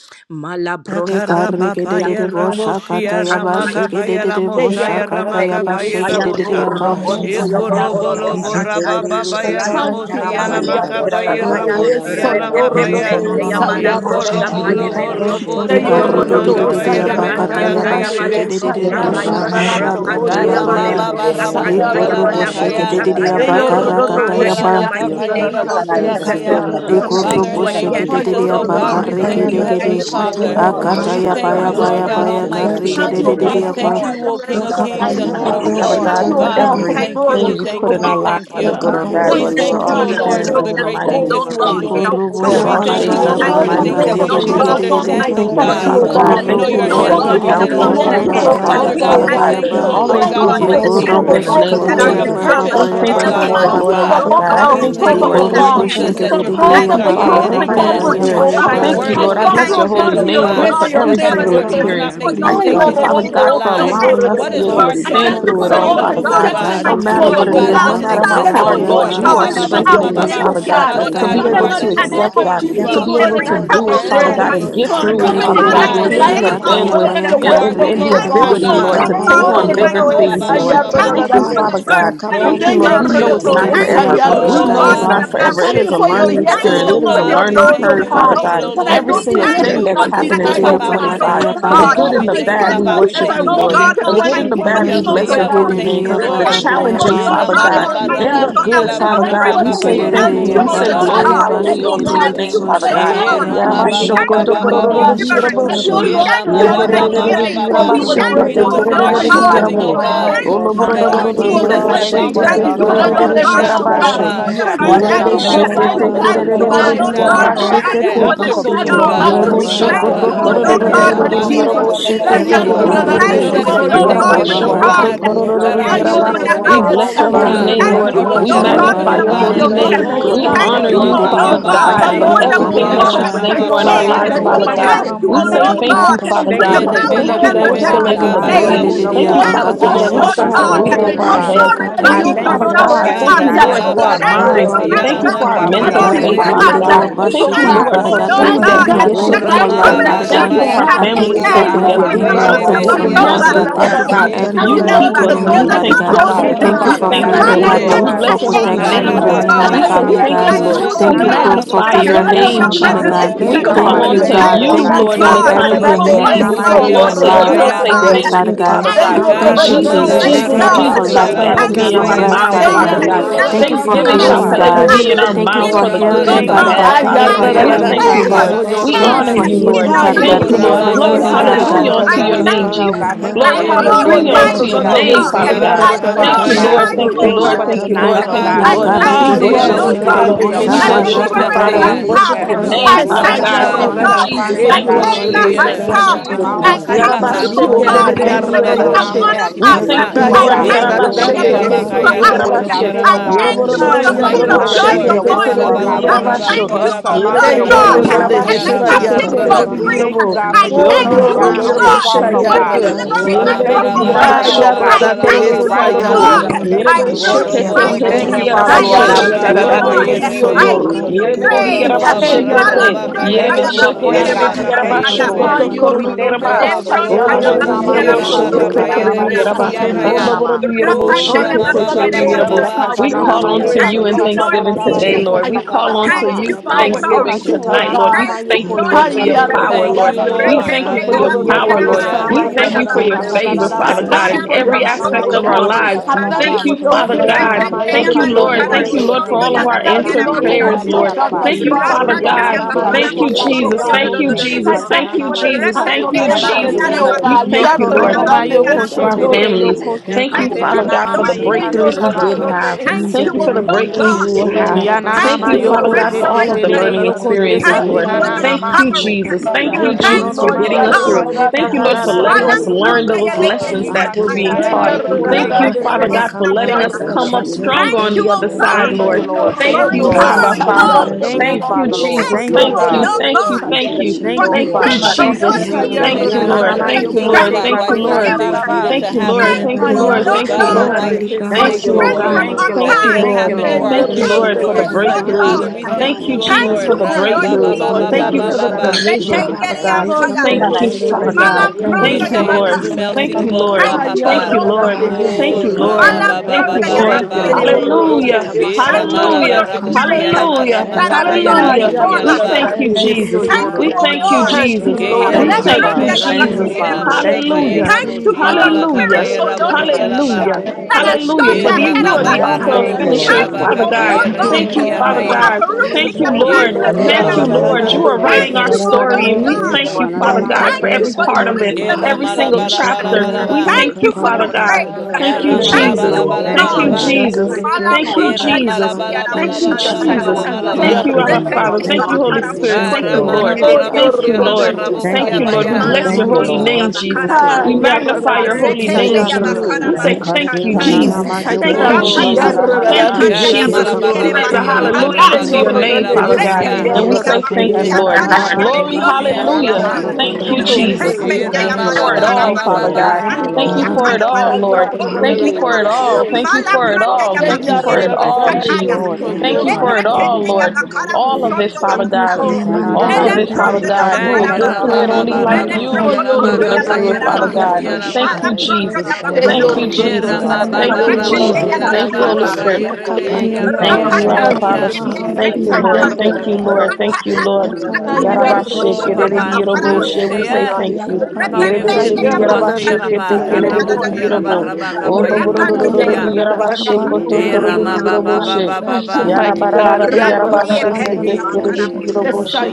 S10: Ekarreke de de
S3: Akarapapaya
S10: Ekarrekedede boshakata
S3: ramoshia ramakapaya
S10: yabashekedede
S2: They are
S3: ramoshaya
S10: boshakata
S3: ramakapaya
S10: yabashekedede
S3: rabosha.
S10: yapa.
S8: Thank you.
S5: Mashatarabaya Satori Rebe
S3: Ekorobolobo
S8: Yakapa,
S6: Shikarabayandadabayandadadi.
S5: Kocheta
S3: rabababaya
S5: Rabayu
S3: ramoshia
S1: male
S5: Shotori
S1: broska
S3: ramakapaya
S1: paya
S5: Kishitiri
S3: ramoshia ramakaya.
S1: repepempente ya
S6: Hayarabashikuruboyandadadadabayandididididi.
S5: Rabaya
S11: And
S3: Ekoromolobo
S11: I
S5: Satori
S1: melio
S11: thank
S1: tonto
S11: you
S1: yo
S3: roboshia
S5: Rabaya
S10: Ekarreke
S1: molo
S10: de
S2: no
S10: de
S11: for
S1: bro
S10: de
S3: ramakapaya
S10: boshakara kata
S5: Satarabaya
S3: rebeshia
S1: radanta
S10: yaba
S6: Hayarabashikarabayandadadadabayandadadadaba.
S3: kaya
S5: Satoya
S10: sheke
S3: rebe.
S10: de de de
S5: Satarabaya
S6: Yararaba
S8: Yakapa,
S6: shekorobo
S1: rapanta ya
S3: Karama
S1: male
S10: yapaya.
S3: baba
S6: yandararaba
S1: broska panta
S6: yandaraba
S3: rabosia la
S10: Ekorro
S6: yandaraba.
S3: makaya.
S6: Lord,
S10: boshekedede
S6: I unite my
S10: yapakara
S5: Satori
S10: kata
S6: voice
S1: Father,
S3: Iramosia
S6: uh,
S3: la
S1: in
S5: Kocheta
S10: yapa.
S1: the
S6: to your
S1: mighty
S3: makapaya
S1: name
S5: Reba,
S6: precious
S1: of
S3: rabosia
S6: servant,
S1: Jesus,
S6: and I
S11: your
S1: as
S3: kaya.
S1: we
S6: want to
S11: loving
S6: say
S1: come
S2: Yorro
S1: to
S11: kindness
S10: Ekorro
S3: Father,
S6: thank
S3: in
S11: and
S1: you
S3: the
S6: you.
S5: Shatata
S3: name
S10: bosheke
S3: of
S1: again,
S2: for
S10: de
S11: tenderness
S10: de
S1: O
S10: de
S2: your
S3: Jesus,
S11: to
S3: oh
S6: Thank
S1: Lord
S10: yapa
S11: towards
S3: God,
S6: you,
S1: God,
S11: me.
S6: oh
S3: we
S2: retirement
S8: Yakapa,
S5: Shanda
S10: karreke
S2: today,
S3: thank
S5: da
S6: God,
S1: we
S3: you,
S10: de
S6: uh,
S5: da
S10: de
S3: Heavenly
S1: thank
S10: de.
S2: Jesus,
S5: baya,
S1: you,
S11: Lord,
S2: I
S11: I
S1: O
S2: give
S6: for
S11: thank
S3: Father.
S6: the
S2: you
S11: you
S1: Lord,
S11: for
S5: Robo
S6: month of,
S2: glory
S10: Akata
S3: We
S11: watching
S2: and
S11: us,
S6: sep-
S2: a
S1: for
S10: yapa
S1: your
S11: God.
S3: thank
S11: I
S6: of
S5: Shatari
S3: you,
S5: and
S11: want
S10: yaba
S2: thousand
S11: to
S1: goodness
S3: Lord
S6: uh,
S11: both
S3: God
S5: the
S10: yapa
S11: to
S10: ya
S11: be
S6: September
S2: praises.
S11: one
S6: that
S11: for
S6: is
S11: the
S10: karreke
S3: Almighty.
S1: thank
S2: Thank
S5: Besotori
S10: de
S11: land,
S2: you,
S10: de
S2: O
S5: and
S11: both
S10: de
S1: you,
S5: the
S6: ending,
S2: God,
S3: We
S1: O
S11: to
S2: from
S6: Father
S11: take
S10: karrekedede
S5: Debe,
S3: thank
S11: in
S6: God.
S1: Lord.
S3: you,
S11: what
S6: uh,
S3: O
S11: you
S3: King
S2: January
S11: do.
S1: We
S3: of
S2: to
S5: Shako
S6: For
S5: de
S3: Kings
S1: thank
S6: you
S5: de
S3: and
S11: I
S1: you,
S3: Lord
S11: thank
S2: September.
S6: have
S3: of
S1: O
S11: you
S6: been
S11: for
S4: Father
S3: Lords.
S1: Lord.
S5: Bea
S2: Thank
S4: God,
S11: everything
S3: Oh
S2: you,
S11: that
S6: faithful,
S2: O
S11: I
S6: oh
S4: for
S11: have
S1: We
S3: God,
S2: God,
S5: Shatori
S3: we
S2: for
S6: God.
S5: and
S2: the
S11: been
S4: everything
S1: thank
S3: thank
S5: the
S3: you,
S11: through.
S1: you,
S2: doors
S1: O
S3: we
S5: Ba,
S1: Lord
S2: that you
S4: you've
S2: will
S3: thank
S4: put
S3: you,
S4: in
S2: open
S3: we
S4: our
S1: God,
S5: Ro
S2: up
S4: lives,
S3: thank
S2: to
S4: whether
S5: Shata
S3: you.
S6: Thank
S1: for
S2: us.
S4: good
S1: the
S6: you
S4: or
S6: for
S5: Aya
S6: the
S4: bad,
S3: We
S8: Labra,
S2: Thank
S4: Lord,
S2: you,
S11: I
S4: they
S6: month
S1: goodness
S2: O
S4: were
S3: thank
S6: of
S11: thank you
S8: Shata,
S1: that
S3: you,
S4: all
S5: Shatoya,
S1: you
S2: God,
S3: O
S11: for
S1: have
S2: for the
S3: Lord,
S11: everything
S6: October
S3: for
S11: that
S2: ways
S5: Ma
S1: shown
S4: experiences
S3: the
S8: Labra,
S11: I
S4: in
S2: you
S4: the
S11: have
S2: are
S1: us,
S3: great
S1: O
S4: mighty
S6: that
S3: things
S5: Shatara
S6: is
S4: name
S1: Lord
S3: that you
S4: of
S2: holding
S11: been
S2: us.
S3: are
S1: God,
S6: coming.
S1: in
S4: Jesus.
S3: doing.
S2: for
S5: Rabaya
S11: through.
S2: my
S10: Ekorobo
S4: They
S6: No
S8: Ya
S4: have
S1: October.
S2: soul.
S3: We
S4: all
S5: Shatari
S11: I
S5: and
S3: thank
S11: thank
S10: shakata
S1: We
S3: you,
S11: you
S4: shaped
S8: palaba,
S3: O
S11: for
S2: And
S4: us
S11: your
S4: in
S3: Lord,
S1: thank
S4: the
S3: for
S2: Lord,
S3: the
S2: you
S10: yabaya
S11: loving
S1: you,
S6: in
S4: mighty
S8: ya
S3: things
S1: O
S2: laid
S3: that
S4: name
S2: the
S3: we
S11: kindness
S5: the
S4: of
S10: katege
S1: Lord
S3: don't
S2: path,
S8: kapaya
S6: December.
S3: even
S10: dege
S2: O
S1: God
S8: la
S4: Jesus.
S11: and
S10: dege
S2: God,
S10: de.
S8: ben
S2: and
S4: We
S6: Thank you
S2: I
S3: understand,
S6: for
S3: O
S1: Almighty,
S4: thank you,
S8: talaba
S6: my
S1: for
S2: thank
S1: the
S2: you,
S3: God,
S4: Father
S2: O
S8: laba,
S11: tenderness
S6: son
S3: but
S4: God.
S11: to
S1: goodness,
S6: that
S2: God.
S3: we
S11: towards
S3: know
S6: was
S4: Thank
S11: me.
S1: O
S4: you,
S8: ya
S10: Ekorobo
S3: your
S2: And
S1: Lord
S4: Lord,
S6: born
S3: hands
S4: for
S2: thank
S6: uh,
S3: are
S4: the
S1: God,
S2: you
S8: kapaya
S1: in
S10: shekede de
S2: for
S3: on
S2: the
S10: de
S8: la
S1: the
S3: it,
S11: na
S10: de
S3: O
S6: yeah,
S4: downfalls.
S8: bala
S1: months
S2: yes
S11: tanto
S10: yaba
S4: Thank
S6: um,
S4: you
S8: ben
S2: in
S6: on
S4: for
S3: Lord.
S11: ele
S1: ahead.
S4: the
S11: para
S2: November,
S3: Father
S11: que
S6: November
S4: heartaches,
S10: karakata
S1: We
S3: God,
S2: O
S4: Father
S11: ele
S8: shatalaba,
S3: we
S10: yaba
S1: thank
S4: God.
S2: God.
S11: seja
S6: 11,
S1: you,
S3: thank
S6: no,
S2: And
S3: you,
S8: ya
S1: O
S10: yaba.
S3: O
S5: Shekinah
S4: All
S6: um,
S11: bastante
S4: they
S1: Lord
S3: Lord
S2: thank
S3: God
S8: palaba
S4: do
S2: you
S1: God,
S4: is
S2: for
S8: la
S1: for
S2: the,
S5: Shatoya,
S4: make
S11: analisado.
S1: the
S4: us
S8: bala
S3: Almighty
S2: for the
S10: Ekorobo
S8: bala
S4: stronger
S6: October,
S4: in
S11: O
S4: the
S11: que
S8: ba
S11: eu
S4: name
S1: testimonies
S10: shekede
S4: of
S1: that
S6: October
S11: estou
S10: de
S3: for
S1: are
S11: a
S2: breakthroughs
S3: your
S2: in
S1: to
S8: kapalaba
S4: Jesus.
S10: yaba
S8: la
S11: fazer
S5: Maya
S1: come
S6: 11.
S8: ben
S3: purpose
S2: December.
S4: They
S10: papa
S11: agora
S3: for
S1: in
S4: thank
S6: Thank
S5: Shatara
S3: our
S10: yaba
S1: the
S4: you
S2: But
S6: you
S2: I
S6: for
S8: shatalaba
S10: papa
S6: the
S4: for
S3: lives,
S4: it,
S3: O
S8: ha,
S2: thank
S1: months,
S2: you
S4: Lord,
S5: Rabaya
S1: O
S2: for the
S10: papa.
S4: Father
S6: blessing
S3: God.
S1: Lord
S8: ya
S6: that
S2: month
S6: he
S2: of
S4: God. I
S5: Shatari
S1: God
S5: and
S3: We
S6: is
S5: the
S6: in our
S8: kapaya
S4: thank you,
S3: thank
S11: é
S8: la
S2: October,
S3: you,
S11: de
S3: O
S2: O
S1: Almighty,
S4: Lord.
S6: life,
S8: ben
S6: oh
S11: agora
S4: Thank
S3: Lord
S4: you,
S10: Ekorobo
S6: God.
S2: God.
S11: para
S1: ahead.
S3: Jesus,
S11: não ter
S4: Jesus.
S3: that
S2: The
S11: que
S10: shekede de
S8: shatalaba
S3: your
S10: de
S1: We
S6: Thank
S10: de
S8: ha,
S6: you, oh
S2: doors
S1: thank
S4: Thank
S3: plans
S2: of
S4: you,
S3: are
S6: God,
S10: yaba
S1: you
S2: the
S6: for
S11: trabalhar
S5: Sharabaya
S8: ya
S1: for
S3: yea
S4: Father.
S6: that,
S2: Close
S3: and
S6: uh,
S4: Thank
S2: of
S4: you,
S11: para
S1: 2025.
S2: God
S4: Holy
S8: kapaya
S10: karakata
S6: for
S2: will
S11: que
S8: la
S11: se
S3: amen,
S6: the
S2: be
S10: yaba
S8: ben
S4: Spirit.
S3: that
S2: open.
S3: your
S11: possa
S10: yaba.
S6: opportunity to
S4: Thank you,
S11: fazer
S3: word
S11: a
S2: I
S8: shatalaba
S3: is
S4: Lord.
S11: transição
S1: We
S4: I
S6: travel
S11: da
S5: Shatoya,
S3: yes
S6: to
S2: thank
S8: ha,
S3: and
S4: bless
S1: thank
S2: you, O
S4: your
S11: festa
S1: you,
S3: amen,
S4: holy
S2: God,
S6: Mexico.
S1: O
S11: para
S8: li
S2: for
S3: O
S2: your
S11: que
S4: name,
S11: se
S5: Shut
S1: Lord
S4: Lord,
S2: grace
S3: God.
S8: kapra
S4: for
S1: God
S2: and
S11: possa fazer
S2: your
S4: every
S3: That
S6: You
S2: favor
S3: Father
S2: and
S4: single
S6: gather
S2: your
S3: Lord,
S1: Almighty
S8: shatalaba
S6: as
S3: you
S6: a
S3: do
S8: ha,
S2: mercy.
S3: not
S4: experience.
S1: for
S3: make
S1: your
S6: family,
S4: I
S2: Oh,
S8: ne
S6: oh
S4: thank
S3: mistakes
S2: your
S4: you,
S3: and you
S6: God.
S1: goodness,
S4: Father
S2: Lord,
S3: do
S8: kapaya
S1: it
S4: God,
S8: la
S3: not
S2: oh,
S1: knows
S4: for
S8: ben
S1: no
S2: sorry,
S3: lie.
S2: your
S4: allowing
S1: end.
S11: na
S4: us
S2: Lord.
S3: What
S4: to be
S3: is
S11: transição
S4: able
S6: Thank
S8: shatalaba,
S1: Your
S4: to
S11: da
S3: hard
S6: you,
S2: I
S3: to
S11: para
S6: God,
S11: para
S4: stand
S2: thank
S11: que
S8: ya
S6: for
S2: you
S3: you
S1: goodness,
S4: through
S2: for
S4: it
S2: the
S3: for
S6: that,
S1: O
S4: all,
S3: you
S6: oh
S3: to
S2: Lord
S1: Lord
S8: kapaya
S2: that
S4: Father
S11: se
S6: God,
S3: do,
S8: la
S3: O
S1: God
S11: possa
S4: God.
S2: stepped
S6: God.
S8: ben
S2: in
S4: No
S3: God?
S10: Ekarike
S1: Almighty,
S4: matter
S10: de
S6: Thank
S2: October,
S3: Oh
S4: what
S8: shatalaba
S10: de
S4: it
S2: oh
S3: God,
S6: you, oh
S3: it
S4: is,
S8: ha.
S4: no
S2: God,
S10: yaba
S3: doesn't
S6: God, for
S4: matter
S6: my
S10: kata
S4: how
S1: outdoes,
S2: that
S3: exist,
S2: I
S1: O
S10: yaba
S3: O
S2: will
S4: hard,
S6: husband's
S2: go
S8: Yakapaya
S1: Lord
S4: Lord,
S2: in
S3: Lord.
S6: birthday
S4: you
S2: the
S4: are
S1: God,
S8: labra
S6: coming
S10: yakarike
S2: wisdom
S10: de
S2: of
S6: in
S10: de
S2: your
S8: shata
S10: de
S4: strengthening
S10: de
S4: us,
S2: ways,
S6: November.
S3: Rabba-ba-ba-ba-ba-ba-ba.
S10: bo
S2: oh
S1: outlives,
S4: Father
S8: labaha,
S1: O
S4: God,
S2: God.
S3: Father
S1: Lord
S6: Thank
S10: shakata
S4: to
S3: God,
S4: be
S6: you,
S3: you
S2: Father,
S8: yakapala
S1: Jesus,
S6: oh
S4: able
S3: are
S10: yaba.
S2: Lord,
S3: the
S4: to
S6: God,
S2: in the
S6: for
S1: and
S3: King
S6: the
S8: balaba,
S3: of
S2: name
S4: accept
S2: of
S4: that,
S3: Kings,
S6: opportunity
S3: you
S2: Jesus,
S3: are
S4: to
S2: your
S6: that
S3: the
S1: supersedes
S6: is
S4: be
S3: Lord
S2: word
S4: able
S8: yakapaya
S3: of
S2: and
S1: every
S4: to
S6: coming.
S3: Lords,
S2: answer
S8: labra
S3: you
S4: do
S2: my
S3: are
S4: it,
S1: trouble that
S8: shata
S4: Father
S6: Thank
S1: we
S4: God,
S6: you
S1: have
S2: prayers.
S8: laba,
S4: and
S3: Elohim,
S6: for
S2: So
S4: get
S1: seen.
S2: I
S3: you
S6: open
S4: through
S3: are
S4: it,
S2: come in
S3: El
S10: Nikede
S4: Father
S6: doors,
S10: de
S6: oh
S10: de
S1: Father,
S8: yakapaya
S4: God,
S2: divine
S3: Shaddai,
S1: in
S10: bo
S3: you
S1: the
S8: laba
S3: are
S6: God.
S4: creating
S3: El
S4: a
S1: name
S2: alignment with the
S10: shakata
S1: of
S8: kalaba
S3: Elyon,
S2: prayer
S4: bandwidth
S10: yaba
S2: and
S1: Jesus,
S2: your
S4: and,
S3: you
S8: kabrante
S2: will
S3: are
S4: and,
S3: the
S2: for
S1: we
S4: and
S10: yakarike
S2: me,
S4: the
S10: de
S2: oh
S8: labaha,
S10: de
S3: most
S1: thank
S6: Thank
S10: bo
S3: high
S1: you,
S2: God.
S6: you,
S4: ability,
S1: O
S4: Lord,
S3: God.
S6: God.
S1: Lord
S4: to
S2: Oh,
S6: Uh,
S8: yakapala
S1: God
S4: take
S10: shakarike
S2: your
S10: de
S4: on
S2: Lord,
S3: Oh,
S10: de.
S6: Thank
S4: bigger
S6: you,
S2: oh,
S1: Almighty.
S8: bakapala
S6: God,
S2: yes,
S4: things,
S8: bra
S2: I
S6: for
S2: am,
S1: We
S4: Lord.
S11: fazer
S8: shata
S2: Lord,
S6: divine
S3: rabba
S2: Lord,
S1: thank
S4: Thank you,
S8: laba,
S1: you for
S11: na
S1: the
S6: appointed
S4: Father God.
S1: births
S6: um,
S1: that
S11: transição
S3: Lord,
S1: are
S4: Thank
S6: time,
S8: yakapala
S3: we
S1: to
S6: oh
S4: you, Lord.
S8: bra
S1: come.
S4: We
S6: God,
S3: thank
S6: that
S2: Señor, no
S4: know
S6: is
S11: like
S8: shata
S4: it's
S3: you.
S1: We
S2: todo
S4: not
S6: coming.
S2: es
S8: laba
S1: thank
S10: Ekedede
S11: something like
S4: forever.
S1: you,
S11: this,
S10: yaba
S1: O
S8: labra
S6: Thank
S4: We
S11: like
S3: Oh
S1: Lord
S6: you,
S10: kata
S11: this,
S4: know
S8: shata
S1: God,
S2: hallar.
S4: it's
S6: Father
S3: God,
S10: yaba.
S1: for
S3: we
S4: not
S1: the
S6: God,
S2: I
S4: forever.
S3: thank
S6: uh,
S4: It
S2: thank
S1: marriages.
S4: is
S2: you
S4: a
S3: you.
S2: for your
S1: We
S4: learning
S6: for the,
S11: like
S2: yeses
S1: thank
S6: the,
S4: experience.
S1: you,
S2: and
S3: Oh
S6: that
S4: It
S1: O
S4: is a
S2: even
S3: God,
S2: your
S1: Lord
S8: laba,
S3: we
S6: project
S4: learning
S1: God,
S6: we're
S2: no's,
S1: for
S2: oh
S3: thank
S6: going
S1: the
S6: to
S4: curve,
S3: you
S6: do,
S4: Father
S6: oh
S2: God.
S6: God,
S3: indeed.
S4: God.
S3: Oh
S6: in
S1: proposals.
S6: the
S2: But I
S3: Lord,
S4: Every
S8: libra
S2: know
S3: we
S1: We
S6: house.
S2: the
S4: single
S6: Thank you
S3: thank
S2: land
S1: thank
S6: that
S4: thing
S1: you
S11: some
S2: is
S8: kapaya
S6: you
S3: you.
S4: that's
S2: not
S1: for
S6: are
S1: the
S4: happened in
S3: Oh
S2: denied, oh
S10: Ikedededea
S6: providing,
S3: Papa,
S6: oh
S3: we
S1: acceptance,
S2: God.
S6: God.
S1: O
S4: 2025,
S10: bakataya
S3: thank you.
S1: Lord
S2: That
S3: We
S2: you
S4: the
S2: will
S1: God.
S6: Thank
S10: yapan,
S3: thank
S6: you,
S4: good
S3: you.
S2: order
S4: and
S3: We
S5: yeah,
S4: the
S6: God,
S2: my
S1: We
S3: thank
S6: for
S3: you,
S4: bad,
S2: steps
S1: thank
S4: we
S6: being
S3: Papa.
S6: our
S2: right
S1: you,
S3: We
S1: O
S2: as
S4: worship
S2: I
S3: thank you.
S4: you,
S1: Lord
S3: We
S2: walk
S6: provider.
S4: Lord.
S1: God
S3: thank
S2: into
S3: you.
S4: The
S8: labra
S3: We
S4: good
S6: Thank
S4: and the
S3: thank
S6: you
S1: Almighty,
S8: shata
S3: you.
S1: for
S6: for
S4: bad,
S1: the
S4: we
S3: Shall
S6: being
S2: 2026,
S3: say,
S6: our
S8: labaha,
S4: bless
S2: oh
S1: open
S4: your
S3: yeah, we
S2: God.
S6: shield
S4: holy
S1: doors.
S6: and our
S3: thank
S4: name.
S3: you,
S10: Ikedededea
S2: And
S6: buckler,
S2: I
S1: We
S4: The
S8: yakapala
S2: thank
S6: oh
S1: thank
S3: Lord.
S2: you, oh
S1: you,
S10: bakataya
S6: God.
S1: O
S2: God,
S4: challenging
S3: Eh,
S2: for
S1: Lord
S10: ban.
S2: your
S4: Father
S3: Rama
S1: God
S4: God
S6: Thank
S2: deliverance,
S3: Baba
S2: oh
S6: you,
S4: and
S1: Almighty,
S3: Ramo
S6: Father
S2: God.
S4: the
S1: for our
S4: good
S6: God.
S2: I
S3: Sialaba
S4: Father
S2: thank
S8: labra
S4: God,
S2: you
S1: children.
S3: Rama
S2: as
S4: we
S2: I
S1: We
S4: say
S2: was
S8: shata
S3: Kapaya
S6: Thank
S4: thank
S1: thank
S6: you,
S3: Ramo
S4: you.
S10: Ikedededea
S1: you,
S4: We
S1: O
S8: labaha,
S2: constructed
S4: say
S2: the
S1: Lord
S6: Lord.
S3: Sialaba.
S2: charge
S4: glory,
S2: in
S10: bakataya
S1: God.
S2: my
S10: ba.
S2: neck,
S6: Thank
S4: hallelujah,
S1: We
S2: oh
S8: yakapala
S4: unto
S6: you,
S4: your
S8: bra
S2: God.
S1: thank
S10: Shekedededea
S4: name,
S1: you,
S6: God.
S1: O
S2: And
S8: shata
S4: Father
S2: I
S1: Lord
S8: labaha.
S2: cut
S3: Eh,
S9: God,
S2: the
S1: God.
S6: Thank
S10: bushakataya
S4: God.
S2: neck.
S3: Rama
S9: I
S6: you,
S10: ban.
S1: We
S9: give
S3: Baba
S6: God,
S9: you
S1: thank
S9: all
S6: for
S1: you
S9: the
S6: the
S3: Baba
S2: Employment,
S1: for
S2: oh
S6: peace
S1: the
S8: Yakapala
S9: glory,
S6: that
S2: God,
S3: Baba.
S8: brashata
S1: deliverance.
S6: surpasses
S8: la
S2: that
S9: Jesus.
S6: our
S2: your
S1: We
S3: Yeah,
S6: understanding,
S8: baha,
S2: Lord,
S1: thank
S9: Father,
S2: the
S3: Rama
S1: you
S9: I
S2: job
S1: for
S3: ba
S2: that
S1: the
S3: ba
S8: yapala
S6: oh
S7: Father,
S9: adore
S2: I've
S8: ba,
S3: ba
S9: you
S2: been
S6: God.
S7: thank
S3: ba
S7: you
S1: healing.
S2: looking
S3: ba
S7: for
S9: tonight,
S7: the
S2: for,
S9: oh
S1: We
S3: ba.
S2: you
S7: things
S2: will
S7: that
S6: Thank
S7: you
S9: God.
S1: thank
S8: yakapala
S7: are
S3: We
S2: bring.
S6: you,
S1: you,
S3: know
S7: doing
S1: O
S8: bala
S7: in
S3: it's
S9: I
S6: God,
S3: in
S7: our
S3: our
S1: Lord
S2: Now,
S6: for
S7: lives,
S9: thank
S7: oh
S8: brashata
S1: God.
S2: your
S7: God. We
S9: you,
S6: healing
S8: la
S3: thanksgiving,
S9: O
S6: my
S3: oh
S2: name
S7: thank
S1: We
S7: you
S8: baha,
S7: for
S6: heart,
S7: the
S2: is.
S3: God,
S9: Lord.
S6: oh
S1: thank you,
S7: bad
S6: God.
S1: O
S7: times,
S3: that
S1: Lord
S2: Thank
S7: God.
S9: Thank
S3: Lord
S9: you,
S2: you,
S9: O
S6: Thank
S2: oh
S8: yakapala
S1: Jesus.
S7: We
S3: Jesus,
S6: you,
S2: God,
S9: Lord.
S3: that
S5: I'm
S2: for
S6: God,
S7: thank you
S2: the
S1: We
S6: for
S9: Thank
S8: brashata
S7: for
S6: my
S3: mountains
S7: the
S9: you,
S2: bread
S1: thank
S8: la
S9: O
S2: behind
S3: must
S1: you,
S7: darkness,
S1: O
S3: come
S8: bala
S7: oh
S6: children
S2: find
S6: that
S7: God.
S1: Lord
S9: Lord.
S6: are
S7: We
S3: crumbling
S1: God
S7: thank
S2: deliverance,
S7: you,
S8: brashata
S3: down,
S2: oh
S6: healthy,
S7: God,
S3: oh
S8: la
S6: oh
S7: because
S2: God.
S8: ba,
S1: Almighty,
S7: you,
S6: God.
S1: for
S3: God.
S7: you
S1: the
S9: Rebaya
S7: have
S2: That
S7: brought
S6: Thank
S7: us
S2: whatever
S6: you
S3: That
S9: kapaya
S7: out,
S2: you
S7: oh
S6: for
S3: Lord,
S1: finances.
S7: God.
S9: nana
S3: that
S8: yakapaya
S7: Thank
S6: divine
S8: la
S7: you
S2: provide,
S9: mama
S3: walls
S1: We
S7: for
S2: oh
S9: de de
S3: must
S7: letting
S8: bala
S9: de
S2: God,
S7: us
S1: thank
S3: come
S2: is
S1: you,
S9: baba
S7: lean
S6: preservation,
S1: O
S6: oh
S2: mine.
S7: onto
S3: crumbling
S9: baya
S1: Lord
S7: you,
S6: God,
S8: brashata
S7: oh
S6: in
S2: For
S6: the
S1: God
S8: la
S9: paya
S2: the
S7: God.
S9: na.
S3: down.
S8: ba,
S6: month
S2: door
S6: of
S2: that you
S3: That
S1: Almighty, for
S7: Thank
S1: the
S7: you
S2: open,
S6: October.
S2: oh
S7: for
S1: new
S8: kipasi
S9: Rebaya
S3: obstacles,
S2: God,
S7: being
S3: oh
S7: there,
S6: Thank
S2: no
S8: tele
S7: oh
S1: jobs.
S6: you,
S9: kapaya
S3: God,
S2: man
S7: God.
S10: Ikedededea
S8: baba
S2: can
S6: Father
S9: mama
S3: must
S9: de
S1: We
S7: Thank
S8: ya
S6: God,
S3: be
S7: you,
S2: shut,
S9: de
S6: that
S3: um,
S8: la
S3: uh,
S1: thank
S7: God.
S9: de
S6: your
S2: Lord.
S4: Yaraboshokoto
S7: Thank
S1: you,
S10: bakataya
S3: uh,
S8: baha,
S7: you
S10: ba
S1: oh
S6: spirit
S7: for
S9: de.
S10: ya
S6: has
S2: In
S1: Lord
S10: ba
S2: the
S9: Aya
S7: making
S10: ya
S3: overturned,
S7: us
S1: God,
S6: gone
S2: name
S3: oh
S10: ba.
S1: in
S7: and
S9: tana
S6: ahead
S4: kororororororo
S2: of
S1: the
S6: of
S3: God, in the
S7: pushing
S6: us
S9: mama
S8: yakapaya
S1: name
S7: us
S9: da
S1: of
S8: ba,
S3: name
S6: and
S7: to
S3: of
S9: baba
S2: Jesus.
S7: reach
S6: protect
S3: Jesus,
S1: Jesus.
S7: out
S9: baya
S7: to
S4: yaraboshekete
S6: us
S3: oh
S1: Uh,
S7: you,
S6: and
S7: oh
S3: Lord.
S4: kerede
S1: We
S8: yakapala
S9: kabrazi
S7: God.
S6: preserve
S10: Ikurubu
S3: We
S8: bala
S6: us,
S4: yerabe.
S1: thank
S3: know
S8: ba
S6: oh
S1: you,
S7: We
S3: that it's
S1: oh
S6: God.
S3: in
S7: thank you
S3: our
S1: Lord
S8: kapala
S7: for
S10: shekededea
S7: the
S8: ba,
S1: God,
S10: ba
S6: In
S1: for
S5: Rabba
S3: thanksgiving,
S10: ba
S6: the
S1: the
S7: breakthrough,
S3: oh
S7: oh
S10: ba.
S7: God.
S6: mighty
S4: Yarabashokoto
S1: cars.
S7: We
S3: God,
S1: Uh,
S7: thank
S6: name
S7: you
S6: of
S8: yakapaya
S1: We
S7: for
S8: la
S3: that
S4: korororororo
S3: our
S1: thank
S7: everything
S1: you
S7: that
S4: yaraba.
S6: Jesus.
S7: you
S3: healing
S1: for
S7: are
S8: brashata
S1: the
S3: is
S8: la
S7: doing
S4: We
S7: in
S2: Ayorrana,
S3: made
S8: ba,
S5: Shatarabaya
S7: our
S1: houses.
S2: yes,
S7: lives,
S4: bless
S3: whole,
S1: Uh,
S7: oh
S4: your
S3: oh
S7: God.
S4: holy
S1: We
S9: Father,
S5: Satoya
S9: we
S3: God.
S4: name,
S10: Ikedededea
S1: thank
S8: yakapala
S4: Lord.
S9: thank
S7: Thank
S1: you,
S7: you
S3: That
S2: ayorrana.
S1: oh
S7: for
S9: you, O
S3: what
S4: We
S3: you
S5: Nirbaya
S7: your
S1: Lord
S3: have
S6: He
S10: bakataya
S7: word
S1: God,
S8: brashata
S9: God.
S10: ba
S7: that
S2: But
S3: spoken,
S1: for
S8: la
S4: magnify
S7: has
S10: ya
S3: oh
S1: the
S4: your
S7: been
S2: even till
S3: God,
S9: We
S8: baha,
S10: ba.
S4: holy
S7: said
S3: is
S6: abashu
S2: you're
S7: to
S1: ministries.
S7: us.
S3: made
S2: rod
S9: bless
S1: Uh,
S4: name.
S9: your
S2: and
S7: Thank you
S2: I
S1: We
S9: holy
S3: whole,
S7: for
S5: Masatoya
S4: We
S7: the
S3: oh
S6: karabayan
S9: name,
S2: stop.
S7: plan
S8: yakapala
S1: thank
S9: O
S2: They
S4: honor
S3: Lord.
S1: you,
S5: Rabaya
S7: that you
S2: come
S4: you,
S1: oh
S2: from
S3: Rama
S8: brenda
S7: have
S9: God.
S11: I
S6: daradabayan
S11: can't
S7: for
S10: Ikedededea
S3: ba
S1: Lord
S4: Father
S2: me.
S7: us,
S5: Sataya
S3: ba
S8: baha.
S7: oh
S11: believe
S1: God,
S9: I
S3: ba
S4: God,
S1: uh,
S7: God.
S2: But
S3: ba
S4: for
S10: bakataya
S2: Lord,
S6: daridididipi.
S5: Rabaya
S9: thank
S8: Ya
S1: for
S2: that
S6: Yes,
S1: the
S3: rabo
S9: you, O
S2: you are
S10: kata
S4: everything
S3: siya
S2: my
S1: people
S6: Lord.
S3: la
S4: that you
S8: palabaya
S10: ba.
S3: ba
S9: God.
S1: that will
S4: sent
S2: comforter,
S3: rabo
S1: be
S8: labra
S2: you are
S5: Rarabaya
S4: for
S9: I
S4: in
S2: my
S4: our
S7: Despite
S6: Yes,
S9: thank
S8: shata
S3: akabaye
S1: saved.
S7: our
S9: you
S2: guide,
S1: Uh,
S4: lives,
S9: for
S2: and you
S3: rabo
S9: what
S2: are
S1: We
S7: understanding,
S5: Satoya
S4: Father
S9: is
S2: my
S6: Lord.
S7: oh
S8: lekate
S3: siya
S9: to
S4: God.
S7: God,
S11: it's
S2: life.
S1: thank
S7: we
S6: Yes,
S9: come,
S1: you,
S11: true.
S9: O
S4: We
S7: just
S5: Nirbaya
S1: oh
S2: That
S4: say
S7: thank
S2: I
S1: Lord
S7: you,
S9: Lord.
S2: will
S6: Lord.
S8: antipa
S4: thank
S7: God.
S4: you,
S1: God,
S2: walk in
S1: uh,
S2: the
S4: Father
S1: for
S6: I
S7: Thank
S8: pasuta
S7: you
S1: the
S4: God.
S2: wisdom of
S7: because
S5: Shatarabaya
S2: your
S9: Rebecca,
S7: you
S1: family
S7: know
S8: labaha
S4: Thank you
S2: word,
S9: prayer,
S7: what
S6: abashu
S4: that
S2: oh
S7: you
S11: Thank
S9: na,
S1: members
S4: we're
S7: are
S5: Satoya
S8: ya
S1: that
S9: na,
S7: doing
S4: still
S9: na, na,
S11: you
S2: God.
S7: in
S1: will
S9: be,
S7: our
S8: kapa
S1: be
S4: able
S11: for
S4: to
S9: be, be,
S6: karabayan daradabayan
S7: lives,
S11: everything
S2: As
S9: be,
S2: I
S8: labra
S7: Lord.
S1: saved.
S11: that
S4: breathe.
S1: Uh,
S9: be,
S7: You
S5: Nirbaya
S7: know
S2: leap
S11: you
S9: be.
S1: We
S7: what
S10: Ikedededea
S4: Thank
S8: shadi
S7: you
S4: you,
S3: mosia
S2: forth
S8: ya
S6: daridididipi.
S1: thank
S7: know
S2: and
S4: Father
S6: I
S11: have
S7: what
S1: you,
S5: Roku
S4: God,
S9: I
S2: fall
S7: you're
S11: done.
S10: bakataya
S1: oh
S4: that
S7: doing,
S8: kalase
S10: ba
S4: we
S7: oh
S2: forth,
S1: Lord
S9: thank
S2: oh
S4: still
S7: God.
S6: abashu
S9: you,
S4: have
S7: So
S5: Shataya
S4: a
S7: I
S2: God,
S4: roof
S1: God
S8: sofelaba
S7: thank
S9: Lord.
S10: shekedededea
S4: over
S2: guide
S7: you,
S1: for
S6: karabayan
S4: our
S5: Sataya
S11: Thank
S2: me.
S11: you
S7: Father.
S8: ya
S4: heads.
S11: Lord,
S9: I
S6: daradabaya.
S8: kapa
S11: for
S7: I
S10: bushakataya
S4: Thank
S5: Sataya
S4: you,
S8: ya
S9: thank
S1: glorifying
S7: thank
S10: yapan.
S9: you,
S7: you
S4: Father
S2: Ayorrana,
S11: loving
S8: labra
S7: for
S1: yourself
S7: the
S11: to
S9: Lord
S4: God.
S11: be
S1: in
S2: yes,
S8: shata
S7: family
S11: with
S4: Thank
S7: that
S1: us.
S4: you,
S7: I
S9: Jesus.
S7: have,
S4: Lord,
S11: people.
S7: oh
S8: labaha
S1: We
S4: for our
S7: God.
S1: thank
S7: For
S8: ya
S7: I
S1: you
S7: know
S2: ayorrana.
S4: minds.
S1: for
S7: that
S6: I
S7: it's
S3: la
S9: Rabaka
S7: a
S4: Thank
S3: la
S8: palabra
S5: Shadararava,
S4: you
S11: Thank
S9: paya
S7: reason
S4: for
S11: you
S4: our
S1: manifesting
S9: nana
S6: abashu
S7: why
S8: kapa
S11: for
S1: your
S7: we
S11: what
S2: God,
S7: are
S9: mama
S4: mental
S11: I
S2: for
S3: makapai
S9: de
S8: laba
S1: glory
S11: feel
S7: family,
S5: Rupa
S9: bede
S4: state,
S1: through
S3: rebe.
S7: God.
S6: kuruboyan
S2: divine
S9: bede
S7: We
S4: Father
S11: to
S1: us.
S7: don't
S11: be
S7: get
S4: God.
S7: to
S9: bede.
S11: with
S1: We
S2: alignment,
S7: choose them,
S2: oh
S4: Thank
S7: oh
S4: you,
S11: people.
S5: Shatararaya
S1: thank
S10: Ikarikidididiyopashikidi,
S6: daradadadadabashu
S2: God.
S7: God.
S1: you,
S4: Lord,
S10: Father
S1: O
S8: ya
S4: for
S10: God,
S9: Rabaka
S1: Lord
S5: Shatoya,
S10: we
S8: kapa
S2: Thank
S4: food
S7: But
S6: kuruboyan
S11: Thank
S9: paya
S2: you,
S4: that
S7: you
S1: God,
S8: labra
S10: thank
S4: we
S10: you.
S11: you
S7: get
S9: nana
S10: I
S2: God,
S7: to
S6: daridididipi.
S4: get
S2: for
S11: for
S9: mama
S4: to
S11: all
S10: thank
S7: put
S1: that
S10: you
S9: de
S7: us
S8: shata
S10: for
S1: your
S4: eat,
S2: divine
S11: the
S9: bede
S7: with
S3: Urama
S11: love
S7: them,
S10: life,
S8: lebe
S4: Lord.
S11: and
S9: baya
S6: I
S7: God.
S10: Father
S5: Maya
S1: promises
S7: So
S3: baba
S9: paya
S4: Thank
S1: are
S2: connection,
S7: it's
S10: God.
S4: you
S7: a
S9: de.
S2: oh
S4: that
S8: ya
S1: yea
S11: forgiveness
S4: our
S6: abashu
S3: bayara
S7: purpose
S1: and
S10: I
S2: God.
S7: and a
S8: kapa
S11: that I
S4: family
S10: thank you
S8: ya
S4: is
S7: reason,
S9: Father,
S7: oh
S3: mosia
S4: still
S1: amen
S10: for
S11: feel
S2: Say
S6: kuruboyan
S9: I
S3: la
S7: God.
S2: you
S11: to
S8: ndere
S7: So
S4: together,
S5: Shatoya
S9: thank
S7: I
S1: in
S11: be
S9: you,
S10: everything
S1: the
S8: kapa
S7: thank
S10: you
S3: makapai
S7: you,
S2: remember
S10: have
S4: regardless
S9: Lord
S1: month
S7: oh
S4: of
S1: of
S10: done
S3: rebe
S2: us,
S5: Rarabaya,
S8: swata
S4: what
S7: Lord.
S10: for
S6: daradadadadabashu
S4: we're
S10: me,
S11: Father,
S2: Señor.
S4: going
S9: Jesus.
S1: October,
S10: Father
S11: for
S8: labasya
S4: through,
S10: God.
S11: you
S3: sialaba.
S1: in
S2: remember
S10: Thank
S6: kuruboyan
S4: Father
S11: love
S10: you
S2: us.
S1: the
S9: I
S11: me
S10: for
S4: God.
S1: month
S11: to
S3: Ye
S8: kenta
S9: thank
S1: of
S9: you,
S2: Thank
S11: be
S6: daradadadadab.
S5: Shatoya
S11: with
S4: You
S10: everything
S8: laba
S2: you,
S11: you,
S10: you
S11: to
S10: have
S9: Lord
S2: Lord,
S11: be
S4: keep
S1: November,
S2: for
S8: laba
S2: the
S4: us,
S10: given
S3: korobolo
S4: and
S11: free
S10: me,
S1: in
S2: door
S6: I
S4: we
S8: habra
S1: the
S2: that
S11: from
S10: Father
S9: Jesus.
S11: me,
S2: you
S5: Rarabaya
S4: thank
S1: month
S4: you,
S7: I
S10: God.
S1: of
S2: closed,
S11: to
S3: Irebelebelebelebegabayarabosia. Karamarabarramosia lamakapayirebe.
S2: oh
S3: Uramababarabayaramosia
S9: I
S3: lamakapayirebesia laba.
S6: abashu
S3: Yekoroboloboramosia
S4: Father.
S7: thank
S11: be
S8: katalaba
S7: you,
S10: Thank
S5: Shatoya
S2: God.
S10: you
S1: December.
S4: We
S9: bless
S7: Father
S9: your
S11: with
S10: for
S7: God.
S11: you.
S2: That
S7: I
S4: thank
S9: holy
S6: karabayan
S4: you,
S2: I
S10: favor,
S2: go
S7: thank
S8: rekapa
S4: Holy
S9: name,
S1: Father,
S7: you,
S9: O
S10: God.
S8: ya
S2: into
S3: lamakapayirebe.
S4: Spirit.
S7: Lord
S1: yes
S4: We
S10: Thank you
S7: God.
S10: for
S8: labra
S9: God.
S1: and
S4: bless your
S5: Nabavaya
S2: October,
S6: daradadadadabashu
S4: holy
S8: shata
S2: oh
S11: Father,
S1: amen,
S10: protection
S7: Shetanama
S11: we
S4: name,
S2: God.
S1: O
S5: Shatoya
S10: over
S7: yuka,
S4: Lord.
S9: Father,
S10: me
S9: I
S11: receive
S6: kuruboyan
S10: and
S11: all
S2: That
S10: my
S1: God.
S4: We
S2: I
S9: thank
S11: from
S2: will
S6: daradadadab.
S4: say
S5: Rarabaka
S9: you, O
S10: family,
S1: We
S7: shetararaba
S2: hear
S4: thank
S10: God.
S11: you,
S4: you,
S2: good
S3: Karabababarabosia
S1: thank
S7: yuko,
S11: Lord,
S5: Shataya,
S4: Lord.
S9: God.
S1: you,
S2: news,
S1: oh
S2: oh
S10: Thank
S4: We
S8: Masika
S10: you
S1: Lord
S7: shetananama.
S11: and
S2: God.
S10: for,
S11: we
S10: for
S4: magnify
S1: Jesus,
S8: pasuta
S5: Rababaya
S11: receive
S2: That
S4: your
S3: lamakapayirabosia.
S11: them.
S2: God, I
S8: labra
S1: for
S2: will
S4: name,
S1: your
S10: preservation,
S5: Shatoya
S2: bring my
S10: Father
S8: hapa
S4: Jesus.
S11: Father,
S2: life
S10: God.
S11: we
S9: Makapaya
S8: ya
S2: into
S4: We
S7: Thank
S1: preservation.
S2: your
S11: thank
S7: you,
S11: you,
S8: kapa
S6: Ayarabashikarabayandererebe
S4: call
S2: will
S10: Thank
S7: Father.
S2: and
S8: ya
S4: on
S10: you,
S1: We
S2: your
S4: to
S7: Thank
S11: Lord,
S7: you,
S2: way,
S1: thank
S10: God.
S4: you,
S8: labra
S9: nanamamadebedebaya
S2: oh
S7: Lord
S1: you,
S6: yandararaba.
S10: Thank
S7: God.
S2: God.
S1: oh
S10: you
S5: Yeke
S8: sate
S4: Lord, in
S7: Thank
S2: Ya,
S11: and
S10: for
S4: the
S9: kapayande.
S8: le
S7: you,
S2: ra,
S1: God,
S2: ra,
S11: thank you.
S2: ra,
S4: times
S8: kapa
S7: Jesus.
S5: Shatoya
S2: ra,
S4: of
S10: everything,
S1: for
S10: God.
S2: de
S1: what
S4: need.
S1: you
S9: I
S10: Thank
S4: We
S10: you
S7: Shetanama
S5: Rarabaya
S2: eso,
S10: for
S1: are
S8: imbala
S4: call
S9: bless
S3: Koromoloborabosia
S2: yo,
S10: being
S7: yeka
S4: on
S3: la
S9: you,
S1: doing,
S2: ra,
S4: to
S8: kasia
S2: ra,
S1: oh
S2: ra,
S5: Shatoya
S10: alive
S4: you
S11: Psalm
S2: ra,
S4: to
S8: vela
S1: Lord
S2: de
S9: Jesus.
S4: say
S7: shetararaba
S1: God.
S8: braha
S10: today,
S5: Rarabaya,
S4: thank
S7: yoko
S11: 73,
S10: Father
S4: you,
S1: We
S8: suate
S10: God.
S2: eso.
S4: Father
S9: We
S1: thank
S2: De
S7: shetanama.
S4: God.
S1: you
S9: honor
S2: yo,
S1: for
S9: your
S2: ra,
S5: Mashatari
S2: ra,
S10: Thank
S1: what
S6: Ayarabashikorobo
S10: you,
S8: ankapa
S11: verse
S2: ra,
S9: name,
S1: is
S2: ra,
S9: O
S11: 3,
S2: de
S4: Jesus,
S8: labra
S7: We
S9: Lord
S10: Jesus.
S1: already
S7: thank
S4: Jesus,
S7: you,
S8: shata
S2: esa,
S10: Thank
S5: Rarabaya
S10: you
S1: done.
S8: la
S2: ya,
S6: yandarararaba
S9: God.
S10: for
S2: ra,
S4: Jesus
S7: Father.
S2: ra,
S3: Karamalabarramosia
S4: shall
S2: ra,
S10: life.
S1: We
S2: ra.
S5: Shatoya,
S10: Thank
S4: forever
S8: kasaya
S11: verse
S1: thank
S10: you
S9: We
S4: be
S1: you,
S4: in
S10: for
S4: our
S7: Shekatinanama
S9: bless
S1: oh
S6: yanderererere.
S8: sisa
S10: breath,
S9: your
S1: Lord
S7: yese
S4: mouths,
S8: sasa
S9: holy
S10: Father
S2: De
S3: labakapayirebe.
S1: God,
S2: ya,
S4: Father
S9: name,
S2: ra,
S10: God.
S8: labra
S9: O
S7: sheterere
S11: 4.
S4: God.
S8: ha
S2: ra,
S1: that
S7: yose
S10: Thank
S9: God.
S1: you
S10: you
S8: ya
S10: for
S2: no,
S4: Thanksgiving
S8: kapa
S4: shall
S1: stand
S10: healing,
S7: shetararaba.
S6: Eyarabashikorobo
S2: rosa,
S9: Father,
S4: forever
S8: labra
S10: God.
S9: I
S2: yo,
S1: at
S4: be in
S1: the
S4: our
S9: thank
S8: shata
S10: Thank
S8: la
S10: you
S9: you,
S6: yandarararaba
S4: mouths
S10: for
S4: for
S1: beginning,
S4: the
S8: kapa
S9: Jesus.
S1: oh
S11: I
S4: good
S10: healing,
S3: Uramala
S1: Lord
S4: and the
S7: Thank you,
S10: Father
S6: yanderererere.
S1: God,
S10: God.
S4: bad,
S3: baraba
S7: Father.
S8: rakapa
S2: Ay,
S10: Thank you
S4: Father.
S9: I
S8: ya
S1: and
S7: Thank
S10: for
S7: you,
S9: thank
S1: you
S6: Thank
S4: We
S9: you.
S7: Lord.
S6: you,
S8: labra
S10: healing,
S4: thank
S7: Thank
S4: you,
S7: you,
S10: Father
S1: declare
S2: arrarararane,
S8: kata
S6: Lord.
S3: bosia
S8: la
S4: Lord.
S7: Father.
S10: God.
S3: la
S2: soy
S1: the
S7: Thank you,
S4: We
S8: basia
S2: horror.
S10: Thank you
S7: God.
S6: Thank
S1: end
S4: honor
S7: Thank
S10: for
S3: makapa.
S6: you,
S4: you,
S7: you for
S6: Lord,
S1: in
S7: these
S10: healing,
S4: Lord.
S6: for
S1: the
S8: indele
S10: Father
S2: Ay,
S7: tests
S8: bra
S10: God.
S4: Thank
S6: breaking
S7: that
S1: mighty
S4: you,
S7: you
S2: horror,
S10: Thank
S6: any
S10: you
S2: no
S8: kapa
S7: have
S1: name
S9: I
S4: Lord.
S10: for
S2: me
S3: Urama
S1: of
S8: ya
S7: given me,
S4: Glory,
S7: oh
S9: bless
S6: witchcraft
S10: healing,
S9: you,
S8: labra
S9: O
S10: Father
S1: Jesus.
S3: babara
S7: God.
S10: God.
S4: hallelujah,
S8: shata
S9: God.
S4: unto
S1: I
S8: la
S2: desayarrarara.
S4: your
S7: For
S3: la
S6: activity
S7: you
S4: name,
S1: thank
S3: ba.
S9: Maseke
S8: kapa
S6: coming
S1: you.
S7: know,
S4: Jesus.
S6: from
S7: God.
S8: ya
S7: Thank you
S9: panamabada
S4: Glory,
S1: I
S6: Alaska
S7: for
S3: E
S8: kapa la
S9: bada
S7: still
S6: right
S9: bada
S6: now
S7: being
S6: in
S8: bala
S2: Ay,
S4: hallelujah,
S7: there
S6: the
S1: glorify
S8: ba
S3: koromolo
S4: unto
S7: with
S2: horror,
S9: bada.
S6: name
S1: you,
S7: me,
S4: your
S2: no
S6: of
S7: God,
S1: oh
S8: kapa
S2: nos
S7: even
S3: borabo
S8: la
S4: name,
S7: when
S1: God.
S7: the
S6: Jesus.
S4: Father
S8: baha
S3: la
S7: enemy
S4: God.
S1: I
S7: has
S9: Rama
S3: marama
S6: Thank
S7: tried,
S4: Thank
S7: oh
S6: you,
S4: you,
S8: antala
S9: kapayande
S7: God.
S6: God,
S2: desayarrararane,
S3: kaya.
S1: glorify
S4: Lord.
S6: for
S1: you,
S4: Thank
S2: soy
S4: you,
S1: oh
S8: bala
S7: Thank you
S6: breaking
S1: Lord
S4: Lord.
S7: for the
S2: horror.
S6: that.
S8: shata
S4: Thank you,
S8: la
S1: Jesus.
S7: denials,
S10: Ed-
S4: Lord.
S7: oh
S9: nanamamadividibaya
S6: In
S4: Thank
S8: baha Shatalabaha,
S3: Papa,
S4: you,
S7: God,
S6: the
S3: nous
S1: I
S4: Lord.
S7: because
S3: donnons
S6: name
S1: thank
S6: of
S4: We
S1: you,
S2: Ay,
S7: you
S1: oh
S7: know
S10: Akarekedebo,
S8: Yakapaya
S4: worship
S9: Father, we thank you, Lord
S3: si
S6: Jesus
S4: you,
S1: Lord
S7: what's
S8: Laba
S1: God,
S7: best
S6: Christ
S7: for
S4: Father.
S6: of
S10: shikedebo,
S7: me, oh
S8: Labla
S2: arrararane,
S3: Nous nous
S4: We
S1: that
S7: God.
S2: soy
S6: Nazareth,
S4: worship
S3: merci,
S8: Kapaya
S9: Jesus.
S4: you,
S7: No
S3: cher
S2: horror.
S1: deliverance
S7: matter
S8: Laba,
S4: Father.
S6: any
S7: how
S1: has
S10: shakarakataya.
S4: We
S3: Seigneur.
S7: much it
S1: come.
S4: worship
S7: may
S4: your
S6: witchcraft
S7: hurt,
S3: Nous
S7: oh
S8: Yakapaya
S3: bon
S4: name,
S1: I
S7: God, no
S6: activity
S4: Father
S3: gloire,
S8: Labra
S7: matter
S1: thank
S7: how
S6: coming
S1: you,
S4: God.
S7: much
S6: from
S7: I
S1: oh
S3: papa.
S4: Thank
S7: don't
S4: you,
S7: have no
S1: God,
S8: Shafalaba,
S2: Desayarrararane,
S6: Alaska,
S3: Nous
S4: Jesus.
S6: from
S7: finances,
S3: bon
S1: that
S2: ey,
S4: Thank
S6: Mother,
S7: God,
S4: you,
S6: I
S2: horror,
S3: gloire,
S7: thank
S6: break
S8: Yakapaya
S1: favor
S7: you
S2: de
S4: Jesus.
S6: it
S7: for
S1: has
S3: Seigneur.
S6: right
S4: Thank
S8: Labra
S7: still
S4: you,
S6: now.
S7: putting
S1: come.
S2: desaya.
S7: it
S3: Nous
S7: in
S4: Jesus.
S7: my
S3: nous
S6: It
S1: I
S6: is
S8: Shatalaba,
S7: heart to
S2: I
S3: merci,
S7: give
S1: thank
S7: to
S6: broken
S7: your
S3: papa.
S1: you,
S2: thank
S6: right
S3: Nous
S1: oh
S2: you,
S3: nous
S7: people.
S2: oh
S6: now
S4: Yarabasheke
S6: in the
S8: Yakapaya
S4: de
S1: God,
S2: God,
S4: de
S8: la
S3: merci,
S4: de
S8: ba
S3: nous
S4: de
S7: Thank
S6: name
S4: de
S7: you
S6: of
S3: nous
S7: for
S1: that you
S7: still
S3: merci,
S1: have
S3: nous
S5: Yakashatara
S6: Jesus.
S7: allowing
S2: yarrarararane.
S7: me
S3: nous
S4: Yoroboshe.
S7: to
S8: Labaha,
S7: have
S1: honored
S3: merci,
S4: We
S1: us.
S7: something
S5: Yep,
S6: Eh,
S7: to
S4: thank
S3: papa.
S5: I
S4: you,
S7: give,
S6: araba,
S7: oh
S5: saw
S1: I
S2: Ay,
S8: Yakapaya
S4: Lord.
S7: God.
S8: la
S3: Eh,
S5: Patty
S1: thank you
S5: Allen.
S6: shekurubo,
S8: Laba
S1: for
S7: Thank
S3: Raboshi
S7: you
S1: the
S7: for
S4: Yarabasheke
S6: yanda,
S2: arrarararane,
S6: da,
S4: te
S6: da,
S7: letting
S1: beauty
S8: Labaha,
S6: da,
S7: me
S4: kere
S1: for
S2: soy
S6: ba.
S4: de
S3: alabakaya,
S7: feel the way
S1: ashes.
S6: Set
S7: that
S2: horror.
S7: I
S3: Raboshi
S6: my
S4: Yarabashe.
S7: feel,
S8: Yakapaya
S1: I
S7: oh
S3: alama.
S6: son
S7: God.
S1: thank
S8: Labra
S1: you
S6: free.
S1: for
S3: Who
S1: the
S4: Yorobororororo
S3: is
S2: Ay,
S4: de
S1: oil
S3: like
S6: Every
S1: of
S3: you,
S8: Shatalaba,
S7: Lord,
S3: O
S7: I'm
S1: joy
S6: seed
S7: reading
S1: for
S3: Lord?
S4: Yorobosheke
S7: your
S6: of
S5: Makasa
S4: te
S2: arrarararane,
S7: word
S4: kere
S1: mourning.
S7: more,
S6: witchcraft
S4: de
S7: oh
S2: soy
S6: that
S8: Yakapaya
S4: de
S5: Tanya
S7: God,
S6: has
S8: la
S7: for
S6: been
S1: I
S7: we
S2: horror.
S6: planted
S1: thank
S4: Yarabasho.
S6: in
S7: for
S3: Ramalabalabarabashia
S6: his
S5: Benedebeya,
S7: us
S1: you,
S7: to
S1: oh
S6: heart,
S8: Shatalaba,
S7: learn
S4: Yerebe
S1: Lord
S4: de
S7: your
S2: Ey,
S5: Raka
S4: de
S3: lamakapaya,
S4: de
S7: word,
S1: God.
S7: oh
S6: oh,
S2: horror,
S6: it
S2: no
S6: is
S8: Yakapa
S7: God.
S2: me
S3: Raboshi
S1: Let
S7: Thank
S5: Benedebeya
S1: the
S8: Labra
S7: you,
S6: uprooted
S4: Yarabasheke
S3: alaba.
S6: right
S4: te
S5: Shato,
S7: Jesus.
S1: captives
S6: now in
S4: kere
S6: the
S1: go
S4: de de
S7: We
S2: desayarrarane.
S6: name
S1: free.
S8: Shatalabaha,
S6: of
S7: thank
S5: Yandebeya
S7: you,
S4: Yorobo.
S7: God,
S1: I
S7: for
S6: Jesus.
S5: Shato,
S8: Yapala
S7: your
S2: Oh,
S1: thank
S7: son
S1: you,
S4: Yoroborororo
S2: yorro
S4: de
S1: oh
S5: Abba
S6: Eh,
S7: dying
S2: do
S7: on
S2: me
S7: the
S6: araba,
S5: Baba
S8: kante
S1: God,
S5: Baba
S7: cross,
S2: hisa
S7: oh
S4: Yorobosheke
S1: for
S5: Baba
S4: te
S8: bele
S2: yarra
S7: God.
S2: da
S4: ke.
S6: shekurubo,
S5: Baba
S2: da da.
S6: yanda,
S3: Oh,
S6: da,
S1: delivering
S6: da,
S7: We
S1: us
S6: da,
S5: Baba,
S4: Yerebe de
S6: ba.
S1: from
S7: thank
S4: de
S7: you
S8: Kantebelebaha,
S7: right
S2: Ah,
S11: tell
S5: Rapa
S11: you,
S1: oppression.
S7: now,
S4: Yarabasho
S11: you
S7: oh
S5: Baba
S11: feel
S2: yarra
S7: God.
S1: I
S11: the
S4: koto
S7: We
S2: da me
S5: Baya
S11: truth,
S7: thank
S1: thank
S7: you
S11: and
S4: korororo
S1: you,
S11: there's
S4: de
S11: a
S2: hisa
S5: Shato,
S7: right
S11: couple
S1: oh
S11: of
S7: now,
S2: yarra
S3: Ramalabalabalabalabalabalabalaba.
S6: Eh,
S7: God.
S2: da
S7: We
S1: God.
S6: araba,
S7: thank
S1: I
S4: Yorobo.
S7: you,
S5: Yandebeya
S8: Yapayalaba,
S2: da.
S11: time.
S7: Jesus.
S6: shekaraba,
S5: Shato,
S10: Ekedededea,
S1: glorify
S4: Shekete
S7: We
S11: I
S1: you.
S6: yanda,
S3: Koromolobo
S6: da,
S7: thank
S11: thank
S6: da,
S7: you,
S10: bakataya,
S4: Keredi
S6: da,
S11: you
S8: Yakapayala
S6: ba,
S2: Ah,
S7: Father,
S11: for
S1: I
S3: Ramoshi
S5: Satana
S11: for
S7: Lord
S6: yanda,
S4: Yarabashe,
S11: your
S6: da,
S7: God.
S6: da,
S5: Baba
S7: We
S1: honor
S2: yarra da
S6: da,
S5: Ya,
S8: Brashata
S7: thank
S10: basikedededea,
S1: you,
S2: da
S6: da,
S7: you,
S6: da,
S2: da
S6: da,
S7: Holy
S6: da,
S2: me
S11: spirit
S4: Yoroboro
S8: Lava,
S6: da.
S3: alabakapaya,
S11: to
S4: de
S1: Lord.
S10: bakataya,
S11: be
S7: Spirit,
S11: in
S7: for
S2: hiso
S5: Yeke
S11: the
S10: ba.
S3: Rebe.
S1: I
S7: being
S4: Yorobo,
S7: with
S11: midst.
S6: Eh,
S1: give
S2: yorro
S7: us.
S2: da.
S1: you
S7: Thank
S6: araba,
S7: you, Holy
S11: I
S8: Yakalikita
S5: Shatanebe,
S4: Yereberedi
S1: praise.
S7: Spirit,
S11: thank
S7: for
S11: you
S3: Koromola
S6: shekurubo,
S2: Eh,
S11: for
S8: Brashata
S7: being with
S11: for
S5: Yada
S6: yanda,
S7: us
S2: yarra
S11: your
S3: baramala
S6: da,
S8: Lava,
S6: da,
S4: Yarabashekete,
S6: da,
S2: do
S5: Baba
S6: da,
S11: spirit
S5: Ya
S2: me
S6: ba.
S3: bakaya
S11: that
S7: as
S11: you
S4: Yerebe
S1: Malambrontaya
S11: are
S7: we
S8: Mandele
S7: are
S2: hisa
S11: about
S6: Ah,
S11: to
S3: rabosia
S5: Shataya
S4: Shekede
S7: praying,
S1: bakiere
S3: la
S11: do
S8: Balaba,
S2: yarra
S11: with
S7: God.
S2: da
S6: yaraba,
S7: We
S11: us.
S3: baka
S2: da.
S7: thank
S5: Benedebeya
S7: you,
S1: masantaya.
S4: Yarabasho
S7: Lord.
S8: Yakapaya
S6: shekurubo,
S2: Ah,
S3: pairebe.
S4: Koto
S5: Shato,
S6: ya.
S7: We
S2: yorro
S4: Korodu
S2: do
S7: thank
S2: me
S7: you,
S8: Balabalaba,
S4: Yaraba,
S5: Yeke
S2: hisa
S7: Father.
S3: Korobolo
S8: Kapala
S11: But
S1: Lembrontaya
S11: I
S2: yarra
S4: Oloboro de
S2: da
S5: Shataya
S2: me
S11: thank
S8: Balaba,
S10: Ekedededea,
S1: bakiera
S3: borabosia
S11: you,
S4: Yorobo
S3: la
S2: hiso
S11: Lord
S5: Benedebeya
S3: maka
S10: bakataya,
S4: Shekete
S6: Eh,
S1: mosondoya
S2: yorro do
S11: Jesus.
S10: ba.
S5: Shato,
S11: I
S8: Yakapala
S2: me
S4: Keredi
S3: pairebe
S11: just
S2: hisa
S11: give
S4: Yaraba,
S11: you
S3: shia
S1: bakarabusoya.
S2: yarra
S8: Brakapala
S2: da
S11: praise
S3: kaya.
S2: da.
S11: and
S5: Satana
S4: Oloboro
S11: give
S4: de
S11: you
S4: Yorobo
S11: honor.
S3: Oh,
S2: All
S1: Rapandaya
S2: right,
S3: rama
S11: I
S2: come
S11: just
S4: Shekete
S5: Baba
S3: ba
S2: on,
S11: give
S5: Ya
S3: ba
S2: I've
S11: you
S1: bakiere
S3: ba
S4: Keredi
S2: made
S11: glory
S2: it
S6: Ayarabashikoroboyanderebe.
S11: and
S2: this
S4: Yarabo.
S5: Shato,
S11: give
S2: far
S11: you
S1: masantaya.
S4: We
S8: Balaba,
S2: without
S4: call
S11: thanks
S7: Yakatananama
S2: your
S5: Shalom.
S11: and
S4: unto
S2: grace,
S1: Thank
S4: you in
S11: praise
S1: you,
S2: without
S11: to
S2: your
S1: Lord
S11: you.
S4: thanksgiving
S7: yekasetatananama
S2: mercy.
S4: today,
S1: Jesus.
S9: Father,
S4: Lord.
S2: I
S4: We
S11: And
S6: Eyarabashikoroboyandaraba.
S2: put
S11: for
S8: Shatalaba,
S4: call
S2: not
S11: you
S2: make
S4: unto
S11: are
S1: Thank
S2: it
S7: yokosetananama.
S2: a
S6: I
S4: you
S1: you,
S4: for
S11: worthy,
S6: thank
S1: my
S2: sound
S11: Lord
S9: thank
S6: you,
S8: Lekapalaba,
S2: without
S4: thanksgiving
S6: mighty
S1: God.
S9: you,
S2: you,
S11: Jesus.
S2: oh
S6: God.
S9: Lord
S4: tonight, Lord.
S8: Shatalaba,
S9: Jesus.
S4: We
S2: God.
S11: And
S7: Yekasetananama
S1: Thank you,
S11: Lord,
S6: I
S4: thank you,
S1: Lord
S11: I
S4: Lord,
S6: thank
S4: for
S11: am
S9: Father,
S11: the
S6: you,
S4: your
S2: Hiya,
S7: yokoseterere
S1: Jesus.
S2: ra,
S6: mighty
S8: Yakapayalaba,
S2: ra,
S8: Lava,
S4: power,
S2: ra,
S3: Thank
S9: thank you,
S2: ra,
S4: Lord.
S6: God.
S3: you,
S2: me,
S11: Jesus.
S8: Lava,
S9: Lord Jesus.
S4: We
S7: yokosetananama.
S8: lava
S3: Lord.
S4: thank
S6: I
S2: esa,
S8: Ham,
S4: you
S1: Rekende
S4: for
S2: yo,
S4: your
S6: thank
S11: And
S2: ro,
S11: you are the
S6: you,
S2: ro,
S8: Ninda
S1: yabakia
S4: power,
S1: na
S6: mighty
S2: ro,
S4: Lord.
S11: Lord
S2: esa,
S11: Jesus.
S3: Hallelujah.
S9: Masekana
S7: Yatananama
S2: ya,
S6: God.
S4: We
S8: Kasiate,
S1: masanta
S2: ra,
S4: thank
S2: ra,
S4: you
S2: ra,
S4: for
S11: I
S6: I
S2: ra,
S4: your
S9: madegriyakapayana
S2: me.
S6: thank
S1: yabakaraba.
S6: you,
S8: Kambasu,
S4: favor,
S6: mighty
S2: I
S11: am
S7: yokosetananama
S11: the
S4: Father
S8: Sita,
S11: Lord Jesus. Lord, you are the Lord Jesus. Lord, you are the Lord
S4: God,
S10: Jesus.
S2: thank you
S6: God.
S4: in
S1: Malam
S2: for your
S4: every
S6: I
S1: pronto
S2: grace,
S7: yekasetananama
S8: Siambasia
S4: aspect
S2: oh
S11: Jesus.
S6: thank
S4: of
S6: you,
S4: our
S2: God.
S1: yobokoro
S8: Kadesh,
S6: Father
S4: lives.
S2: I
S6: God,
S1: moshanda
S2: thank
S8: ninda
S2: you
S4: Thank
S7: yokosetananama.
S1: ya.
S2: for
S4: you,
S8: Intaleba,
S2: your
S4: Father
S9: Rabbi
S6: pour
S4: God.
S2: faithfulness, oh
S8: Suatela,
S7: Yananama
S1: Rekende
S6: jusqu'ici
S2: God,
S8: Ba,
S1: ya
S4: Thank
S2: in
S4: you,
S2: the
S9: Yakapayande,
S2: name
S9: Father,
S4: Lord.
S9: we
S8: Kapalia,
S1: malikara
S7: yekaseterere
S4: Thank
S2: of
S6: l'éternel.
S4: you,
S9: thank
S2: Jesus.
S4: Lord, for
S6: Tu
S1: mosondo
S11: Lord,
S9: you.
S8: Zipala,
S4: all
S6: nous
S4: of
S2: I
S6: as
S4: our
S9: I
S2: thank
S1: yabakia
S2: you,
S9: thank
S1: na
S8: Katwata,
S7: yokosetananama
S4: answered
S2: Lord,
S9: you
S2: for
S6: secourus
S9: for my
S2: what
S4: prayers,
S8: in
S2: you
S1: masanta.
S8: the
S2: have
S9: life.
S4: Lord.
S9: I
S2: done
S7: yekasetananama.
S2: thus
S4: Thank
S6: jusqu'ici
S9: thank
S8: debeli
S9: you
S4: you,
S5: Yes,
S2: far
S9: for
S2: with
S4: Father
S2: your
S6: l'éternel.
S8: kasafa
S1: Ratanta
S9: everything
S8: la
S9: the
S4: God.
S2: team
S6: Tu
S2: in
S7: Yananama
S9: Lord
S6: as
S2: my
S9: will
S1: yabakara
S4: Thank
S9: do
S8: habasho
S4: you,
S9: in the
S2: life,
S8: des
S2: oh
S6: provided
S1: mosondo
S4: Jesus.
S6: for
S7: yokoseterere
S9: mighty
S6: my
S2: God.
S4: Thank
S9: name
S4: you,
S8: katilia
S9: of
S6: family
S2: I
S4: Jesus.
S9: Jesus.
S8: ya
S1: yododododododo.
S2: thank
S4: Thank
S2: you
S4: you,
S2: for
S7: yokosetananama
S8: kapaya
S2: this
S4: Jesus.
S8: labra
S4: Thank
S1: Rekende
S9: Rabbi
S4: you,
S8: kapala
S2: transformation
S7: yekasetananama.
S6: jusqu'ici,
S2: in
S11: you
S1: yabakia
S4: Jesus.
S6: au
S1: na
S2: me,
S9: Yakapayana,
S2: oh
S11: will
S8: kataya
S6: Lord.
S4: We
S8: ba
S2: God.
S9: Mama de
S2: Ya,
S4: thank
S6: Vous
S9: de
S4: you,
S8: ya
S2: ra,
S1: masikanta
S11: be
S9: de,
S2: ra,
S11: Lord
S2: ra,
S4: Lord
S11: Jesus.
S9: Rabbi Yakapayana,
S8: paya
S2: ra,
S7: Yotononoma
S2: me,
S1: yabakia
S6: protégez-nous,
S8: labra
S1: na
S4: for
S2: esa,
S4: our
S9: Mama
S2: yo,
S6: gardez-nous,
S9: de
S2: ro,
S7: yokoseterere
S9: de
S1: mosonto
S2: ro,
S9: de
S1: ya.
S9: de.
S8: shatalaba
S4: families.
S2: ro.
S6: Seigneur.
S8: ya
S4: Thank
S6: Moi,
S4: you,
S6: tout
S1: Thank you,
S4: Father
S8: kapala
S1: O
S9: Father,
S4: God, for
S6: merci,
S7: yokosetananama
S4: the
S1: Lord
S8: kaisa
S2: Say,
S6: Seigneur,
S9: we
S2: yo,
S1: Jesus.
S4: breakthroughs
S8: katala
S4: we
S2: ro,
S6: pour
S2: ro,
S6: ce
S9: thank
S7: yekasetananama.
S4: did
S2: ro,
S6: que
S9: you,
S2: ro,
S6: vous
S8: kapa
S2: me,
S4: have.
S6: continuez de
S8: in
S1: Thank
S8: the
S6: faire
S4: Thank
S1: you,
S2: esa.
S4: you
S6: pour
S4: for
S1: O
S6: nous,
S4: the
S8: bele
S1: Lord
S8: de
S6: Papa.
S4: breakthroughs
S9: Lord
S4: we
S8: kia
S1: God.
S9: Jesus. We Thank you,
S4: will
S6: Et
S9: Lord
S8: siti
S4: have.
S9: Jesus.
S7: Ya
S8: liba
S7: na
S6: Yaraba
S7: na
S1: Thank
S4: Thank
S2: Thank
S7: ma
S4: you,
S2: you,
S1: you
S9: We
S7: yo
S1: for
S8: shatala
S4: Father
S2: Lord.
S7: ko
S9: Thank you,
S6: Shekorobo,
S4: God,
S7: she
S8: baha
S4: for
S9: Lord
S7: te
S4: all
S6: merci,
S4: of
S7: te
S9: Jesus.
S4: the
S8: ya
S7: re
S1: restoration.
S7: re
S4: learning
S6: Seigneur.
S7: yo
S8: kapaya
S7: ko she
S2: Yes,
S8: labra
S7: ka
S4: experiences,
S1: Thank
S2: Thank
S6: Merci,
S7: te
S9: Daddy,
S1: you
S4: Lord.
S7: na
S1: for
S9: Lord.
S8: kapala
S7: na
S1: the
S7: na
S6: Seigneur.
S9: Jesus.
S8: baha
S4: Thank
S7: ma
S4: you,
S8: ya
S1: recovery.
S6: Merci,
S4: Jesus.
S9: Father,
S8: kapaya
S4: Thank
S9: I
S7: yo
S4: you,
S8: la
S6: Seigneur.
S9: thank
S7: to
S9: you,
S2: you,
S7: no
S1: Thank
S4: Jesus, for
S7: no
S8: kaisa
S1: you,
S7: ma
S1: oh
S7: ma
S4: getting
S9: Lord.
S6: Merci,
S9: I
S4: us
S7: ye
S9: thank
S8: deleba
S7: ka
S1: God.
S4: through.
S9: you,
S7: she
S6: Seigneur.
S2: Lord.
S7: ta
S4: Thank you,
S7: ta
S9: I
S6: Parce
S8: raha
S4: Lord,
S7: ra
S9: thank
S6: qu'on
S4: for
S7: ra
S6: va
S2: Also,
S7: ra
S9: you,
S4: letting
S7: ma
S9: I
S6: jamais
S4: us
S7: ye
S8: savesa
S9: thank
S7: ka
S6: retirer
S9: you,
S4: learn
S7: she
S6: mes
S1: Malampronda
S2: your
S6: en
S4: those
S7: ta
S6: sous
S8: pakata
S7: na ma
S9: Lord.
S1: yebekeri
S4: lessons
S7: ye
S6: famille.
S4: that
S7: ka
S8: anta
S4: we're
S6: On
S7: she
S6: va
S1: antaya.
S4: being
S7: ta ra
S8: labra
S7: ra
S6: jamais
S4: taught.
S7: yo
S9: Rabbi,
S6: retirer
S7: ko
S6: mes
S8: kapilia
S7: she
S6: en
S4: Thank
S6: sous
S7: ka
S4: you,
S8: ha
S9: Raphael,
S7: te
S6: caille,
S7: na
S4: Father
S8: ya
S6: moi.
S7: ma.
S1: Reketengeri
S4: God, for
S6: On
S4: letting
S6: va
S8: kapala
S1: ampaya.
S4: us
S8: bra
S6: jamais
S4: come up
S6: retirer mes en sous
S4: stronger
S1: Thank
S4: on
S1: you,
S8: shatelebe
S6: petit
S4: the
S1: oh
S4: other
S6: moi.
S4: side,
S1: God,
S7: Thank
S6: Là,
S9: Lord,
S7: you,
S4: Lord.
S6: nous
S9: you
S8: Palakava
S9: know,
S7: Lord.
S6: sortir
S9: so-
S1: for
S6: dans
S7: Thank
S4: Thank
S6: la
S7: you,
S4: you,
S7: oh
S6: rue,
S9: Father,
S6: à
S8: Namala
S9: we
S4: Abba,
S7: God.
S1: recovering
S9: thank
S6: protéger,
S1: all.
S4: Father.
S9: you.
S8: Hadebra
S6: entrer
S7: Thank you,
S6: nous,
S4: Thank you,
S9: I
S8: Shatalaba
S7: Father,
S1: We
S6: protéger,
S9: thank
S7: Lord.
S9: you
S1: thank
S4: Jesus.
S9: for
S7: Thank
S6: sortir
S1: you,
S9: my
S6: nous,
S7: you,
S4: Thank
S1: oh
S9: life,
S8: Labra
S4: you,
S7: God.
S9: oh
S6: Seigneur.
S1: Lord
S4: thank you,
S9: God.
S1: God,
S6: Ou, ou,
S8: Kapalabra
S4: thank you.
S1: for
S7: Thank
S6: ou,
S7: you,
S6: ou,
S4: Thank
S6: ou
S4: you,
S9: Ma
S6: bail
S7: Father.
S1: strength,
S8: Shatalabaha
S6: pour
S1: oh
S6: nous,
S7: Thank you,
S1: Lord
S9: Raphael,
S4: Jesus.
S6: Seigneur.
S3: Lord, we
S9: ma- ma- ma-
S7: Jesus.
S1: Jesus,
S3: may
S6: We
S9: de-
S4: Thank
S7: She
S8: Yakapaya
S4: you,
S3: not
S9: de-
S7: ta
S9: de-
S3: have
S7: na
S9: de- de-
S4: Lord.
S6: provide
S7: ma
S1: the
S6: for
S7: yo
S4: Thank
S6: those
S4: you,
S9: de-
S3: understood,
S7: ko
S8: Labalaba
S3: oh
S4: Lord.
S1: strength
S7: she
S6: Seigneur.
S3: God,
S1: to
S7: ka
S9: Raphael, ma-
S4: Thank
S3: why
S4: you,
S7: te
S9: ma-
S7: ta
S6: Thank
S3: certain
S7: ra
S9: ma-
S4: Lord.
S1: pursue.
S6: you,
S9: ma-
S7: ra
S9: da-
S7: ra
S3: things
S9: da-
S7: ba.
S6: rebuke
S9: da.
S3: needed to
S6: that
S4: Thank you,
S6: is
S4: Lord.
S1: Thank
S3: happen.
S4: Thank
S6: devour
S1: you,
S4: you,
S6: for
S1: oh
S6: our
S8: Yanabalaba,
S4: Lord.
S3: But
S1: Lord
S4: Thank
S6: sake,
S4: you,
S3: God
S6: oh
S1: God,
S4: Lord.
S6: God.
S3: Almighty, we
S8: Yakalibra
S1: for
S7: Thank
S4: Thank
S3: thank
S7: you,
S4: you,
S3: you,
S6: Merci,
S4: oh
S1: strength
S7: Lord.
S8: Hasibele
S1: from
S3: Lord,
S7: Thank
S4: God.
S6: Seigneur.
S1: on
S7: you,
S8: baha,
S3: that
S4: Thank
S7: Lord.
S3: they
S4: you,
S1: high.
S3: have
S7: Thank you,
S4: Lord.
S6: Merci,
S8: Yapaya
S3: happened for
S7: Lord.
S1: We
S3: our
S4: Thank
S6: Papa.
S8: Labra
S4: you,
S3: good, oh
S1: thank
S4: Lord,
S1: you,
S4: for the
S6: Merci
S1: oh
S3: Lord.
S6: pour
S2: Yes,
S6: mon
S1: Lord
S6: maman
S8: Shadabalaba,
S6: qui est
S4: breakthroughs.
S3: Father,
S6: là
S3: we
S1: God.
S2: Yes,
S6: avec
S9: Rabbi,
S3: thank
S4: Thank
S6: nous,
S4: you,
S3: you, oh
S6: mon
S1: Thank
S4: Jesus,
S3: Lord.
S4: for
S1: you,
S8: Yakapalabalaba,
S6: Seigneur,
S4: the
S1: oh
S2: Thank
S3: Rama
S6: qui
S1: Lord
S3: ba
S2: you,
S6: fait
S3: ba
S4: breakthroughs.
S3: ba
S6: manger
S2: Lord.
S3: ba
S1: Jesus.
S6: pour
S4: Thank
S6: nous
S4: you
S6: tout
S8: Yakapalabra
S6: le
S4: for the
S6: temps,
S2: Yarra-ra-ra-ra.
S6: qui
S4: provision,
S6: aime
S8: Shadalabaha,
S4: Father
S1: Retengeri
S6: cailler la
S4: God.
S2: Oh,
S6: pauvre,
S1: ampaya,
S11: But
S4: Thank
S6: Seigneur.
S11: I
S4: you,
S11: just want
S6: Moi,
S11: to
S4: Father
S6: Dieu,
S11: say
S2: yorro-ro-ro-hesa,
S8: Lekaprendelebaleba
S1: malam
S4: God.
S11: thank
S6: merci
S11: you
S6: for
S7: Mm.
S11: for
S3: Oui,
S1: prondo
S6: the
S4: Thank
S11: the
S2: yarra-ra-ra.
S4: you,
S6: gift
S3: Seigneur,
S11: morning.
S8: Kapalaba,
S6: that
S3: nous
S1: yabaka.
S4: Lord.
S11: That's
S3: te
S6: leads
S11: what the
S8: Izada
S3: merci,
S6: she
S11: church,
S4: Thank
S3: nous
S6: is
S4: you,
S1: We
S6: dans
S3: bon
S6: la
S11: you
S4: Lord.
S5: Yes,
S1: thank
S6: vie,
S11: know.
S2: Ah,
S8: Dadakata
S6: nous,
S1: you, oh
S4: Thank
S6: Papa.
S3: papa.
S4: you,
S1: Lord
S4: Lord.
S6: Moi,
S8: Chkavalabaha,
S6: Dieu,
S1: God.
S5: Ah,
S2: yarra-ra-ra-ra-heso,
S4: Thank
S3: Oh,
S4: you,
S6: merci,
S2: yorro.
S3: Rama
S4: Lord.
S8: Yakapaya
S1: Malam
S6: Seigneur,
S3: Baba
S11: like,
S4: Thank
S11: I
S8: Labra
S4: you,
S11: just
S5: Sharaba,
S11: want
S3: Baba
S6: because
S11: to
S6: our
S4: Lord.
S11: say
S7: Thank you,
S2: Eh,
S11: thank
S6: bonds
S3: Baba.
S1: pronda
S6: are
S11: you,
S7: Lord.
S11: you
S8: Shadalekapra
S6: full,
S11: know,
S6: oh
S5: Rorebe,
S11: like,
S4: Hallelujah.
S6: God.
S1: we
S3: E
S2: yorro-ro-ro-hesa,
S1: thank
S6: Moi,
S8: Havitabasieti
S5: Asatoya,
S1: you
S3: Rama
S6: Dieu,
S1: for
S3: Laba
S1: your
S4: Hallelujah.
S8: Ganda
S2: yarra-ra-ra.
S9: de- de-
S6: merci,
S9: de-
S3: Rabosi
S1: spirit uh,
S9: Raphael,
S6: Seigneur.
S8: Kasafala,
S9: da-
S3: Alama
S5: Narabe,
S4: Hallelujah.
S3: Rama
S1: that
S9: da- da-
S1: has
S11: hallelujah.
S3: Kapaye
S1: gone
S6: Merci,
S9: da-
S2: Ah,
S8: Rekapaya
S9: da- da.
S4: Hallelujah.
S11: Thank
S3: Rabosi
S1: before
S8: Libra
S11: you
S4: We
S6: Seigneur.
S1: us.
S11: very
S3: Alaba.
S1: uh.
S4: thank you,
S11: much.
S8: Shadelebe,
S9: Thank
S1: We
S9: you,
S2: yarra-ra-ra-ra-heso,
S6: Merci,
S4: Jesus.
S1: thank
S2: yorro.
S1: you,
S4: We
S9: Jesus,
S1: O
S6: Seigneur.
S9: oh
S4: thank
S5: Sharaba,
S4: you,
S1: Lord.
S8: Yakapalabra
S9: God.
S2: Thank you,
S4: Jesus.
S6: Merci,
S2: Lord.
S3: Keye
S2: I
S4: We
S9: Thank
S7: Thank
S6: Seigneur.
S9: you,
S7: you,
S8: Shadalabaha,
S5: Rorebe,
S4: thank
S2: thank you,
S9: Jesus.
S4: you,
S1: Lebrunda
S3: Remelebe
S11: Hallelujah.
S7: Father.
S5: Ande,
S7: Thank
S11: Thank
S7: you,
S6: Merci
S9: Thank
S4: Jesus.
S3: Ramosi
S9: you,
S11: you,
S2: Jesus.
S1: yabakierema.
S8: Brakatelebra
S7: Father.
S11: Lord
S3: Alama
S5: Satoya,
S6: Seigneur,
S9: Jesus.
S7: Thank you,
S11: Jesus.
S3: Kapaye
S9: Thank you,
S5: Sata,
S4: Hallelujah.
S8: Siteleba,
S7: Jesus.
S1: Thank
S6: merci
S1: you
S3: Rabosi
S1: for
S9: Jesus.
S1: your
S3: Alaba
S6: Seigneur.
S5: Baba,
S1: spirit,
S4: Hallelujah.
S5: Baba,
S3: Kapaye
S1: O
S11: Thank
S6: Hey
S11: you,
S5: Baba,
S1: Lord
S3: Rabosi
S9: Rabbi,
S11: Almighty
S5: Baya,
S1: Jesus, uh,
S3: Alaba.
S11: God.
S4: Hallelujah.
S9: Raphael,
S11: I
S1: that
S5: Sate,
S8: Yakapakasatalabashadalaba,
S11: thank
S1: has
S11: you.
S4: Hallelujah.
S1: gone
S9: the
S3: E
S5: Satoya,
S4: For
S6: Yarabashikarabayandiri.
S9: Rabbi.
S11: Lord.
S7: Thank
S4: you,
S7: you,
S1: ahead
S4: you
S3: Rama
S1: of
S4: are the
S1: us.
S3: Baba
S7: Jesus.
S1: uh.
S4: author
S6: Merci,
S4: of
S6: O
S7: Thank you,
S3: Rabosi
S4: finisher,
S1: Thank
S7: Lord.
S6: Yahweh.
S5: Yaraba,
S3: Alaba
S1: you,
S4: Father
S1: O
S8: Yakumpalabalabashadalaba,
S6: Hey
S4: God.
S3: Kapaye
S1: Lord
S2: Thank
S9: Thank
S5: Sato,
S1: God,
S9: you,
S4: Thank
S1: uh,
S3: Rebeki
S4: you, Father
S1: for
S9: Lord.
S3: Apaye.
S11: Thank
S6: Yarabashikorobo.
S4: God.
S11: you,
S6: Who is
S1: uprooting
S4: Thank
S11: Lord.
S4: you,
S1: the
S9: Thank
S5: Shakarabande,
S6: like
S11: Father,
S2: you,
S3: E
S11: we
S6: you,
S9: you,
S1: plans
S4: Lord.
S8: Kandananamalabahalabalaba,
S1: of
S11: bless
S2: Lord.
S6: Lord?
S1: the
S11: your
S4: Thank
S9: Lord.
S3: Korobolo
S11: holy
S4: you,
S1: enemy.
S6: Who
S9: Thank
S6: is
S11: name.
S4: Lord.
S9: you,
S3: Bolobo.
S4: You
S6: like
S5: Masataya,
S4: are
S6: you,
S9: Lord.
S4: writing
S1: Thank
S4: our
S2: Yarra-ra-ra-ra-heso,
S1: you,
S9: Thank
S6: Lord?
S5: Narabe,
S1: O
S9: you,
S11: I
S2: yorro.
S6: I
S4: story,
S1: Lord
S11: thank
S4: and
S6: give
S4: we
S9: Lord.
S11: you,
S8: Yakapayalabrashatalaba,
S6: you
S1: God.
S4: thank
S5: Satoya,
S4: you,
S11: Lord.
S6: praise,
S2: You are
S4: Father
S6: my
S11: Thank
S7: Yetanamayokoshitatararabayekoshitanananama.
S11: you,
S4: God,
S6: God.
S1: Thank
S4: for
S2: mighty.
S1: you
S11: Lord.
S4: every
S1: for
S2: You
S5: Eh,
S6: I
S1: the
S4: part
S2: are
S4: of
S6: give
S2: a
S4: it,
S6: you
S3: E
S1: wisdom,
S2: God.
S8: Dekaprasatalabaha,
S1: oh
S4: every
S6: glory,
S3: Rama
S1: Lord
S11: Thank
S4: single
S6: Lord.
S3: Laba
S11: you,
S3: Laba
S1: Jesus.
S6: I
S11: Jesus.
S4: chapter.
S3: Laba
S2: It's
S5: Dabaya,
S11: Thank
S6: give you
S4: We
S3: Laba.
S1: Thank
S4: thank
S11: you,
S4: you,
S1: you for
S6: worship,
S4: Father
S6: O
S1: your
S2: not
S11: Lord
S4: God.
S1: grace.
S8: Yakapayalabrakapalabalaba,
S6: God.
S3: E
S2: why
S4: Thank
S11: Jesus.
S2: you
S4: you,
S5: Satoya,
S11: Thank
S9: Thank
S2: were
S7: Thank
S3: ramala
S1: Thank
S11: you,
S9: you,
S7: you,
S3: Laba
S6: Hey,
S1: you,
S4: Jesus.
S7: Lord.
S3: Laba
S1: oh
S6: thank
S11: Lord.
S2: created,
S6: you
S7: Thank
S3: Laba
S4: Thank
S6: for
S7: you,
S6: the
S4: you,
S1: God.
S7: Lord.
S3: Laba.
S11: I
S2: you were
S6: breakthrough.
S4: Jesus.
S11: praise
S8: Yakapayalabrashatalebe,
S11: your
S2: raised
S4: Thank
S6: Thank
S2: by
S4: you,
S6: you
S11: holy
S6: for
S1: Malambronta
S6: the
S11: name,
S1: ya
S11: Lord
S4: Jesus.
S1: bakia
S6: strength.
S1: rama
S11: Jesus.
S4: Thank you,
S5: Mayanamaya,
S11: Thank
S6: Thank
S1: santa
S2: Jesus,
S11: you
S6: you
S2: I
S1: ya.
S6: for
S11: for
S6: the
S11: what
S4: Jesus.
S11: you
S2: thank
S6: peace
S2: you.
S11: have
S8: Rakapalabrashatalabalaba,
S6: that
S2: Your
S4: Thank
S11: done
S7: Thank
S3: Iramalabalabalabalabalabalaba.
S4: you,
S7: you,
S11: and what
S4: Abba
S11: you're
S6: surpasses
S7: Jesus.
S6: all
S4: Father.
S1: Repende
S11: about
S2: reverence.
S11: to
S1: ya
S4: Thank
S7: Thank
S11: do,
S4: you,
S7: you,
S4: Holy
S11: Lord
S1: bakara
S7: Jesus.
S6: understanding.
S5: Mashatuya,
S4: Spirit.
S7: Thank
S11: Jesus.
S7: you,
S4: Thank
S1: mosondo
S4: you,
S6: Thank
S1: ya de
S8: Rakapayalabrashatalaba,
S7: Lord.
S4: Lord.
S1: de
S6: you,
S1: de
S6: O
S2: Oh,
S1: de de
S11: Come
S6: God,
S2: your
S11: and
S1: ba.
S4: Thank
S6: for
S4: you,
S3: Karamalabarabashia
S11: follow
S3: la
S5: Yashatu,
S4: Lord.
S11: me,
S6: Jennifer, O
S2: reverence,
S7: Thank
S2: I
S8: Lakabrashatalaba,
S6: God.
S4: Thank
S3: barrabokia
S7: you,
S4: you,
S2: your
S4: Lord. We
S7: Jesus.
S6: Thank
S3: baya.
S11: Lord
S4: bless your
S7: Thank you,
S6: you, O
S4: holy
S2: reverence.
S1: Malampronto
S7: Lord.
S5: Shakadaraba,
S1: ya
S4: name,
S6: God,
S4: Jesus.
S11: Jesus.
S6: for
S1: bakarama.
S2: Ah,
S6: my
S4: We
S8: Nemandalabasiatalaba.
S2: your
S6: work, O
S5: Roshata
S4: magnify your
S6: God.
S4: holy
S2: reverence, I
S11: Hallelujah,
S1: Repende
S4: name,
S2: your
S6: Thank
S11: Jesus.
S1: ya
S5: Andedabaya,
S4: Jesus.
S11: Hallelujah,
S8: Lekapaya
S2: reverence.
S6: you, O
S1: bakara
S4: We say
S8: labda
S6: God.
S5: Sharabaya
S4: thank
S8: shata
S4: you,
S6: Eh,
S1: masikantai.
S8: laba
S11: Jesus.
S5: Shatoya.
S4: Jesus.
S2: Jesus, I
S4: Thank
S5: Ay,
S4: you,
S2: thank you.
S6: arabashikurubu
S2: Your
S8: yakapaya
S4: Jesus.
S3: Oh.
S11: Hallelujah.
S1: Rapatanturia
S8: labda
S6: yandiri.
S4: Thank
S11: Jesus.
S8: ka
S7: Nikashitananamayokoshitataratararaba.
S4: you,
S1: panda
S2: reverence,
S1: ya
S2: so
S4: Jesus.
S2: your
S4: We
S1: bakiere
S8: yakapala
S4: raise
S2: reverence,
S4: a
S3: Karamalabarabashia
S6: Eh,
S8: baha
S3: la
S6: ya,
S11: Hallelujah,
S4: hallelujah
S6: ya,
S8: bala
S1: masikata.
S6: ya,
S4: unto
S6: ya,
S8: bala
S2: your
S4: your
S6: ya, ya,
S3: barramakapaya
S8: bala
S4: name,
S3: la
S6: ya.
S4: Father
S1: Libre
S8: baha
S2: reverence,
S4: God.
S2: I
S6: Ay,
S3: bosia.
S2: your
S4: And we
S1: ketende ya
S4: say thank
S1: makuri
S8: yakapaya
S4: you, Lord.
S8: labda
S6: arabashikurubu
S11: Jesus.
S1: atanda
S2: Lord.
S1: ye
S8: shata
S4: Glory,
S6: yandaraba.
S1: melion
S11: Jesus,
S8: laba
S3: Yes,
S1: tudu
S6: Yes,
S1: ya
S9: Lord.
S4: hallelujah.
S11: thank
S2: Oh,
S7: Yetenenemeyokoshitataratararabayekoshitananama.
S3: Lord.
S1: kaya.
S11: you,
S9: Thank
S4: Thank
S2: your
S8: yakapala
S4: you,
S6: Lord.
S11: Lord. We
S8: baba bala
S2: reverence,
S11: praise
S4: Jesus.
S2: I
S11: your
S2: your
S1: Ripembende
S4: Thank
S11: name
S1: ya
S7: Thank
S4: you
S11: and
S8: labda
S7: you,
S2: reverence.
S4: for
S11: we
S4: it
S7: Lord.
S8: shata
S1: malikara
S11: exalt
S4: all,
S7: Thank you,
S8: laba
S11: your
S4: Father
S7: Lord.
S11: name. We
S6: Yes,
S3: Iramabababababa.
S4: God.
S7: Thank you,
S2: Thank you,
S4: Thank
S1: masikatanturi
S8: laba
S4: you
S7: Lord.
S1: ya
S4: for it
S6: Lord.
S1: kaya
S2: Jesus.
S4: all,
S2: Say
S8: rakapaya
S1: malibro
S4: Lord.
S11: magnify
S8: laba
S11: your name
S4: Thank
S1: kotonde
S4: you
S1: ya
S4: for
S1: ma.
S6: Hey,
S11: because
S4: it
S6: I
S2: yarrrrrrrrrande,
S11: it's now
S6: thank
S4: all.
S11: in
S6: you
S2: yes.
S4: Thank
S6: for
S4: you
S11: the
S1: Mala
S6: all
S11: name
S4: for
S5: Ara
S4: it
S6: you've
S11: of
S1: pranda
S6: done,
S4: all.
S5: ah
S1: ya
S6: oh
S2: Say
S7: Thank
S4: Thank
S5: yes
S4: you
S7: you,
S6: God.
S11: Jesus.
S4: for
S1: bakiere
S4: it
S7: Jesus.
S5: atoya.
S4: all,
S6: Thank
S7: Thank
S6: you
S7: you,
S11: Your
S2: yarrrrrrrrrande,
S1: masataya.
S2: yes,
S6: for
S4: Jesus.
S7: Lord.
S11: name
S2: for
S7: Thank
S6: sending
S11: is
S7: you,
S4: Thank
S11: not
S6: your
S4: you
S6: only
S11: by
S4: for
S2: your-
S7: Father.
S4: it
S11: God,
S6: son to
S11: but
S4: all,
S1: Leprekende
S11: it
S1: ya
S6: die
S4: Lord.
S6: for
S11: is
S5: Mm.
S11: the
S6: my
S1: bakara
S11: Lord
S4: All
S6: sin.
S4: of
S2: Mm.
S4: it,
S1: musondo ya
S4: Father
S6: Thank you
S1: baka.
S4: God.
S6: for
S8: Le
S5: Yes
S2: Oh, yeah,
S6: saving me,
S4: All
S11: Father,
S6: oh
S4: of
S11: we
S4: it,
S5: erebeya
S8: manderebe
S6: God.
S4: Father
S11: praise
S1: Melemprondo ya
S11: your
S2: yarrrrrrrrrande.
S4: God. We
S11: holy name,
S4: will
S6: Thank
S3: Kaye
S1: bakarama.
S6: you
S5: sataraba.
S4: get
S6: for
S4: through it
S11: Jesus,
S7: Yetananamayokoshitataratararaba.
S8: yakapaya
S4: only
S6: saving
S5: Ara
S6: me,
S4: like
S6: oh
S11: Jesus.
S8: labalabra
S6: God.
S2: For
S4: you
S3: ramababarabosia la
S4: can
S5: asapariya
S2: your-
S1: Meleprokotondo
S4: get
S11: You
S1: ya
S4: us
S11: are
S4: through
S3: bakapaya
S4: it,
S8: yakapaya
S6: Protection,
S5: erebeya
S11: the
S6: oh
S1: bakarama.
S4: Father
S6: God,
S11: Lord
S4: God.
S6: on
S8: balabra
S11: of
S3: remusia
S6: every
S3: la
S5: satoya.
S2: yarrrrrrrrrande.
S11: God.
S4: Thank
S3: ma.
S7: Thank
S4: you,
S7: you,
S6: side.
S8: shatelebe
S1: Malaprondo
S7: Jesus.
S1: ya
S4: Jesus.
S5: Shaka
S7: Thank
S5: da
S2: Say
S7: you,
S5: da
S1: bakara
S6: Protection
S4: Thank
S5: da
S7: Lord.
S4: you,
S6: on
S5: da
S6: every
S7: Thank
S8: rakatina
S5: da
S7: you,
S1: musondo.
S5: ya
S2: yarrrrrrrrrande,
S4: Jesus.
S11: Father, we
S7: Father.
S6: side.
S2: say
S8: manemele
S11: come
S4: Thank
S7: Thank
S4: you,
S5: satoya
S7: you,
S11: before
S6: Hey,
S11: you
S1: Rakende
S7: Lord.
S11: with
S4: Jesus.
S1: ya
S2: yarrrrrrrrande,
S3: Iramababarabosia
S9: you,
S3: la
S2: yeah,
S11: thanks
S4: Thank
S5: erebeya.
S4: you,
S1: bakara
S11: on
S8: brashatalaba
S4: Holy
S11: behalf
S5: Aru
S6: Arabashikurubu.
S4: Spirit.
S3: bakapaya
S1: mosonto
S11: of
S1: ya.
S11: Lord
S6: It's
S5: o
S2: yarrrrrrrrrande.
S7: Thank
S6: only
S8: yakapaya
S3: rebekia
S7: you,
S11: Jesus. We
S6: you,
S4: Thank
S6: oh
S8: labra
S3: paye
S7: Father.
S11: come
S4: you,
S5: sataya
S9: Lord.
S7: Thank
S1: Rapatan
S6: God.
S11: before
S4: Abba
S7: you,
S2: Thank
S11: you
S2: you,
S1: turi
S9: Thank
S4: Father.
S9: you,
S3: rebesia.
S6: It's
S8: shatalaba
S5: sataya
S7: Jesus.
S6: only
S2: Jesus.
S9: Lord.
S6: by
S1: epenkeri
S11: with
S4: Thank you,
S6: your
S5: erebeya
S2: Say
S11: thanks
S1: ampai.
S4: Lord.
S6: grace,
S4: Thank
S6: oh
S11: and
S8: nemendele
S4: you,
S5: satoya.
S6: God.
S2: yarrrrrrrrrande.
S4: Lord.
S11: glory
S8: balaba
S11: and
S4: Thank you,
S6: It's
S1: Rapatan
S5: Shala
S11: praise,
S4: Lord.
S5: da
S1: turi
S6: only
S11: Lord
S5: da
S6: by
S5: da
S2: Say
S5: da
S8: yapalaba
S6: your
S5: da
S11: Jesus.
S5: da
S1: akayemeli
S6: grace,
S8: labra
S6: oh
S4: Yarabashake,
S3: Oh,
S5: da da da
S1: otondo
S6: God.
S2: yarrrrrrrrrande,
S11: We
S1: ya
S2: say
S3: Papa,
S5: da
S11: come
S5: da
S3: nous te
S1: bakara
S4: yorobo,
S11: before
S6: Hey,
S8: shatalaba
S5: da
S3: merci,
S11: you,
S4: we
S5: da.
S2: yarrrrrrrrande.
S1: mosonto
S4: say
S1: ya.
S3: Seigneur.
S11: Lord
S4: thank
S8: yapaya
S4: you.
S11: God.
S6: Arabashikarabayan.
S8: labalabra
S5: Ma
S2: Say
S3: Apaumegite
S1: Repembende ya
S4: Yerebedidi,
S5: sataya
S2: yarrrrrrrrande,
S3: turduasea
S8: shatalaba
S1: malikara
S2: yes,
S4: yarabashake,
S3: papa,
S2: for
S5: erebeya.
S1: mosondo
S11: come
S1: ya
S2: your-
S1: da
S11: before
S1: da
S4: tekeredi,
S11: you,
S1: da
S3: carramosia
S1: da
S3: la
S1: da da.
S8: Yanderebelebe,
S4: yorobo.
S11: somebody,
S6: Ayarabashikurubu
S5: Sataraba
S3: barrabaca
S11: Father,
S4: Oh,
S5: ya
S3: paya
S8: Libra
S2: Say
S1: Rakando
S5: satoya
S1: de
S11: hallelujah.
S4: lobododododo,
S1: de
S3: ramosia.
S8: Kapala
S6: yandididididididi.
S8: Bra
S1: kende
S5: sataya.
S11: We
S1: ya
S11: come
S2: yarrrrrrrrrande, yes,
S8: Kapala
S1: bakara
S4: yarabashoko,
S11: before
S2: for
S11: you
S3: Eh,
S11: to
S8: Ba,
S5: Amen.
S11: give
S1: mosonto
S4: tokorodi,
S2: your-
S11: you
S3: rama
S1: ya ba.
S11: what
S3: ba
S11: you
S3: ba
S4: yorobo,
S11: are
S6: Eh,
S3: ba
S8: Yakapala
S4: she.
S3: ba
S11: doing,
S3: ba
S8: Bra
S2: Thank you,
S3: ba.
S11: sometimes
S2: mighty
S11: to
S8: Jadalaba,
S11: me.
S2: God. He,
S4: Yarabarararado,
S6: eh,
S1: Ranturi
S11: What is
S6: eh,
S4: yarabashake,
S1: epende
S11: this
S2: Yarradadandehe.
S8: Ayala
S1: ya
S11: man that
S4: tekeredi,
S1: bakara
S8: Blasha
S11: you
S6: eh.
S1: mosonto.
S4: yorobo,
S8: Talaba,
S2: Esa
S11: Lord?
S4: she.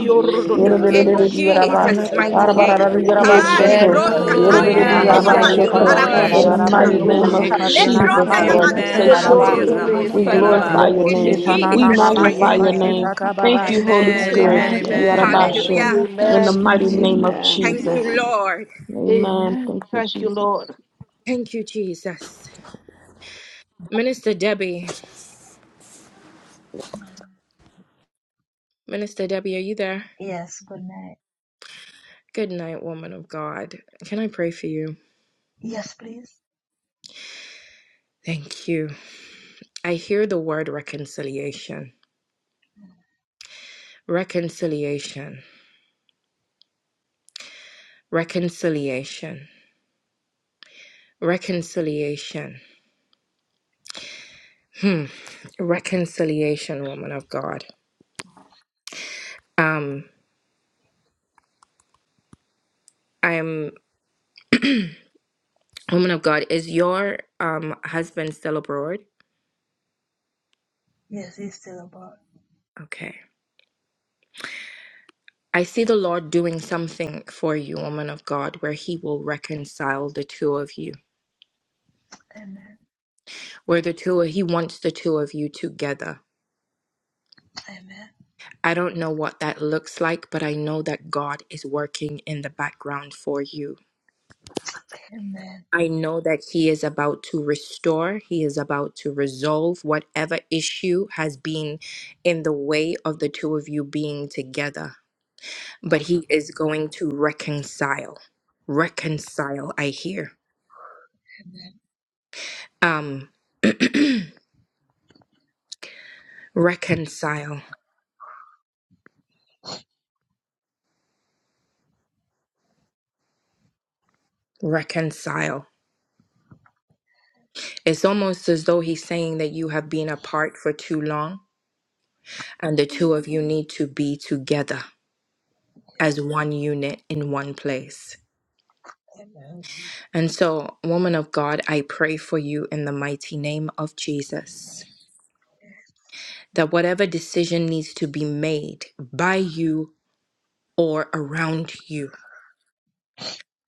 S11: If you're
S1: In
S11: not
S6: eh.
S4: Yerebedidi,
S11: about
S6: Ay,
S4: yaraba.
S1: Jesus'
S11: to
S6: ay, ay,
S1: mighty
S11: give
S8: Olabalaba,
S6: ay,
S11: you the
S6: ay,
S1: name.
S4: Barabararado,
S6: ay,
S11: praise,
S6: ay,
S11: the
S8: Yak.
S6: ay,
S11: Lord
S6: ay,
S1: Ha
S6: ay.
S8: Aya
S4: yarabashoko.
S2: Amen.
S1: lebros
S11: Jesus.
S8: bala da
S6: Ay, ay,
S1: katandi
S8: bala
S7: Yekana
S6: ay,
S4: Yerebedidi,
S5: Hey,
S3: Hallelujah.
S1: ende
S8: bala
S6: ay,
S7: mama
S1: ya
S11: Amen,
S7: ma
S6: ay,
S5: God.
S3: Thank
S8: bala
S6: ay, ay,
S3: you,
S11: amen,
S8: bala
S4: yarabashoko.
S6: ay,
S7: yekashe
S1: malikara
S6: ay,
S2: Yarradadandehe.
S6: ay.
S4: In
S3: Lord.
S4: the
S8: blasha
S7: tarararaba
S2: Esa
S1: mosututa.
S8: thala
S4: mighty
S5: Amen.
S4: name
S11: amen.
S8: baha
S4: of
S7: yokoshe
S11: Thank
S5: Jesus.
S2: yorrodondesa.
S11: you,
S6: Eh,
S7: katena nama
S8: leka
S4: Jesus,
S1: Lepronda
S11: sister.
S5: Hallelujah.
S1: ya
S4: Lord,
S8: bala
S4: we
S1: malia
S7: yekashe
S4: say
S1: kara
S8: blasha
S3: Amen.
S4: thank
S5: Glory
S7: taraba
S3: Eh,
S5: to
S4: you.
S8: thala
S1: mosonto
S6: ayarabashi,
S1: ya.
S5: God.
S8: bala
S4: We
S2: Yorrodondesa
S3: ramosia
S8: bala
S3: la
S4: glorify
S3: ba.
S4: your
S5: Amen.
S1: In
S2: yarradadande.
S6: ayarabashi,
S7: yokoshe
S4: name.
S8: leka
S11: Thank
S4: We
S7: tanana
S11: you,
S1: Jesus'
S7: mama
S11: Lord.
S4: magnify
S1: mighty
S8: Ayalabrashatalaba,
S4: your
S6: ayaraba.
S5: Jesus.
S7: yekashe
S1: name.
S4: name.
S8: Alabalaba,
S4: Thank
S7: tatababa.
S4: you,
S8: Yakayabalabalabalabalabalabrashatalabaha, Lekabalabrashatalabalabalaba,
S4: Holy
S3: Amen.
S4: Spirit.
S11: Amen,
S3: Amen.
S2: Esa
S7: Amen.
S6: Yes,
S2: yarra-
S8: Lekabrashatalabalabalaba,
S3: Amen.
S5: Amen.
S11: amen.
S4: Yarabashu.
S6: Lord.
S1: Hallelujah.
S4: In the
S2: Amen.
S4: mighty
S8: Rekamantalabalabalabrashinam,
S4: name of
S6: Amen,
S1: Thank
S4: Jesus.
S1: you,
S6: amen.
S1: Lord.
S4: Amen.
S2: Amen.
S4: Thank you,
S2: Thank you,
S4: Jesus.
S2: Lord.
S1: Thank you, Jesus. Minister Debbie. Minister Debbie, are you there?
S5: Yes, good night.
S1: Good night, woman of God. Can I pray for you?
S5: Yes, please.
S1: Thank you. I hear the word reconciliation. Reconciliation. Reconciliation. Reconciliation. Reconciliation, woman of God. Um, I am woman of God. Is your um husband still abroad?
S5: Yes, he's still above.
S1: Okay. I see the Lord doing something for you, woman of God, where He will reconcile the two of you,
S5: Amen.
S1: where the two, He wants the two of you together.
S5: Amen.
S1: I don't know what that looks like, but I know that God is working in the background for you.
S5: Amen.
S1: I know that He is about to restore, He is about to resolve whatever issue has been in the way of the two of you being together, but He is going to reconcile. Reconcile, I hear. Um, Reconcile. Reconcile. It's almost as though he's saying that you have been apart for too long and the two of you need to be together as one unit in one place.
S5: Amen.
S1: And so, woman of God, I pray for you in the mighty name of Jesus that whatever decision needs to be made by you or around you,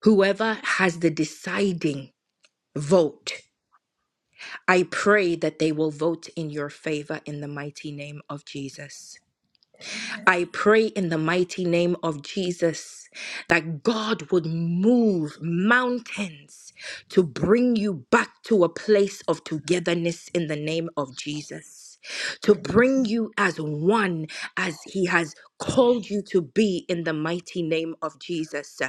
S1: whoever has the deciding vote, I pray that they will vote in your favor in the mighty name of Jesus. I pray in the mighty name of Jesus that God would move mountains to bring you back to a place of togetherness in the name of Jesus. To
S5: Yes.
S1: bring you as one as He has called you to be in the mighty name of Jesus.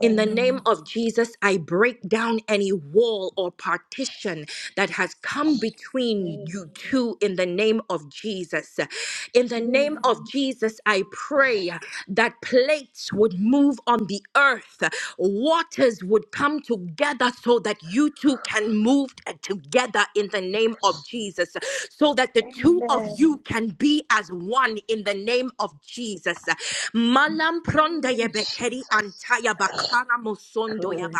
S1: In the name
S5: Amen.
S1: of Jesus, I break down any wall or partition that has come between you
S5: Amen.
S1: two in the name of Jesus. In the name of Jesus, I pray that plates would move on the earth, waters would come together so that you two can move together in the name of Jesus, so that the two of
S5: Amen.
S1: you can be as one in the name of Jesus. Anam pronda
S5: Jesus,
S1: antaya bakana mosondo ya
S5: good.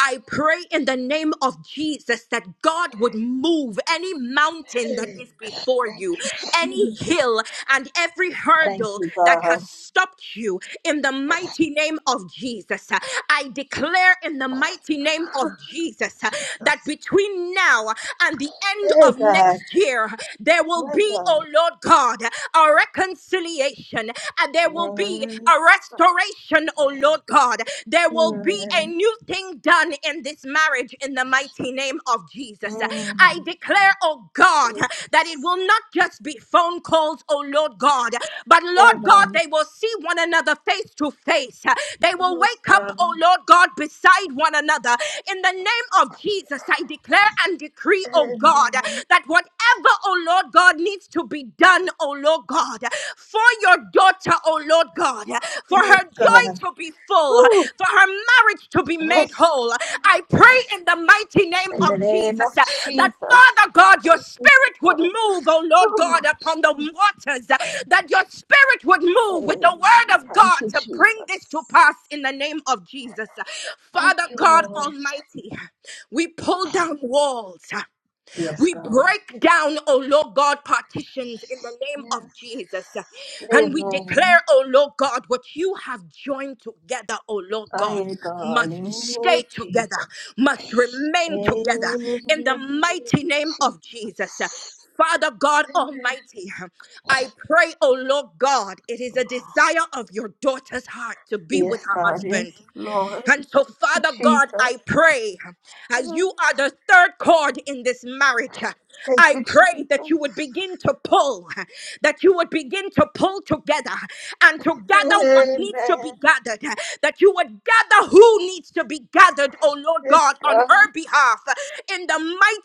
S1: I pray in the name of Jesus that God would move any mountain that
S5: Hey,
S1: is before you, any
S5: Jesus.
S1: hill and every
S5: Thank
S1: hurdle
S5: you,
S1: that has
S5: God.
S1: stopped you in the mighty name of Jesus. I declare in the mighty name of Jesus that
S5: Jesus.
S1: between now and the end
S5: Hey,
S1: of
S5: God.
S1: next year, there will
S5: My
S1: be, oh
S5: God.
S1: Lord God, a reconciliation and there will be
S5: Mm,
S1: a restoration, oh Lord God. There will be a
S5: mm,
S1: new thing done in this marriage in the mighty name of Jesus.
S5: mm.
S1: I declare, oh God, that it
S5: Jesus.
S1: will not just be phone calls, oh Lord God, but Lord God,
S5: Amen.
S1: they will see one another face to face. They will
S5: Praise
S1: wake up,
S5: God.
S1: oh Lord God, beside one another. In the name of Jesus, I declare and decree, oh God,
S5: Amen.
S1: that whatever, oh Lord. Lord God, needs to be done, oh Lord God, for your daughter, oh Lord God, for her
S5: Praise God.
S1: joy to be full,
S5: Whew.
S1: for her marriage to be made
S5: Yes.
S1: whole. I pray in the mighty name
S5: In the
S1: of
S5: name of
S1: Jesus uh, that,
S5: Jesus.
S1: Father God, your spirit would
S5: God.
S1: move, oh Lord
S5: Whew.
S1: God, upon the waters, uh, that your spirit would move with the
S5: Hey,
S1: word of
S5: Thank
S1: God
S5: you,
S1: to bring this to
S5: Jesus.
S1: pass in the name of Jesus.
S5: Thank
S1: Father
S5: you,
S1: God
S5: Lord.
S1: Almighty, we pull down walls.
S5: Yes,
S1: We
S5: God.
S1: break down, oh Lord God, partitions in the name of
S5: Yes.
S1: Jesus. And we
S5: Amen.
S1: declare, oh Lord God, what you have joined together, oh Lord God,
S5: Fire
S1: must
S5: God, oh
S1: stay together,
S5: Jesus.
S1: must remain together in the
S5: Amen.
S1: mighty name of Jesus. Father God Almighty, I pray, oh Lord God, it is a desire of your daughter's heart to be with
S5: Yes,
S1: her
S5: God, yes,
S1: husband.
S5: Lord. Thank
S1: And so,
S5: you,
S1: Father God, I
S5: Jesus.
S1: pray as you are the third cord in this marriage,
S5: Thank
S1: I
S5: you,
S1: pray that
S5: Jesus.
S1: you would begin to pull, that you would begin to pull together and to gather what needs to be
S5: Amen.
S1: gathered, that you would gather who needs to be gathered, oh Lord
S5: Yes,
S1: God, on
S5: God,
S1: her behalf in the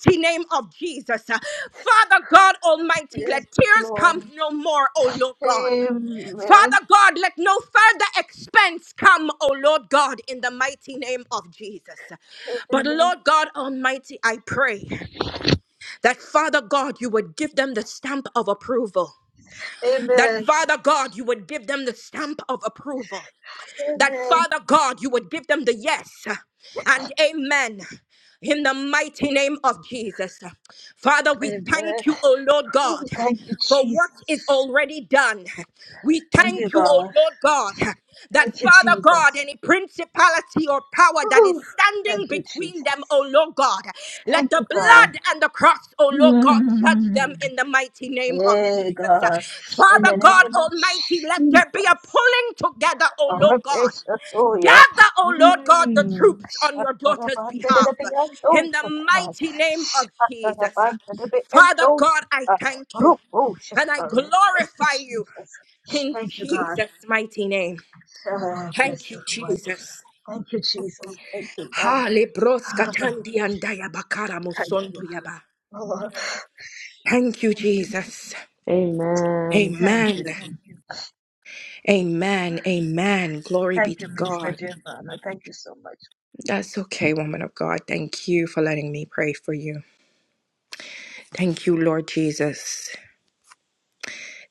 S1: mighty name of Jesus. Father God Almighty,
S5: yes,
S1: let tears
S5: Lord.
S1: come no more, oh Lord God.
S5: Amen.
S1: Father God, let no further expense come, O Lord God, in the mighty name of Jesus. But
S5: Amen.
S1: Lord God Almighty, I pray that Father God, you would give them the stamp of approval. That
S5: Amen.
S1: Father God, you would give them the stamp of approval. That
S5: Amen.
S1: Father God, you would give them the yes and amen in the mighty name of Jesus. Father, we
S5: Amen.
S1: thank you, O Lord
S5: Oh,
S1: God,
S5: thank you,
S1: for what is
S5: Jesus.
S1: already done. We
S5: Thank you,
S1: thank you, O
S5: God.
S1: Lord God, that
S5: Thank you,
S1: Father God,
S5: Jesus.
S1: any principality or power that is
S5: Oh, thank
S1: standing
S5: you,
S1: between them, O
S5: Jesus.
S1: Lord God, let
S5: Thank
S1: the
S5: you, God.
S1: blood and the cross, O Lord God, judge
S5: Mm.
S1: them in the mighty name of
S5: Hey
S1: Jesus.
S5: God, in
S1: Father
S5: the
S1: God
S5: name of
S1: Almighty, let there be a
S5: Jesus.
S1: pulling together, O Lord God.
S5: Rabeshatoya.
S1: Gather, O Lord God, the
S5: Mm.
S1: troops on your daughter's behalf in the
S5: Shatarabandadabiyandosata.
S1: mighty name of Jesus. Father God, I
S5: Shatarabandadabiyandosata.
S1: thank you and I
S5: Ruposhatoya. Thank you,
S1: glorify you
S5: Jesus.
S1: in
S5: Thank you, God.
S1: Jesus' mighty name.
S5: Ah, bless
S1: Thank you,
S5: the Lord.
S1: Jesus.
S5: Thank you, Jesus. Thank you, God.
S1: Hale broska
S5: Ah,
S1: tandi andaya bakara
S5: Thank you.
S1: musondo yaba.
S5: Oh,
S1: Thank you,
S5: thank you. so,
S1: Jesus.
S4: Amen.
S5: Thank
S1: Amen.
S5: you. Thank you.
S1: Amen. Amen. Glory be
S5: Thank you,
S1: to
S5: Minister
S1: God.
S5: Giovanna. Thank you so much.
S1: That's okay, woman of God. Thank you for letting me pray for you. Thank you, Lord Jesus.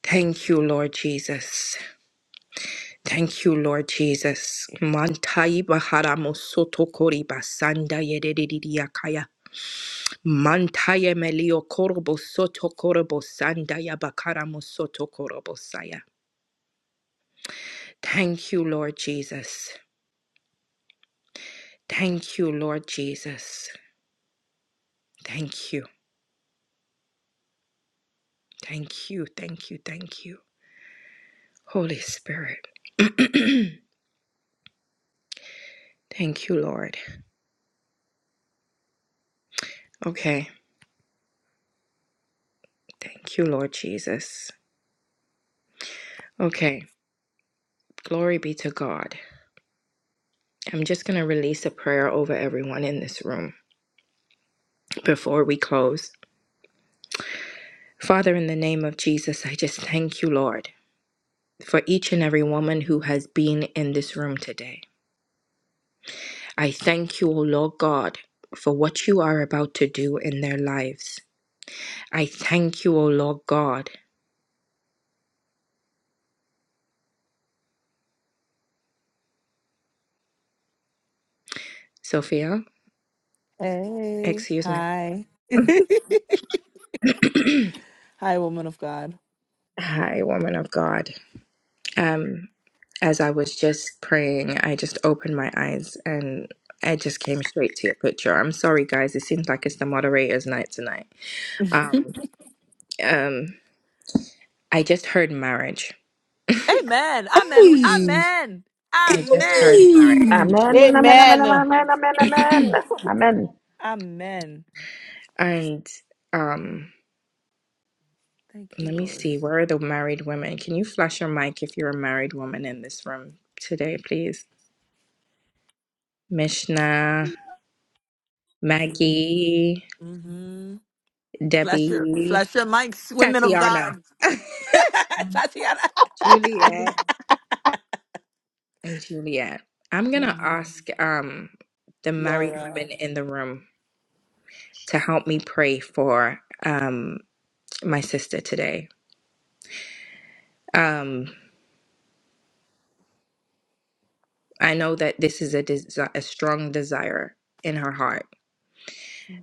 S1: Thank you, Lord Jesus. Thank you, Lord Jesus. Mantai bahara mosoto kori basanda yededidiya kaya. Mantai melio korobo soto korobo sanda ya mosoto korobo saya. Thank you, Lord Jesus. Thank you, Lord Jesus. Thank you. Thank you. Thank you. Thank you. Holy Spirit. Thank you, Lord. Okay. Thank you, Lord Jesus. Okay. Glory be to God. I'm just going to release a prayer over everyone in this room before we close. Father, in the name of Jesus, I just thank you, Lord, for each and every woman who has been in this room today. I thank you, O Lord God, for what you are about to do in their lives. I thank you, O Lord God. Sophia,
S3: Hey,
S1: excuse me.
S3: hi. Hi, woman of God.
S1: Hi, woman of God. Um, as I was just praying, I just opened my eyes and I just came straight to your picture. I'm sorry, guys. It seems like it's the moderator's night tonight. Um, um, I just heard marriage.
S3: Amen. Amen.
S10: Hey,
S3: Amen.
S1: I just heard
S3: Amen.
S1: marriage.
S10: hey.
S4: Amen. Amen. Amen.
S2: Amen.
S4: Amen. Amen. Amen.
S3: Amen.
S1: And um,
S3: Thank you,
S1: let me
S3: Lord.
S1: see. Where are the married women? Can you flash your mic if you're a married woman in this room today, please? Mishna,
S3: Amen.
S1: Maggie,
S3: Mm-hmm. Flash your,
S1: Debbie,
S3: flash your mics, women of God.
S1: Tatiana,
S12: One
S3: Tatiana.
S1: Juliet. and Juliet. I'm gonna
S3: Mhm.
S1: ask um the married
S3: Laura.
S1: women in the room to help me pray for um my sister today. Um I know that this is a desi a strong desire in her heart.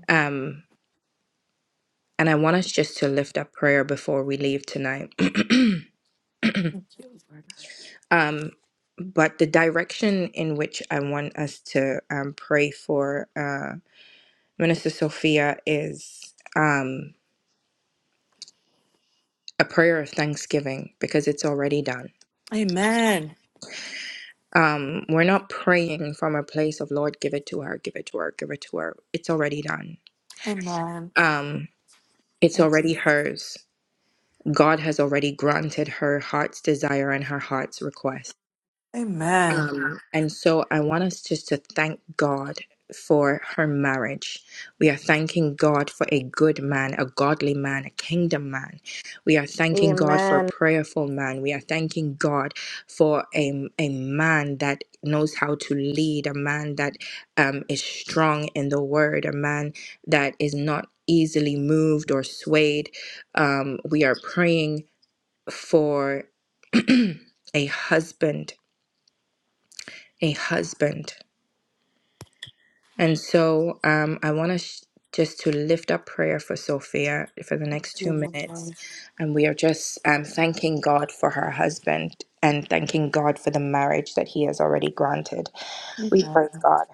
S1: Um and I want us just to lift up prayer before we leave tonight.
S3: Thank you, Lord.
S1: um but the direction in which I want us to um, pray for uh, Minister Sophia is um, a prayer of thanksgiving because it's already done
S3: Amen.
S1: Um, we're not praying from a place of Lord, give it to her, give it to her, give it to her. It's already done.
S3: Amen.
S1: Um, it's
S3: Thank you.
S1: already hers. God has already granted her heart's desire and her heart's request.
S3: Amen.
S1: And so I want us just to thank God for her marriage. We are thanking God for a good man, a godly man, a kingdom man. We are thanking God for a
S10: Amen.
S1: prayerful man. We are thanking God for a, a man that knows how to lead, a man that um, is strong in the word, a man that is not easily moved or swayed. Um, we are praying for a husband, a husband. And so um, I want to sh- just to lift up prayer for Sophia for the
S3: Thank
S1: next two
S3: you,
S1: minutes.
S3: Lord.
S1: And we are just um, thanking God for her husband and thanking God for the marriage that he has already granted. We praise
S3: Amen.
S1: God.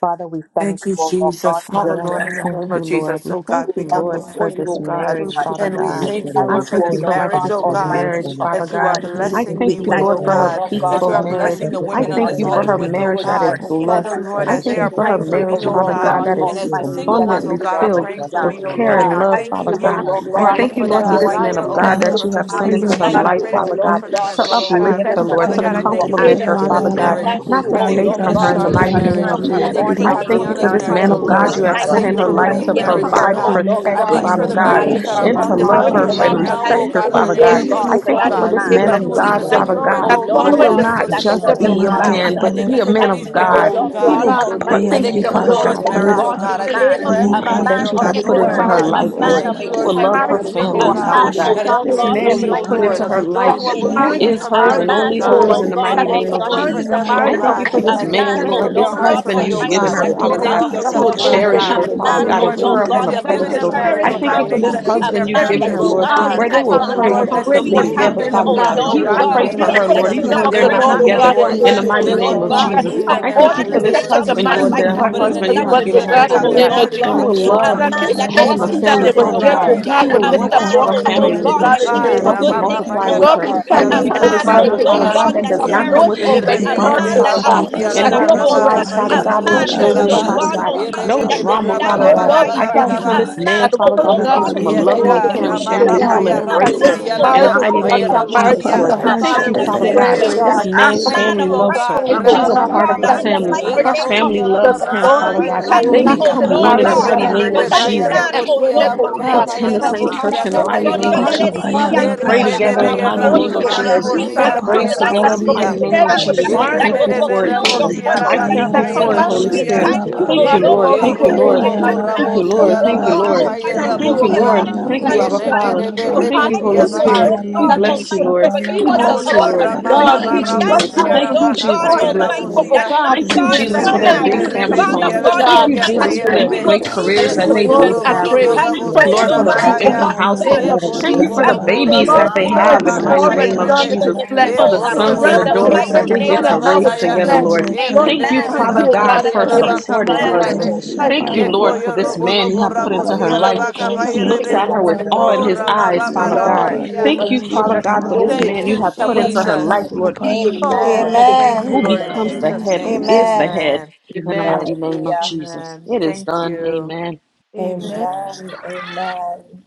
S1: Father, we thank
S3: Thank you,
S1: you, O
S3: Jesus.
S4: Father
S3: Father,
S4: God,
S3: Lord,
S4: we
S3: in the
S4: thank
S3: name of
S4: you, Lord.
S3: Jesus,
S4: We
S3: oh God,
S4: thank you,
S3: we come
S4: Lord,
S1: Lord.
S3: before
S4: for
S3: you,
S6: Father
S3: oh
S4: this
S6: God, we
S3: God,
S6: thank
S4: marriage,
S11: Come,
S1: God.
S6: you
S4: Father
S3: and we
S6: tonight,
S4: God.
S11: Lord
S1: We
S3: thank
S11: God,
S3: you,
S11: I
S4: I
S1: thank
S3: Lord,
S6: God.
S11: just
S3: for
S1: you,
S4: thank
S1: O
S4: you
S3: this
S11: thank
S4: for
S11: you
S1: Lord
S4: my
S11: for
S3: marriage,
S1: God
S11: the
S3: oh
S5: Thank
S4: sister's
S6: Thank you
S11: forgiveness
S3: God,
S6: for
S1: Almighty,
S6: the
S4: marriage,
S1: for
S11: and
S6: God
S1: her
S4: Father
S3: that
S6: who
S3: you are
S6: will
S4: God.
S1: marriage.
S6: give
S4: I
S11: thank
S3: blessing
S6: the
S1: We
S11: you
S3: me
S4: thank
S11: for
S4: you,
S11: the
S3: with,
S1: thank
S4: Lord,
S3: oh
S6: desire
S1: you,
S4: for
S6: of
S1: O
S4: her
S11: forgiveness.
S6: her
S3: God,
S1: Lord
S6: heart, oh
S3: that
S1: God
S3: you
S4: peaceful
S6: God.
S3: are
S11: Thank
S6: I
S4: marriage.
S6: thank
S3: blessing
S1: Almighty,
S3: the
S6: you
S11: you
S1: that
S6: for
S4: I
S11: for
S3: women
S6: her
S1: you
S11: the
S3: on
S4: thank
S1: are
S3: this
S4: you
S6: marriage,
S4: for
S1: doing
S6: oh
S3: altar
S4: her
S6: God.
S1: a
S3: with, oh
S4: marriage
S1: good
S11: forgiveness.
S4: that is
S3: God.
S1: work
S6: I
S1: in
S6: thank
S3: Father,
S4: blessed.
S1: her.
S6: you,
S3: Lord,
S11: Father,
S6: Father
S5: you,
S4: I
S11: we
S3: as they
S4: thank
S1: We
S4: you
S3: are
S6: God,
S11: thank
S6: that
S11: you
S4: for
S5: Jesus.
S4: her
S3: praying
S11: for the
S6: for
S1: thank
S3: for
S1: you,
S6: the
S1: O
S3: me,
S4: marriage,
S11: blessing
S5: Thank
S3: oh
S4: Father
S1: Lord
S11: and
S5: you,
S6: beautiful
S11: for
S3: God,
S4: God,
S1: God
S11: the
S4: that
S3: and
S6: union
S4: is
S5: mighty
S3: as the
S2: God,
S6: because
S1: Almighty,
S2: oh
S6: you
S11: fulfilling
S3: single
S5: God.
S1: that
S3: ones,
S2: God,
S5: Oh,
S1: it
S3: oh
S6: said
S2: take
S4: abundantly
S6: that,
S1: is
S3: God, are
S11: and
S4: filled
S1: already
S3: praying
S11: my Lord,
S5: Shatari
S3: for
S11: for the
S5: and
S1: done.
S4: with
S6: oh
S3: me, oh
S11: very
S5: the
S4: care
S11: love
S3: Lord,
S1: We
S3: and
S6: Father,
S4: and
S3: are
S11: this
S4: love,
S1: thank
S6: a
S4: Father
S2: the
S3: thanking
S1: you,
S11: afternoon.
S1: O
S11: We
S3: you
S6: man
S4: God.
S11: have
S2: marriage
S1: Lord
S11: it
S4: I
S6: shouldn't
S3: for
S1: God,
S6: be
S11: and
S2: problem,
S3: the,
S1: for
S4: thank
S6: by
S4: you,
S2: oh
S3: for
S11: for
S4: Lord,
S3: that
S1: the
S4: for
S11: you,
S2: God.
S1: joy
S4: this
S11: Lord
S6: ill
S4: man
S3: desire,
S1: is
S4: of
S3: oh
S2: Yes,
S3: God,
S11: Jesus.
S4: God
S6: alone,
S3: that
S6: oh
S3: you
S4: that
S2: this
S3: are
S1: fulfilled.
S4: you
S6: God.
S4: have
S3: fulfilling
S4: sent
S11: We
S2: marriage,
S1: We
S6: You
S3: for
S2: oh
S4: into
S11: thank you,
S3: me,
S11: Lord,
S4: her
S3: God.
S1: thank
S6: give
S2: God,
S3: I
S6: him
S4: life,
S1: you,
S6: a
S3: pray
S11: for
S1: O
S3: that you
S4: Father
S3: would do
S4: God.
S3: it
S1: Lord
S6: helpmate,
S5: Thank
S4: God,
S3: for
S8: Rekapayalabalablashatalaba.
S6: oh
S3: them
S5: you,
S1: God,
S6: God.
S3: as
S4: to
S1: that
S3: well,
S1: you
S3: oh
S1: have
S6: I
S3: God.
S4: uplift
S1: given
S2: manifest,
S4: her,
S6: thank
S5: Jesus. Oh,
S6: you
S2: oh
S1: her
S11: that
S4: Lord,
S3: Father
S4: to
S6: for
S5: God,
S1: beauty
S6: a
S11: we
S2: God,
S3: God,
S2: in
S5: I'm
S3: I
S8: Lekapayan
S11: have
S3: thank
S1: for
S3: you
S6: marriage
S2: the
S3: for
S6: that
S2: day
S6: is
S4: compliment
S2: that
S1: ashes.
S5: thankful.
S4: her,
S11: for
S2: Jesus
S4: Father
S3: Giovanna's
S11: you,
S6: strong, oh
S2: comes,
S1: We
S11: Lord
S4: God,
S6: God.
S8: Talavalavalava
S3: marriage.
S6: I
S5: Oh,
S1: thank
S6: thank
S4: not
S1: you,
S11: Jesus.
S4: to
S6: you
S3: I
S1: O
S3: thank
S6: for
S2: God,
S5: Shatari
S3: you
S11: We
S6: a
S3: for
S4: take
S5: and
S1: Lord
S8: Libra
S4: from
S11: thank
S3: Minister
S6: godly
S4: her
S1: God,
S2: that
S4: in the
S1: that
S2: two
S11: you,
S6: man,
S1: you
S3: Tarva's
S11: Lord
S4: mighty
S1: have
S2: have
S4: name
S8: Shatalava
S3: marriage.
S6: a
S2: become
S4: of
S1: turned
S11: Jesus,
S1: her
S3: I
S6: man
S11: for
S2: one
S4: Jesus.
S6: that
S3: thank
S11: this
S2: and
S3: you
S6: is
S2: they
S3: for
S5: the
S1: mourning
S4: I
S2: are
S11: new
S8: Libra
S6: after
S11: life.
S4: thank
S2: one
S4: you
S1: into
S6: your
S2: in
S4: for
S3: Tatiana's
S11: We
S6: own
S4: this
S3: marriage,
S4: man
S1: dancing.
S6: heart,
S2: Christ,
S3: oh
S11: thank
S4: of
S2: oh
S6: oh
S11: you
S5: for
S8: Catalabra
S2: God.
S11: for
S4: God
S1: We
S3: Lord.
S4: you
S6: God.
S11: this
S4: have
S5: Rabbi
S3: I
S2: That
S1: thank
S4: sent
S3: thank
S5: Satan,
S1: you
S2: he
S4: in
S3: you
S11: godly
S4: her
S3: for
S6: A
S1: that
S2: is
S1: you
S11: new
S4: life
S2: the
S1: have
S3: Bree's
S4: to
S6: man
S2: holy
S8: Shatalavalava
S11: Lord
S6: that
S1: given
S3: marriage,
S6: is
S2: comes
S3: oh
S1: her,
S4: provide,
S11: Jesus.
S1: O
S2: on
S3: God.
S1: Lord
S6: uh,
S2: and
S3: I
S4: protect,
S11: We
S2: never
S5: Thank
S3: thank
S1: God,
S3: you
S5: you
S6: um,
S2: to
S1: the
S4: Father
S3: for
S8: Rekapaya
S3: the
S11: thank
S5: for
S2: God.
S11: you,
S6: godly,
S5: her
S4: God,
S8: Labra
S6: oh
S11: Lord
S3: marriages
S1: desires
S3: that
S1: of
S6: God.
S5: knowledge,
S3: are
S6: A
S4: and
S2: This
S1: her
S11: Jesus,
S4: to
S3: on
S5: God.
S11: for
S3: this
S6: man
S11: this
S1: heart.
S5: Thank
S4: love
S6: that
S2: marriage,
S5: you,
S6: is
S4: her
S2: oh
S11: new
S3: altar
S6: not
S4: and
S3: right
S2: God,
S11: life
S1: We
S8: Shatalavalava
S2: shall
S11: that
S3: now,
S11: you
S3: oh
S1: thank
S6: moved
S2: bring
S11: have
S4: respect her,
S1: you,
S3: God,
S2: forth
S3: in
S11: given
S1: O
S11: us,
S3: the
S5: Jesus.
S4: Father
S6: by
S3: name
S1: Lord
S4: God.
S3: of
S2: babies,
S1: God,
S4: I
S8: Lekapa
S3: Jesus,
S2: oh
S11: Father.
S1: for
S6: uh,
S3: oh
S4: thank you
S1: that
S2: God, in
S4: for
S2: the
S3: God.
S4: this
S6: from
S11: We
S2: name
S1: man.
S4: man
S3: That
S6: left
S3: you
S4: of
S2: of
S11: thank
S3: would
S1: We
S11: you,
S5: Dabaya
S4: God,
S6: and
S11: Lord,
S6: right
S2: Jesus.
S1: thank
S4: Father
S6: uh,
S11: for
S1: you,
S3: secure
S5: Satori
S6: by
S11: this
S3: it,
S4: God,
S5: and
S1: O
S6: the,
S2: That
S3: oh
S11: new
S1: Lord
S4: who
S11: life.
S3: Lord,
S6: de-
S3: in
S2: following
S3: the
S4: will
S6: the,
S2: the
S5: Dadabe,
S1: God,
S3: name
S1: for
S4: not
S3: of
S6: the
S1: that
S2: precept
S4: just
S3: Jesus,
S2: of
S11: Father,
S5: Sata
S11: I
S2: the
S6: desires
S3: oh
S1: kingdom
S4: be a
S6: of
S11: don't have
S6: this
S3: God.
S1: spouse.
S11: not a
S5: Papa,
S4: man,
S3: I
S6: world,
S11: heart
S6: oh
S4: but
S3: thank
S4: be
S3: you
S1: We
S4: a
S6: God
S3: for
S8: Imantelebelebe
S2: man.
S11: and
S4: man
S1: thank
S3: Dilly's
S11: so
S4: of
S6: a
S5: Satori
S1: you,
S11: I
S5: and
S2: There
S1: O
S2: is
S11: think
S4: God.
S3: marriage,
S6: man
S3: oh
S11: that's
S1: Lord
S2: no
S6: that
S4: He
S6: is
S5: Dadabaya
S1: God
S3: God.
S4: will
S2: God on
S5: Sato,
S4: but
S2: this
S6: stable, oh
S3: I
S11: the best.
S8: Lekapaya
S1: Almighty,
S4: thank
S11: thing
S3: thank
S4: you,
S6: God,
S3: you
S11: that
S2: kingdom
S11: I
S3: for
S6: that is
S8: Libra
S4: Father
S2: will
S1: for
S2: go
S3: Laura's
S4: God,
S5: Satarana,
S2: to
S1: that
S4: for
S6: steady,
S11: can
S6: oh
S3: marriage,
S4: this
S2: God.
S3: oh
S8: Shateleba
S6: God,
S3: God.
S1: godly
S3: I
S11: do.
S2: The
S5: Araka
S3: thank you
S1: man,
S6: a
S2: name
S3: for
S2: of
S11: And
S6: man
S2: Jesus,
S1: a
S6: that
S5: Satari
S8: Libra
S4: man
S11: from
S6: is
S3: everybody
S1: man
S3: here,
S4: that
S3: oh
S4: you
S2: we
S11: the
S1: of
S3: God.
S4: have
S6: prayerful,
S1: his
S2: take
S8: Kitala
S5: and
S4: put
S2: this
S3: Dora, oh
S6: oh
S4: into
S1: word,
S4: her
S2: marriage.
S6: God,
S3: God.
S6: a
S1: a
S4: life,
S5: Sata
S8: Brantaliba
S3: I
S6: man
S1: man
S4: Lord,
S6: that
S3: thank
S1: of
S3: you,
S5: Babaya
S6: uh,
S4: who
S8: Suate
S3: Lord,
S2: This
S4: will
S3: for
S6: is
S4: love
S11: It's
S2: marriage
S5: Satori
S4: her
S3: everyone
S6: not
S5: and
S2: is
S1: integrity,
S3: here,
S2: from
S3: oh
S1: a
S6: afraid
S4: family,
S2: your
S5: Dadabaya
S6: to
S3: God,
S8: Tantanaka
S4: Father
S6: take
S1: man,
S2: heart
S6: the
S2: to
S4: God.
S1: O
S3: that
S5: Satoya.
S3: is
S1: Lord
S2: God in
S4: This
S6: mantle
S2: the
S3: praying
S8: Shateleba
S1: God
S6: of
S3: for
S2: name
S4: man
S6: being
S3: me,
S4: you
S2: of
S5: Mighty
S6: the
S3: oh
S4: have put
S5: God,
S1: Almighty,
S5: I
S6: leader
S1: who
S4: into
S3: Lord.
S6: of
S1: is
S8: Satalaba
S4: her
S5: pray,
S6: his
S2: Jesus.
S5: Lord
S3: Those
S4: life,
S2: That
S1: strong
S3: who
S6: home,
S3: are
S2: this
S6: oh
S1: in
S6: God,
S4: who
S5: Jesus,
S2: marriage
S3: believing
S1: you,
S3: you
S2: is
S8: Libra
S2: a
S4: is
S3: for
S1: a
S5: Sadaba,
S6: to
S4: hers
S6: be
S2: marriage
S4: and
S3: marriage,
S6: the
S8: Kateke
S3: oh
S1: man,
S2: of
S4: only
S11: a
S1: O
S6: shepherd
S3: God.
S6: of
S4: hers
S2: joy.
S1: Lord
S4: in
S5: Yikiri,
S6: his
S4: the
S3: May
S8: Mantalaba
S1: God,
S6: home,
S4: mighty
S2: That
S3: you
S5: Bebe,
S1: that
S6: oh
S2: this
S4: name
S1: is
S3: also
S4: of
S5: Bebe,
S1: not
S3: do
S6: God.
S3: it
S2: marriage
S3: for
S2: is
S4: Jesus.
S2: a
S3: them,
S1: easily
S6: I
S5: Satoria,
S3: oh
S4: I
S8: Nemanda
S2: marriage
S6: thank
S1: moved,
S2: of
S8: la
S4: thank
S6: you
S4: you
S3: God,
S6: for
S4: for
S2: peace.
S1: a
S6: that
S5: Sadaba,
S4: this
S3: as they
S8: Balabala
S6: man,
S1: man,
S6: oh
S4: man,
S2: That
S3: pray
S1: oh
S6: God,
S4: Lord,
S3: from
S11: sector
S6: that
S2: this
S3: their
S1: Lord
S4: this
S6: you
S3: hearts
S2: marriage
S6: are
S1: God
S3: for
S2: is
S4: husband
S8: Akapa
S3: me,
S2: a
S3: oh
S4: you've
S6: sending
S11: against
S6: her,
S8: Shwa
S4: given
S11: the
S1: Almighty,
S3: God.
S6: oh
S5: Satoria,
S4: her,
S2: that's
S1: that
S11: holy name
S3: May
S1: will
S6: God,
S4: Father
S2: what I
S3: they
S8: Sedibra
S1: love
S4: God,
S2: think
S3: also
S1: your
S6: that
S4: who
S11: Jesus.
S8: Hasi
S6: the
S2: God
S4: will
S3: testify,
S6: man
S2: is
S3: oh
S1: daughter.
S6: that
S2: the
S8: Teleba
S4: cherish
S1: A
S3: God.
S6: will
S4: her,
S2: God in the
S6: not
S4: Father
S1: man,
S6: be
S3: Father,
S2: name
S4: God,
S2: of
S1: oh
S4: and
S5: Mashatarabaya,
S3: Lord,
S4: put
S1: Lord
S6: afraid
S4: her up
S6: to,
S4: on
S3: as
S1: God,
S4: a
S3: you
S2: Jesus.
S1: that
S3: have
S2: That
S6: to
S2: we
S1: will
S3: given
S2: can
S6: hold
S3: them
S4: pedestal.
S11: And I
S8: Nemantalabalaba
S6: her
S1: cherish
S5: Waposhitari
S3: marriage,
S2: cherish
S6: hand
S11: thank
S4: I
S5: and
S3: oh
S1: your
S6: and
S11: you,
S4: thank
S2: as
S5: the
S4: you
S3: God,
S2: a
S3: may
S4: for
S11: Lord,
S6: pray
S1: daughter.
S5: Rebea
S3: you
S4: this
S2: blessing.
S3: keep
S1: A
S6: together.
S3: their
S4: husband you've
S2: That
S5: Satoya,
S1: man
S2: we
S4: given
S1: that
S8: Lekapalabra
S3: marriages,
S5: do
S6: Like
S4: her,
S11: you,
S2: do
S1: will
S5: it
S3: oh
S6: when
S4: Lord,
S1: not
S5: for
S6: things
S1: take
S5: her,
S3: God.
S4: where
S6: get
S4: they
S2: arguments
S5: God.
S4: will
S2: of
S6: tough,
S3: Father,
S6: oh
S2: God
S4: pray
S2: for
S6: God,
S8: Shatalabalabra
S3: Lord,
S1: advantage.
S6: that
S5: Shatara,
S3: let
S6: this
S2: great
S1: We
S4: constantly
S11: Thank
S3: divorce
S6: man,
S11: you,
S6: oh
S3: not
S4: together,
S3: be
S1: thank you,
S2: agreements
S11: Lord.
S3: their
S2: to
S6: God,
S4: Father
S1: oh
S5: Matika,
S4: God,
S3: portion,
S11: Thank
S2: God.
S4: and
S1: Lord
S3: oh
S4: he
S11: you,
S4: will
S3: God,
S2: I
S3: in
S11: Lord.
S6: will
S3: the
S2: pray
S4: pray
S1: God,
S6: get
S5: Sharabande
S3: name
S8: Lekapantalabalaba
S4: for
S5: de
S6: on
S3: of
S4: her,
S6: his
S2: for the
S11: I
S1: that
S4: Lord,
S3: Jesus.
S5: Debe,
S6: knees
S1: you
S4: even
S2: kingdom
S6: with
S11: thank
S4: when
S1: have
S2: of
S3: They
S6: his
S4: they're
S11: you,
S2: the
S5: oh,
S3: will
S11: Lord.
S4: not
S6: wife
S2: Lord,
S1: readied
S5: move
S2: O
S3: not
S8: Lekapeli
S6: and
S5: in a
S1: him
S4: together
S2: God, in
S1: for
S8: Debra
S2: the
S6: pray
S3: divorce.
S4: in
S1: her,
S11: I
S4: the
S5: mighty
S2: name of
S1: oh
S5: way,
S3: They
S6: and
S4: mighty
S2: Jesus.
S11: thank
S3: will
S1: Lord
S4: name
S11: you,
S6: call
S4: of
S6: on
S8: teleba.
S6: the
S1: God.
S3: not
S5: Shatari
S11: Lord.
S2: That
S5: and
S4: Jesus.
S5: the
S2: you
S3: lose
S2: have
S6: name
S3: their
S1: A
S4: I
S6: of
S5: Rebea,
S3: marriage
S11: I
S4: thank
S3: in
S2: ordered
S4: you
S1: man
S2: the
S3: the
S4: for
S11: thank
S5: and
S6: Yahweh
S3: name
S4: this
S1: who
S5: do
S11: you, Lord. I
S2: steps
S11: thank you,
S3: of
S2: of
S5: it
S2: the
S1: loves
S6: to
S5: for
S4: husband,
S5: your
S1: her
S4: Lord,
S2: master
S3: Jesus.
S6: come
S1: like
S2: with
S6: in
S4: that
S6: the
S1: you
S11: Lord.
S4: her
S2: not
S5: daughter,
S3: But in
S6: middle
S3: the
S1: you
S6: of
S4: husband
S2: as
S5: the
S6: this
S3: name
S4: you
S1: love
S8: Delebeleba,
S3: of
S11: I
S4: have
S1: the
S2: but O
S4: given
S3: Jesus,
S4: her,
S6: marriage,
S3: oh
S2: God
S5: Shatari
S1: church,
S6: oh
S2: in
S5: and
S3: God,
S2: the
S4: Father
S5: the
S1: oh
S3: their
S2: name
S4: God
S6: God.
S11: Thank
S1: Lord
S2: of
S11: you,
S3: marriage is
S8: Rekapa
S4: who
S5: Rebea,
S6: Let
S1: God.
S4: will
S2: Jesus.
S11: Lord.
S6: you,
S3: secured.
S1: A
S5: Ra
S4: love
S6: Father
S2: That
S1: man
S3: In
S2: this
S8: Shatalaba
S3: the
S1: that
S6: God, be
S3: name
S6: at
S4: having
S11: Thank
S4: a
S5: Shatari
S6: the
S8: Labra
S3: of
S1: washes
S2: ministry
S11: you.
S5: and
S2: that
S1: her
S5: the
S4: family,
S2: they
S3: Jesus,
S1: with
S6: center
S2: was
S3: oh
S1: the
S4: Father
S6: of this
S5: Rebea,
S2: built,
S3: God,
S4: God,
S2: O
S3: we
S11: Thank
S8: Shatalaba,
S1: word.
S11: you,
S4: who
S2: God,
S3: thank
S6: marriage,
S2: would
S11: Lord.
S3: you,
S4: will
S6: oh
S1: A
S3: Lord, for
S2: lift
S4: want
S2: up
S4: to
S11: God,
S6: God.
S3: what
S1: man,
S3: you
S4: have
S2: more
S11: for
S3: are
S4: a
S1: oh
S11: your
S8: Rekapaya
S11: love.
S6: Be
S1: Lord
S2: couples,
S4: family
S3: doing.
S6: at
S2: O
S11: Thank
S4: with
S6: the
S1: God,
S8: Labra
S4: her,
S11: you, Lord.
S2: God, in
S1: that
S2: the
S11: Thank
S4: who
S3: Ah,
S4: will
S6: center
S2: name
S1: speaks
S6: of
S2: of
S4: want
S6: it,
S4: to
S1: good
S11: you,
S6: oh
S11: Lord.
S1: things
S2: Jesus.
S6: God.
S4: multiply
S3: Ramababaya
S8: Shatelebelebe,
S4: with
S1: over
S2: Lord,
S4: her.
S2: we
S5: Rabba
S1: her.
S6: Thank
S4: I
S3: Rabosia,
S6: you, oh
S2: thank you
S4: thank
S1: A
S11: Thank
S4: you
S2: for
S5: Shatari
S11: you,
S3: Lama
S4: for
S6: God,
S2: this
S11: Lord.
S5: and
S8: Ayakapa
S4: this
S1: man,
S5: the
S6: for
S1: oh
S11: Thank
S2: marriage,
S4: husband,
S2: oh
S1: Lord
S8: Labra
S6: granting
S4: Father
S5: Rebea
S3: Rabakabaya
S6: my
S2: God.
S4: God,
S1: God,
S4: that
S1: that
S11: you,
S6: sister
S4: does
S2: For
S11: Lord. Thank
S2: we
S6: her
S3: Rabosia,
S4: not
S2: know
S8: Shatalaba,
S11: you,
S4: come
S6: heart
S2: it's
S5: Satoya,
S11: Lord.
S4: with
S1: cherishes
S5: in
S4: any
S5: the
S2: already
S4: baby
S6: desire,
S1: a
S6: oh
S5: name
S2: done,
S11: I'm
S6: God.
S4: mamas,
S5: of
S3: Irremelebe
S1: man
S8: Kipelia
S2: oh
S11: going
S1: that
S4: Father
S11: to
S4: God,
S2: God.
S6: Thank
S11: Lord.
S6: you,
S3: Rabosia,
S1: uplifts
S5: Jesus,
S6: oh
S4: and
S1: and
S2: That
S8: Katibasia
S4: no
S3: Lama
S2: you
S6: God,
S2: have
S4: ex
S6: for
S1: upholds,
S11: Thank
S2: already
S4: wives,
S11: you,
S6: this
S8: Teleba,
S4: Father
S3: Rabakabaya
S1: a
S2: blessed the
S4: God,
S6: beautiful
S4: with
S2: Lord
S1: man,
S8: Katada
S2: in
S3: Rabosia,
S1: oh
S2: the
S4: children,
S1: Lord
S2: name
S3: Lama,
S8: Kasha
S2: of
S4: Father
S6: union,
S1: God
S6: oh
S2: Jesus.
S5: Satarabaya
S4: God,
S6: God.
S4: no
S1: Almighty,
S8: Savakasa
S1: that
S5: Satoya,
S6: Thank
S3: Irrebelebe
S1: will
S4: drama,
S6: you, oh
S1: stand
S2: In
S4: Father
S6: God,
S2: all
S8: Bravetwana,
S4: God.
S6: that
S5: Raka
S2: love,
S6: the
S1: beside
S2: we
S4: I
S1: her,
S4: thank you
S2: thank
S4: for
S2: you
S3: Rabalabalabalabalaba,
S1: a
S8: Ibaha,
S4: this
S5: Satarabaya
S1: man,
S4: man,
S2: that the
S1: oh
S4: Father
S2: woman
S11: Lord. I'm going
S4: God,
S5: Satori
S2: of
S6: Oh,
S11: to
S1: Lord
S4: who
S8: Sipala
S2: God,
S6: that
S11: Thank
S5: and
S4: comes
S1: God,
S6: they
S5: the
S4: from
S1: that
S6: will
S4: a
S8: Valia
S1: will
S2: Sophia,
S3: Yes,
S6: not,
S5: Rebaya
S1: not
S4: loving and
S2: Lord,
S6: not
S1: be
S11: you,
S2: is
S3: God.
S8: Tedebre
S11: Lord.
S2: coming,
S4: caring
S6: move,
S5: Sato,
S6: they
S1: ashamed
S2: oh
S6: will
S1: of
S4: family who
S6: not
S1: her,
S2: God,
S4: will
S8: Shetelebe,
S3: Ramapapaya
S1: a
S6: move, they
S2: that
S4: embrace
S11: I'm
S6: will
S4: her
S2: this
S1: man,
S6: not
S3: Ramosia
S5: Satirebaya
S1: oh
S4: in the
S6: move,
S2: marriage
S1: Lord
S6: they
S2: is
S6: will
S4: mighty
S1: God
S11: not
S1: of
S6: not
S2: Lord,
S3: Lamakapaya
S4: name
S2: is a
S4: of
S6: move.
S2: marriage
S5: Sakataraba,
S4: Jesus,
S11: a
S1: compassion,
S2: after
S3: Ramosia.
S4: Lord.
S8: Kapala
S2: her
S6: I
S1: a
S8: Bra
S4: Thank
S6: can
S2: heart
S3: Father,
S1: man
S4: you,
S6: I
S3: we
S1: of
S2: and her
S4: Father
S5: Masataria
S8: Shetelebe,
S3: thank
S2: prayers,
S4: God.
S2: oh
S6: cancel
S1: patience,
S3: you.
S5: Rebaya
S6: every
S4: This
S2: God.
S1: a
S3: We
S4: man's
S6: spirit
S2: And
S6: that
S2: we
S1: man
S6: will
S3: thank
S4: family
S3: you,
S1: of
S3: oh
S5: Asatoya,
S6: come
S4: loves her.
S3: God.
S2: pray,
S1: kindness.
S6: in
S2: oh
S5: Rapa
S4: She's a
S2: God,
S4: part
S6: between
S4: of
S5: Satari
S4: the
S1: Father,
S6: them,
S2: that
S3: Rababababa.
S1: in
S6: oh
S5: and
S1: the
S5: the
S2: this
S4: family.
S3: Ye
S1: mighty
S6: God.
S2: marriage
S5: Rebaya
S4: Her
S1: name
S2: shall
S1: of
S4: family
S3: Ramosia
S5: Sato,
S2: that
S3: Lama
S4: loves
S6: Anything
S1: Jesus,
S2: the
S4: him,
S2: Lord
S4: Father
S1: we
S6: from
S5: Maya
S3: Ramakapaya
S4: God.
S2: that
S1: thank
S4: They
S6: Haiti,
S1: you,
S6: any
S5: Sato,
S2: lasting
S1: O
S3: Ramosia.
S4: become
S1: Lord
S8: Nekapala
S4: one
S3: Ye
S4: in
S2: marriage,
S5: Eka
S6: spirit,
S4: the
S2: oh
S1: God,
S2: God,
S4: mighty
S2: that
S8: Balaba.
S4: name
S1: for
S5: Sataya
S6: oh,
S4: of
S2: touch
S1: that
S6: that
S3: Rebelebekaya
S6: I
S5: Lusa
S2: men
S4: Jesus.
S1: man,
S6: don't
S2: and
S6: want
S1: O
S6: to
S3: Ramosia
S6: see
S2: women,
S1: Lord
S5: Dorfaya
S2: oh
S1: God
S4: They
S5: Dorfa
S3: Ramokia
S2: God,
S6: marriages, I
S4: attend
S3: Paya
S1: Almighty.
S4: the
S6: come
S2: that
S4: same
S2: she
S5: Sataba,
S2: will
S6: against it
S4: church
S3: Ramosia
S4: in the
S6: right
S2: grace
S4: mighty
S2: this
S6: now
S3: Kapaya
S6: in
S4: name of
S6: the
S1: Karamosondoya
S5: Ropushita
S3: Ramo.
S2: marriage,
S6: name of
S2: oh
S4: Jesus.
S5: Ea,
S8: Kapaya
S2: God, in
S1: dedididiyan
S4: They
S2: the
S3: Ye
S2: name
S6: Jesus.
S4: pray
S8: labra
S2: of
S1: kayaba
S4: together in
S2: Jesus,
S8: shada
S4: the
S5: Masatari
S3: Rebebe
S6: Lord
S5: and
S4: mighty
S5: the
S2: all
S8: laba
S2: of
S4: name of
S6: Jesus,
S2: your
S1: karabosontoya.
S3: Ramosia
S6: I
S5: Rebaya
S2: grace
S4: Jesus.
S1: We
S6: pray, oh
S5: Sata,
S4: They
S2: inside
S6: God,
S3: Ramokia
S2: of
S1: thank you
S2: us.
S8: rakapanda
S4: praise
S3: Paya
S1: for that
S6: that
S4: together
S2: that
S6: you
S5: Sakade
S2: she
S4: in
S8: brasi
S4: the
S2: will
S4: mighty
S5: de
S3: Ramosia.
S1: beautiful
S4: name
S2: prepare
S4: of
S6: bless
S2: her
S8: telebra
S2: for
S6: that
S5: Rebaya
S1: marriage
S2: this
S4: Jesus. I
S2: marriage,
S6: union,
S1: that
S2: oh
S4: thank
S5: Satoya,
S1: will
S4: you
S3: Yeremele
S8: shetelebe
S2: God,
S6: that
S4: for
S2: in
S6: you
S2: the
S4: it,
S2: name
S1: fulfill
S2: of
S1: your
S4: Father.
S6: bless
S3: berramosia
S6: that
S5: Mar
S3: la
S2: Jesus.
S4: I
S1: purpose and
S6: union
S3: vaca
S8: lekapaya
S4: thank
S1: your
S4: you
S2: That's
S5: Shaktariya
S2: all
S3: paye
S6: that
S4: for
S1: will.
S8: labra
S5: Nara
S4: it,
S6: you
S2: about
S6: be
S4: Holy
S5: Rava
S6: the
S1: We
S2: it.
S5: Ya
S4: Spirit.
S3: rabosia.
S1: thank
S6: center
S1: you,
S5: Nara
S8: shetelaba
S2: So
S6: of
S1: O
S6: it,
S5: Ve
S4: Thank you,
S2: God
S6: O
S5: Ve
S2: didn't
S1: Lord
S5: Ve
S4: Lord.
S2: want
S5: Ve
S6: God.
S5: Ve Ve
S2: to
S3: Ekoyo
S1: God,
S6: And
S4: Thank
S6: I
S2: pull
S4: you,
S5: Ve Ve
S6: thank
S4: Lord.
S2: into
S1: that
S3: romolo
S8: lekapaya
S6: you,
S2: God
S1: that
S6: O
S2: in
S5: Ve
S2: the
S6: God,
S5: Ve
S2: name
S4: Thank
S5: Ve
S8: labra
S4: you,
S6: for
S1: marriage,
S6: it
S1: O
S4: Lord.
S3: borramosia
S6: is
S3: la
S1: Lord
S5: Shaktu
S4: Thank you,
S6: well
S8: talaba
S1: God
S3: vaca
S6: and
S2: of
S6: it
S4: Lord.
S6: is
S2: Jesus. I'm
S3: paye
S5: Shaktara
S6: done
S1: Almighty, will
S6: in
S5: Rava
S4: Thank
S2: thankful, oh
S4: you,
S1: be
S6: your
S1: a
S5: Rava
S6: mighty
S3: rabosia.
S8: lekapaya
S2: God,
S4: Lord.
S5: Rava
S6: name,
S1: ministry
S6: O
S4: Thank
S2: that
S4: you,
S8: labra
S5: Rava
S6: God.
S1: unto
S2: you
S4: Abba
S5: Rava
S2: have
S1: others.
S4: Father.
S5: Rava
S3: Yeremele
S5: Rava
S8: shetelaba
S1: We
S6: Thank
S4: Thank
S6: you,
S4: you,
S2: surpassed
S1: thank
S4: Holy
S3: berrebetia
S2: this
S1: you,
S6: Heavenly
S1: O
S3: paye.
S8: kapaya
S2: marriage,
S5: Rava
S1: Lord
S4: Spirit.
S6: Father.
S4: We
S1: God
S2: that you
S8: labra
S11: good
S2: can
S4: bless you,
S1: Almighty,
S4: Lord.
S1: for your
S2: see
S4: We
S2: what the
S1: stamp
S8: shabalaba
S3: Oh
S5: Rava
S4: bless
S1: of
S4: you,
S3: Lord,
S2: Lord
S4: Lord.
S6: Thank
S2: has
S6: you, O
S1: approval.
S4: Thank
S2: done.
S6: God,
S3: Ramababa
S4: you,
S1: We
S8: lakapaya
S6: for
S5: Mar
S2: What
S1: thank
S4: Jesus.
S1: you,
S8: labra
S6: blessing
S2: I've
S3: Rabosia,
S1: O
S6: that,
S2: been
S4: Thank
S5: Shaktara
S1: Lord
S4: you,
S2: waiting
S1: God
S4: Jesus,
S6: for
S2: for
S5: Rava
S4: for
S2: and
S3: Ramahapai
S5: Ya
S8: shetelebe
S2: praying
S6: blessing
S4: blessing
S6: her,
S2: for,
S4: them.
S1: Almighty,
S5: Shaktu
S6: O
S2: oh
S1: that
S6: God.
S3: Rabosia,
S1: not
S2: God,
S5: Roro
S6: I
S4: Thank you,
S6: thank
S1: far
S2: has
S6: you,
S5: Roro
S6: O
S4: Jesus, for
S1: from
S8: lekapaya
S5: Rava
S4: their
S3: Eremele
S6: God,
S11: person.
S2: finally
S6: for
S1: now
S2: come
S5: Ka
S4: big
S6: this
S8: labra
S2: to
S4: family
S2: pass,
S6: evening,
S1: Father
S4: home.
S6: O
S3: Berebesia,
S5: Shaktariya
S2: oh
S1: God
S5: Nara
S6: God.
S11: Father,
S4: Thank
S2: God.
S4: you,
S3: Rabosia,
S5: Rava
S8: shetelebe
S2: And
S1: Almighty,
S4: Jesus,
S6: Thank
S5: Ya
S4: for
S6: you,
S4: their
S1: we
S2: every
S6: mighty
S3: Pairebe,
S1: will
S4: great
S5: Shaktara
S2: nation
S1: see
S11: we
S6: God,
S1: the
S6: for
S4: careers
S2: to
S6: it
S11: thank
S4: that
S2: the
S3: Eco
S6: is
S4: they
S5: Rava
S11: you,
S1: fruition.
S2: glory
S6: you,
S4: both
S6: O
S2: and
S4: have.
S1: We
S6: God,
S3: Yorobolobo
S5: Mar
S1: thank
S2: praise.
S1: you,
S2: For
S6: indeed,
S1: O
S3: Rabosia,
S2: this
S4: Lord,
S1: Lord
S4: for
S5: Shaktariya
S4: the
S6: who
S1: God,
S4: two
S2: marriage,
S5: Nara
S2: oh
S1: that
S6: have
S1: it
S3: Rabacaya,
S4: income
S2: God,
S8: Yakapaya
S1: is
S2: in the
S6: provided
S1: done.
S5: Rava
S2: name
S6: that,
S4: household.
S8: labra
S2: of
S6: O
S3: Eco
S6: God.
S4: Thank
S1: We
S4: you
S2: Jesus,
S4: for the
S1: thank
S8: shatalaba
S3: Robolobo
S1: you,
S6: Thank
S1: O
S4: babies
S6: you,
S2: Lord,
S4: that
S1: Lord
S6: O
S2: we
S3: Rabosia,
S6: God,
S4: they
S1: God,
S2: know
S6: for
S2: it
S1: that
S4: have
S5: Rava
S2: is
S4: in the
S1: her
S8: Labra
S6: giving
S3: Rabaca
S5: Rava
S4: mighty
S6: her
S1: time
S2: already
S6: her
S4: name
S8: shata
S1: of
S5: Rava
S4: of
S6: heart
S2: done,
S3: Pairebe,
S8: leba
S2: it is
S4: Jesus,
S6: desire,
S1: singleness
S8: leba.
S1: is
S6: O
S2: blessed.
S4: for the
S3: Eco
S1: over.
S2: In
S6: God.
S2: the
S4: sons and
S2: realm
S1: In
S4: the
S1: the
S2: of
S3: Romolobo
S6: And
S2: the
S6: we
S4: daughters
S8: Likapaya
S2: spirit
S4: that
S6: thank
S1: mighty
S4: they
S2: of
S6: you,
S3: Rabosia,
S1: name
S4: get
S2: God
S6: O
S8: labra
S4: to
S2: and
S1: of
S2: now
S6: God.
S4: raise
S1: Jesus.
S2: it's
S8: shata
S3: Rabacaya,
S4: together,
S6: We
S8: leba
S2: flesh.
S4: Lord.
S6: thank
S8: leba.
S6: you,
S2: Lord,
S6: O
S2: we
S4: Thank
S6: God,
S4: you,
S3: Eremele
S1: Amen
S6: for
S2: thank
S6: my
S4: Father
S2: you,
S4: God,
S2: God,
S8: Lakati
S6: sister.
S2: in
S1: and
S4: for
S2: the
S3: Beramosia,
S4: a
S2: name
S6: We
S2: of
S8: brasi
S3: Rabaca
S6: thank
S4: supportive
S2: Jesus
S6: you,
S1: amen.
S6: O
S8: kate
S4: husband.
S2: Christ.
S3: Pairebe,
S6: God, for this
S2: I
S8: mashaba
S4: Thank
S6: man
S4: you,
S2: thank
S6: that
S3: Eco
S6: is
S8: laba.
S4: Lord, for
S2: you.
S4: this
S6: that is
S4: man you
S3: Yorobolobo
S4: have
S6: coming,
S4: put
S6: O
S4: into her
S2: I
S3: Rabosia,
S8: Likapaya
S6: God.
S4: life
S3: Rabaca
S8: labra
S6: Thank
S4: who
S2: thank you
S6: you,
S2: for
S6: O
S8: shata
S4: looks
S2: this
S3: Pairebe,
S4: at her
S11: Father,
S8: leba
S6: God.
S4: with
S11: for
S2: divine
S11: the
S2: God
S4: awe
S2: of
S4: in
S8: leba.
S3: Oh
S4: his
S11: activity
S2: God.
S6: Thank
S1: Thank
S6: you,
S4: eyes,
S11: of
S1: you,
S3: Ramababa
S4: Father
S2: Father
S11: the
S6: Lord.
S4: God.
S2: God,
S5: Amen.
S2: in
S1: Lord.
S8: Likapaya
S2: the
S11: people.
S3: Rabosia.
S2: name
S4: Thank
S2: of
S6: In
S8: labra
S4: you,
S2: Jesus,
S11: Oh, yeah,
S4: Father
S2: that
S6: Jesus'
S8: shata
S4: God,
S11: Father, I
S2: you
S4: for
S11: want
S6: mighty
S11: to
S2: know
S4: this
S8: leba.
S2: him.
S3: Thank
S4: man
S6: name,
S11: thank
S4: you
S3: you,
S6: oh
S4: have
S11: you
S6: God,
S4: put
S2: Somewhere
S6: I
S4: into her
S2: shall
S8: Yabra
S4: life,
S11: for the
S3: Jesus.
S2: we
S6: pray.
S11: activity of the
S4: Lord,
S2: see the
S8: kapaya
S11: people.
S2: Lord
S8: labra
S3: Oh,
S11: Lord,
S2: in
S11: I
S3: we
S2: the
S1: Amen.
S11: thank
S8: shata
S3: thank
S10: Amen.
S3: you,
S4: who
S2: glory
S8: leba.
S3: Lord,
S2: of
S3: in
S11: you.
S4: becomes
S2: God.
S4: the
S3: Jesus'
S6: Amen,
S4: head, who
S3: name.
S8: Jesus.
S4: is the
S6: amen.
S10: Amen.
S4: head.
S3: Amen.
S4: In the
S2: Amen.
S11: Amen.
S4: mighty name of
S1: Hallelujah.
S4: Jesus.
S3: Amen.
S4: It is
S3: Thank
S4: done.
S3: you.
S4: Amen.
S2: Amen.
S1: Amen.
S3: Amen.
S1: Amen.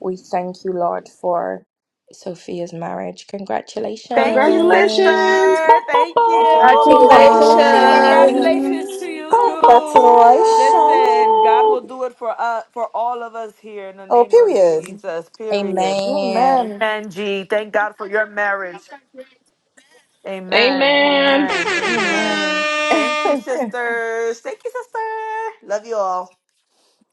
S1: We thank you, Lord, for Sophia's marriage.
S3: Thank you,
S1: Congratulations.
S4: Congratulations! Ba,
S3: sister.
S4: ba,
S3: Thank
S4: ba.
S3: you. Woo, woo, woo.
S1: Congratulations!
S3: Congratulations to
S2: Congratulations.
S3: you
S4: Ba, ba, ba.
S3: too.
S13: air
S10: Congratulations.
S3: Listen, God will do it for us, for all of us here in the
S10: Oh,
S3: name of
S10: period.
S3: Jesus. Period.
S10: Amen.
S3: Amen. G. Thank God for your marriage. Amen.
S4: Amen.
S3: Amen. Amen.
S10: Amen.
S3: Thank you, sisters. Thank you, sister. Love you all.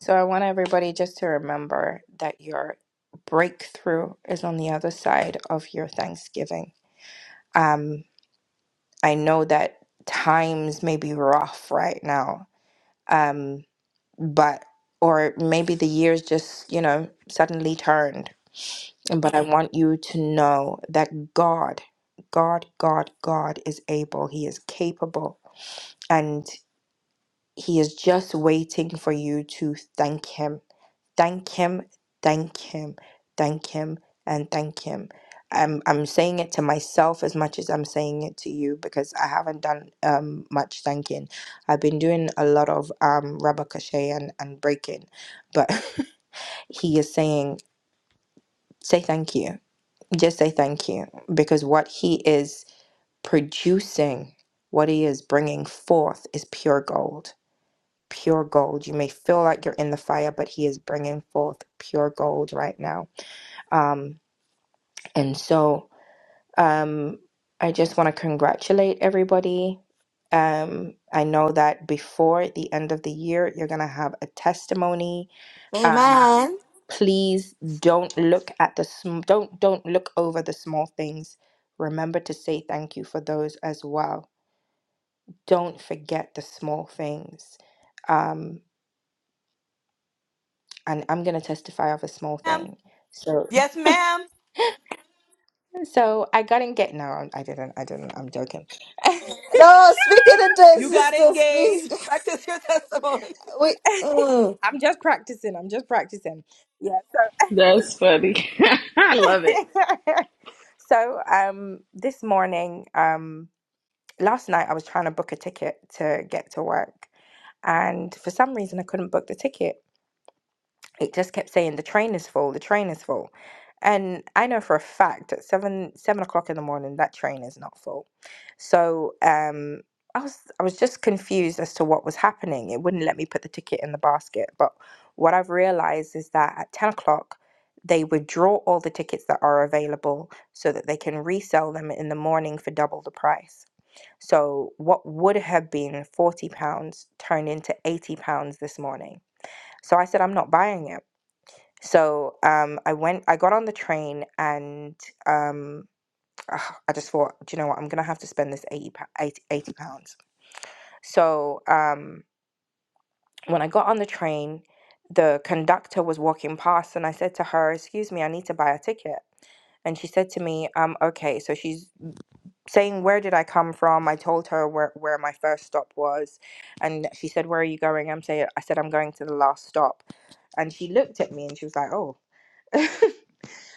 S1: So, I want everybody just to remember that your breakthrough is on the other side of your Thanksgiving. Um, I know that times may be rough right now, um, but or maybe the years just you know suddenly turned. But I want you to know that God, God, God, God is able. He is capable, and He is just waiting for you to thank Him thank him, thank him, thank him, and thank him. I'm I'm saying it to myself as much as I'm saying it to you because I haven't done um much thanking. I've been doing a lot of um rubber crochet and and breaking, but he is saying say thank you, just say thank you because what he is producing, what he is bringing forth is pure gold. Pure gold. You may feel like you're in the fire, but he is bringing forth pure gold right now um, and so um, I just want to congratulate everybody. Um, I know that before the end of the year, you're going to have a testimony. Um,
S10: Amen.
S1: please don't look at the sm- don't don't look over the small things. Remember to say thank you for those as well. Don't forget the small things. Um, and I'm going to testify of a small thing. So so I got engaged. No, I didn't. I didn't. I'm joking.
S10: No, speak it into existence, please. We, mm.
S1: I'm just practicing. I'm just practicing. Yeah.
S4: That's funny. I
S1: So,
S4: love it.
S1: so um, this morning, um, last night, I was trying to book a ticket to get to work, and for some reason, I couldn't book the ticket. it just kept saying the train is full the train is full and i know for a fact at seven seven o'clock in the morning that train is not full so um i was i was just confused as to what was happening it wouldn't let me put the ticket in the basket but what i've realized is that at 10 o'clock they withdraw all the tickets that are available so that they can resell them in the morning for double the price so what would have been 40 pounds turned into 80 pounds this morning so i said i'm not buying it so um, I went, I got on the train and um, ugh, I just thought, do you know what, I'm gonna have to spend this 80, pa- 80, eighty pounds. So um, when I got on the train, the conductor was walking past and I said to her, excuse me, I need to buy a ticket. And she said to me, um, okay, so she's saying, where did I come from? I told her where, where my first stop was. And she said, where are you going? I'm saying, I said, I'm going to the last stop. And she looked at me and she was like, oh,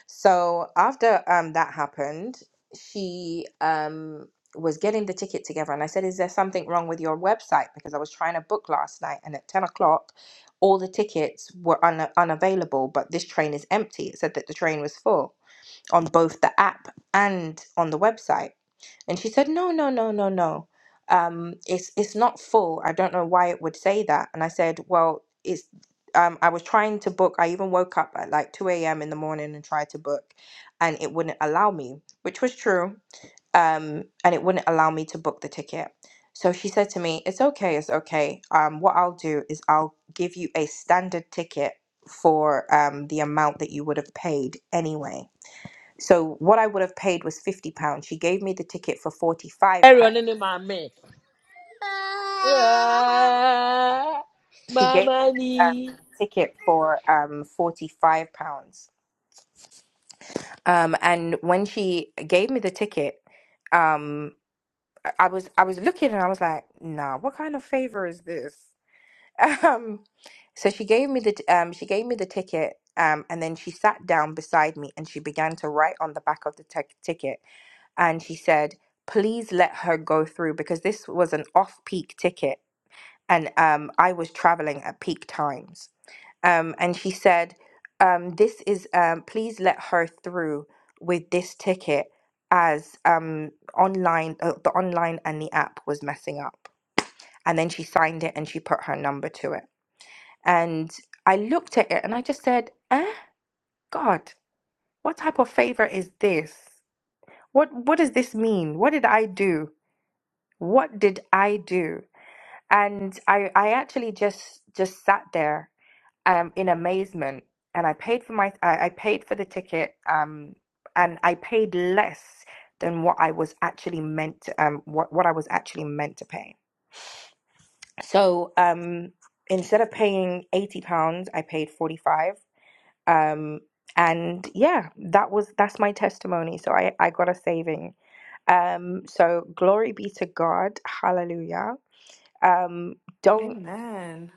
S1: So after um that happened, she um was getting the ticket together and I said, Is there something wrong with your website? Because I was trying to book last night and at 10 o'clock all the tickets were un- unavailable, but this train is empty. It said that the train was full on both the app and on the website. And she said, No, no, no, no, no. Um, it's it's not full. I don't know why it would say that. And I said, Well, it's um, I was trying to book. I even woke up at like 2 a.m. in the morning and tried to book, and it wouldn't allow me, which was true. Um, and it wouldn't allow me to book the ticket. So she said to me, It's okay, it's okay. Um, what I'll do is I'll give you a standard ticket for um, the amount that you would have paid anyway so what I would have paid was fifty pounds. She gave me the ticket for forty five
S14: ẹ̀rọ
S1: pounds.
S14: nínú màmá ẹ̀. Ah,
S1: She gave
S14: Màmá
S1: me
S14: ni.
S1: the um, ticket for um forty five pounds. Um, and when she gave me the ticket, um, I was I was looking and I was like, nah, what kind of favor is this? Um, so she gave me the t- um she gave me the ticket. Um, and then she sat down beside me and she began to write on the back of the tec- ticket. And she said, Please let her go through because this was an off peak ticket and um, I was traveling at peak times. Um, and she said, um, "This is um, please let her through with this ticket as um, online uh, the online and the app was messing up." And then she signed it and she put her number to it. And I looked at it and I just said, "Eh, God, what type of favor is this? What what does this mean? What did I do? What did I do?" And I I actually just just sat there um, in amazement, and I paid for my I, I paid for the ticket, um, and I paid less than what I was actually meant to, um, what what I was actually meant to pay. So um, instead of paying eighty pounds, I paid forty five. Um, and yeah, that was that's my testimony. So I I got a saving. Um, so glory be to God, Hallelujah. Um, don't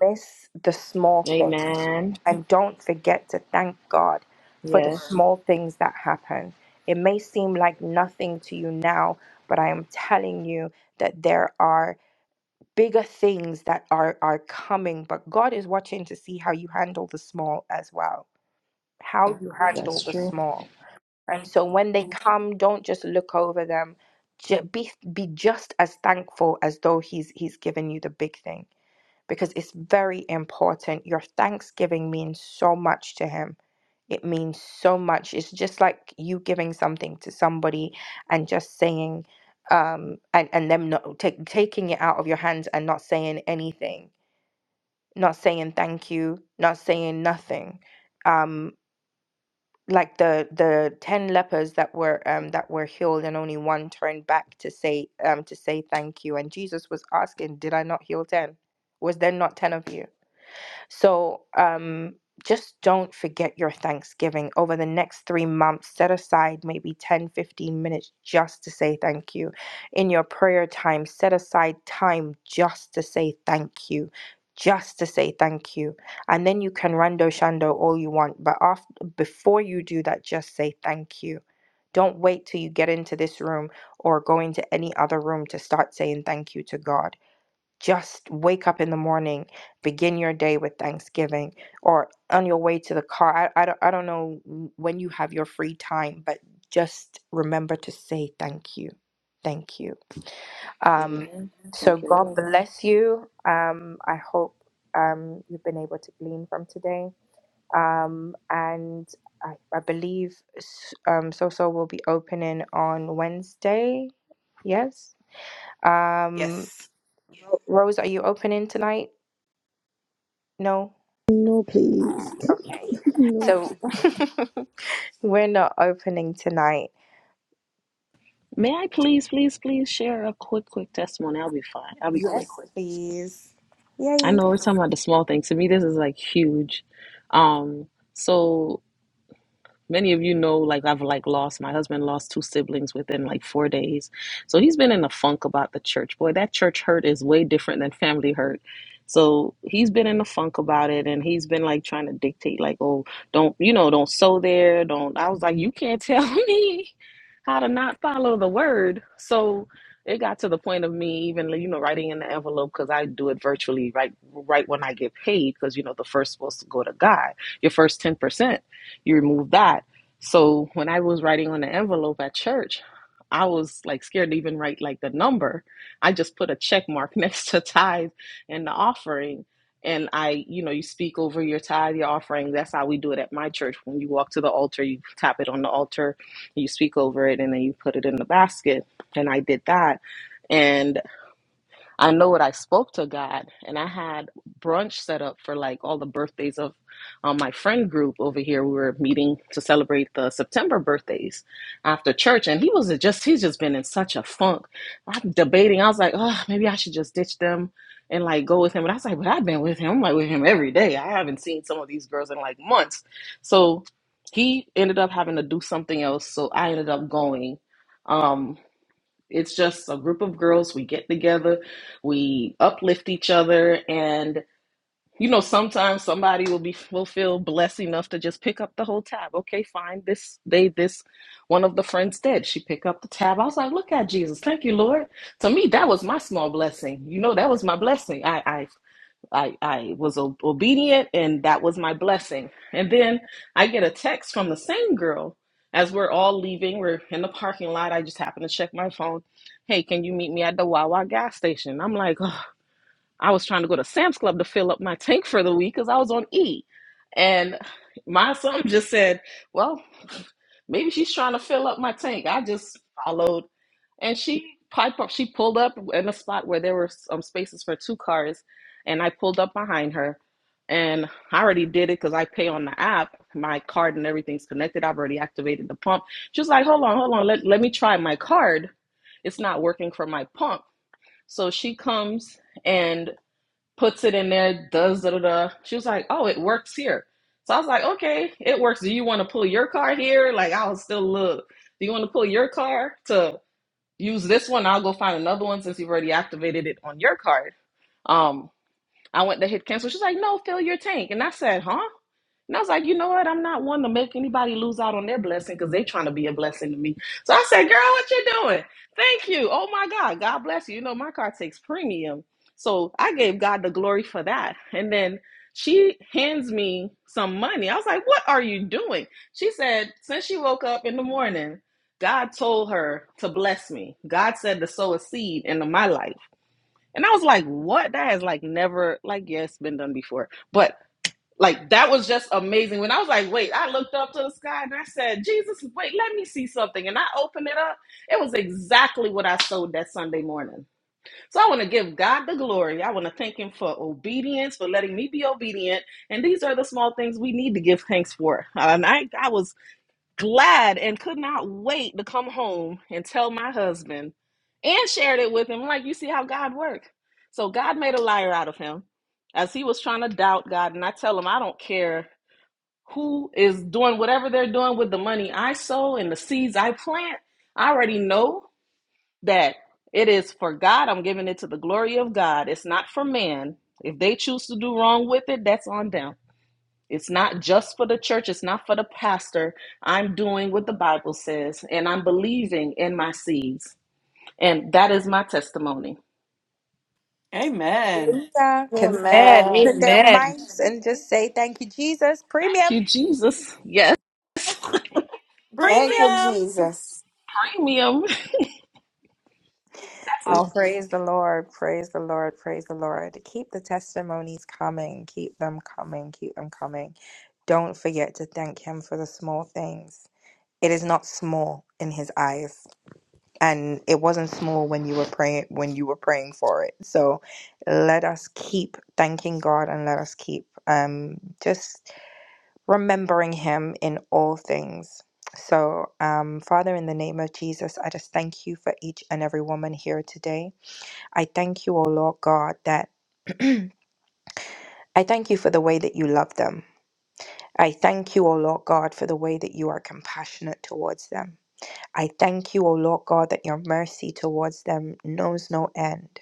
S1: miss the small things.
S4: Amen.
S1: And don't forget to thank God for the
S4: Yes,
S1: small things that happen. It may seem like nothing to you now, but I am telling you that there are bigger things that are, are coming. But God is watching to see how you handle the small as well, how you handle
S4: that's
S1: the
S4: true.
S1: small. And so when they come, don't just look over them. Ju- Be, be just as thankful as though he's he's given you the big thing because it's very important. Your thanksgiving means so much to Him. It means so much. It's just like you giving something to somebody and just saying, um, and and them not take, taking it out of your hands and not saying anything, not saying thank you, not saying nothing. Um, like the the ten lepers that were um that were healed and only one turned back to say um to say thank you and Jesus was asking, did I not heal ten? Was there not ten of you? So um, just don't forget your Thanksgiving. Over the next three months, set aside maybe 10, 15 minutes just to say thank you. In your prayer time, set aside time just to say thank you. Just to say thank you. And then you can rando shando all you want. But after, before you do that, just say thank you. Don't wait till you get into this room or go into any other room to start saying thank you to God just wake up in the morning begin your day with thanksgiving or on your way to the car I, I, don't, I don't know when you have your free time but just remember to say thank you thank you um,
S4: Amen.
S1: so
S4: Thank you,
S1: god
S4: Lord.
S1: bless you um, i hope um, you've been able to glean from today um, and I, I believe s- um, Soso will be opening on wednesday yes um, rose are you opening tonight No? Okay. So we're not opening tonight.
S4: May I please, please, please share a quick, quick testimony? I'll be fine. I'll be
S1: Yes,
S4: quick.
S1: please.
S4: I
S1: Yay.
S4: know we're talking about the small things. To me, this is like huge. Um, so many of you know like i've like lost my husband lost two siblings within like four days so he's been in a funk about the church boy that church hurt is way different than family hurt so he's been in a funk about it and he's been like trying to dictate like oh don't you know don't sow there don't i was like you can't tell me how to not follow the word so it got to the point of me even like, you know writing in the envelope because i do it virtually right right when i get paid because you know the first supposed to go to god your first 10% you remove that. So when I was writing on the envelope at church, I was like scared to even write like the number. I just put a check mark next to tithe and the offering. And I, you know, you speak over your tithe, your offering. That's how we do it at my church. When you walk to the altar, you tap it on the altar, you speak over it, and then you put it in the basket. And I did that. and. I know it. I spoke to God, and I had brunch set up for like all the birthdays of um, my friend group over here. We were meeting to celebrate the September birthdays after church, and he was just he's just been in such a funk. I'm debating. I was like, oh, maybe I should just ditch them and like go with him. But I was like, but I've been with him. I'm like with him every day. I haven't seen some of these girls in like months. So he ended up having to do something else. So I ended up going. Um, it's just a group of girls. We get together, we uplift each other, and you know, sometimes somebody will be will feel blessed enough to just pick up the whole tab. Okay, fine. This they this one of the friends did. She picked up the tab. I was like, look at Jesus. Thank you, Lord. To me, that was my small blessing. You know, that was my blessing. I I I, I was obedient and that was my blessing. And then I get a text from the same girl as we're all leaving. We're in the parking lot. I just happened to check my phone. Hey, can you meet me at the Wawa gas station? I'm like, "Ugh, I was trying to go to Sam's Club to fill up my tank for the week because I was on E. And my son just said, Well, maybe she's trying to fill up my tank. I just followed. And she piped up, she pulled up in a spot where there were some spaces for two cars. And I pulled up behind her. And I already did it because I pay on the app. My card and everything's connected. I've already activated the pump. She was like, Hold on, hold on. Let, let me try my card. It's not working for my pump. So she comes and puts it in there, does da da da. She was like, oh, it works here. So I was like, okay, it works. Do you want to pull your car here? Like I was still a little. Do you want to pull your car to use this one? I'll go find another one since you've already activated it on your card. Um, I went to hit cancel. She's like, no, fill your tank. And I said, huh? And I was like, you know what? I'm not one to make anybody lose out on their blessing because they are trying to be a blessing to me. So I said, girl, what you doing? Thank you. Oh my God. God bless you. You know, my car takes premium. So I gave God the glory for that. And then she hands me some money. I was like, what are you doing? She said, since she woke up in the morning, God told her to bless me. God said to sow a seed into my life. And I was like, what? That has like never, like, yes, been done before. But like that was just amazing. When I was like, wait, I looked up to the sky and I said, Jesus, wait, let me see something. And I opened it up. It was exactly what I sowed that Sunday morning. So I want to give God the glory. I want to thank Him for obedience, for letting me be obedient. And these are the small things we need to give thanks for. And I, I was glad and could not wait to come home and tell my husband and shared it with him. Like, you see how God worked. So God made a liar out of him as he was trying to doubt God. And I tell him, I don't care who is doing whatever they're doing with the money I sow and the seeds I plant. I already know that it is for God. I'm giving it to the glory of God. It's not for man. If they choose to do wrong with it, that's on them. It's not just for the church, it's not for the pastor. I'm doing what the Bible says, and I'm believing in my seeds. And that is my testimony.
S3: Amen.
S1: Hallelujah. Can somebody
S2: Amen.
S10: Amen.
S1: open their
S2: Amen.
S1: mics and just say thank you, Jesus?
S4: Thank
S1: Premium.
S4: you, Jesus. Yes.
S10: Thank
S1: Premium.
S10: you, Jesus.
S4: Premium.
S1: We
S4: Oh,
S1: praise the Lord. Praise the Lord. Praise the Lord. Keep the testimonies coming. Keep them coming. Keep them coming. Don't forget to thank Him for the small things. It is not small in His eyes. and it wasn't small when you were praying when you were praying for it so let us keep thanking god and let us keep um just remembering him in all things so um father in the name of jesus i just thank you for each and every woman here today i thank you o lord god that i thank you for the way that you love them I thank you, O Lord God, for the way that you are compassionate towards them. I thank you, O Lord God, that your mercy towards them knows no end.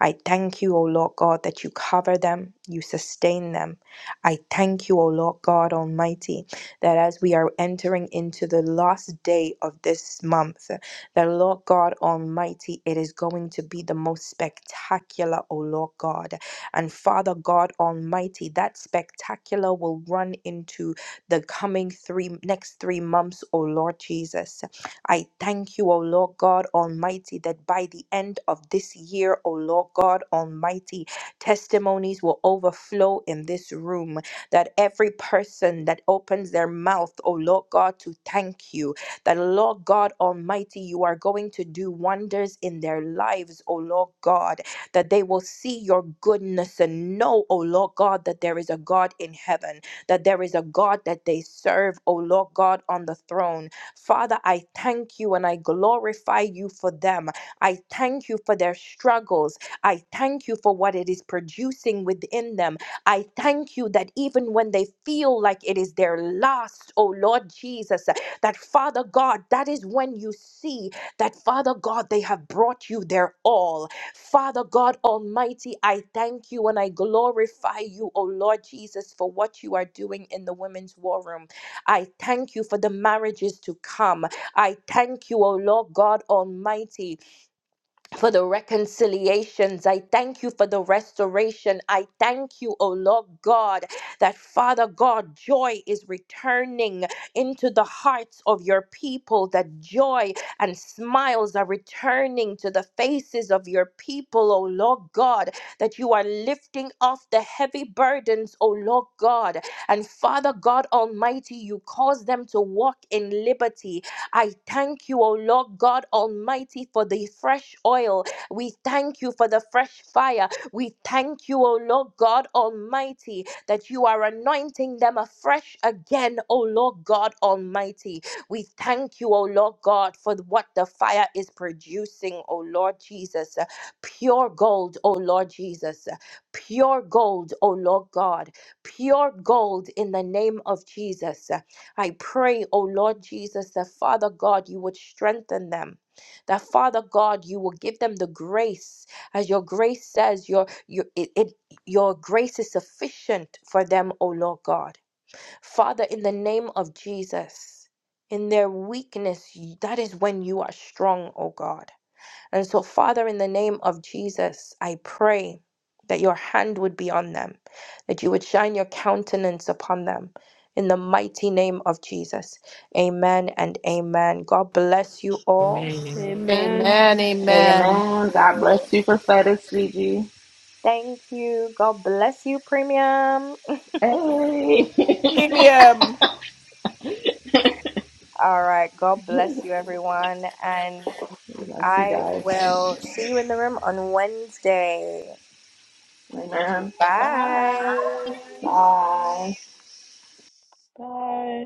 S1: I thank you, O Lord God, that you cover them, you sustain them. I thank you, O Lord God Almighty, that as we are entering into the last day of this month, that Lord God Almighty, it is going to be the most spectacular, O Lord God. And Father God Almighty, that spectacular will run into the coming three next three months, O Lord Jesus. I thank you, O Lord God Almighty, that by the end of this year, O Lord God Almighty, testimonies will overflow in this room. That every person that opens their mouth, O Lord God, to thank you, that Lord God Almighty, you are going to do wonders in their lives, O Lord God, that they will see your goodness and know, O Lord God, that there is a God in heaven, that there is a God that they serve, O Lord God, on the throne Father, I thank you and I glorify you for them. I thank you for their struggles. I thank you for what it is producing within them. I thank you that even when they feel like it is their last, oh Lord Jesus, that Father God, that is when you see that Father God, they have brought you their all. Father God Almighty, I thank you and I glorify you, oh Lord Jesus, for what you are doing in the women's war room. I thank you for the marriages to come. I thank you, O Lord God Almighty, for the reconciliations. I thank you for the restoration. I thank you, oh Lord God, that Father God, joy is returning into the hearts of your people, that joy and smiles are returning to the faces of your people, oh Lord God, that you are lifting off the heavy burdens, oh Lord God. And Father God Almighty, you cause them to walk in liberty I thank you, O Lord God Almighty, for the fresh oil. We thank you for the fresh fire. We thank you, O Lord God Almighty, that you are anointing them afresh again, O Lord God Almighty. We thank you, O Lord God, for what the fire is producing, O Lord Jesus. Pure gold, O Lord Jesus. Pure gold, O Lord God. Pure gold in the name of Jesus. I pray, O Lord Jesus, that Father God, you would strengthen them. That Father God, you will give them the grace, as your grace says, your your it, it your grace is sufficient for them, O Lord God. Father, in the name of Jesus, in their weakness, that is when you are strong, O God. And so, Father, in the name of Jesus, I pray that your hand would be on them, that you would shine your countenance upon them. In the mighty name of Jesus. Amen and amen. God bless you all.
S15: Remaining.
S6: Amen.
S2: Amen. Amen.
S4: amen. God bless you, prophetic Gigi.
S1: Thank you. God bless you, Premium.
S4: Hey.
S2: Premium.
S1: All right. God bless you, everyone. And
S4: I See you
S1: I
S4: guys.
S1: will
S4: tonight.
S1: see you in the room on Wednesday.
S4: Amen.
S1: Bye.
S4: Bye.
S6: Bye.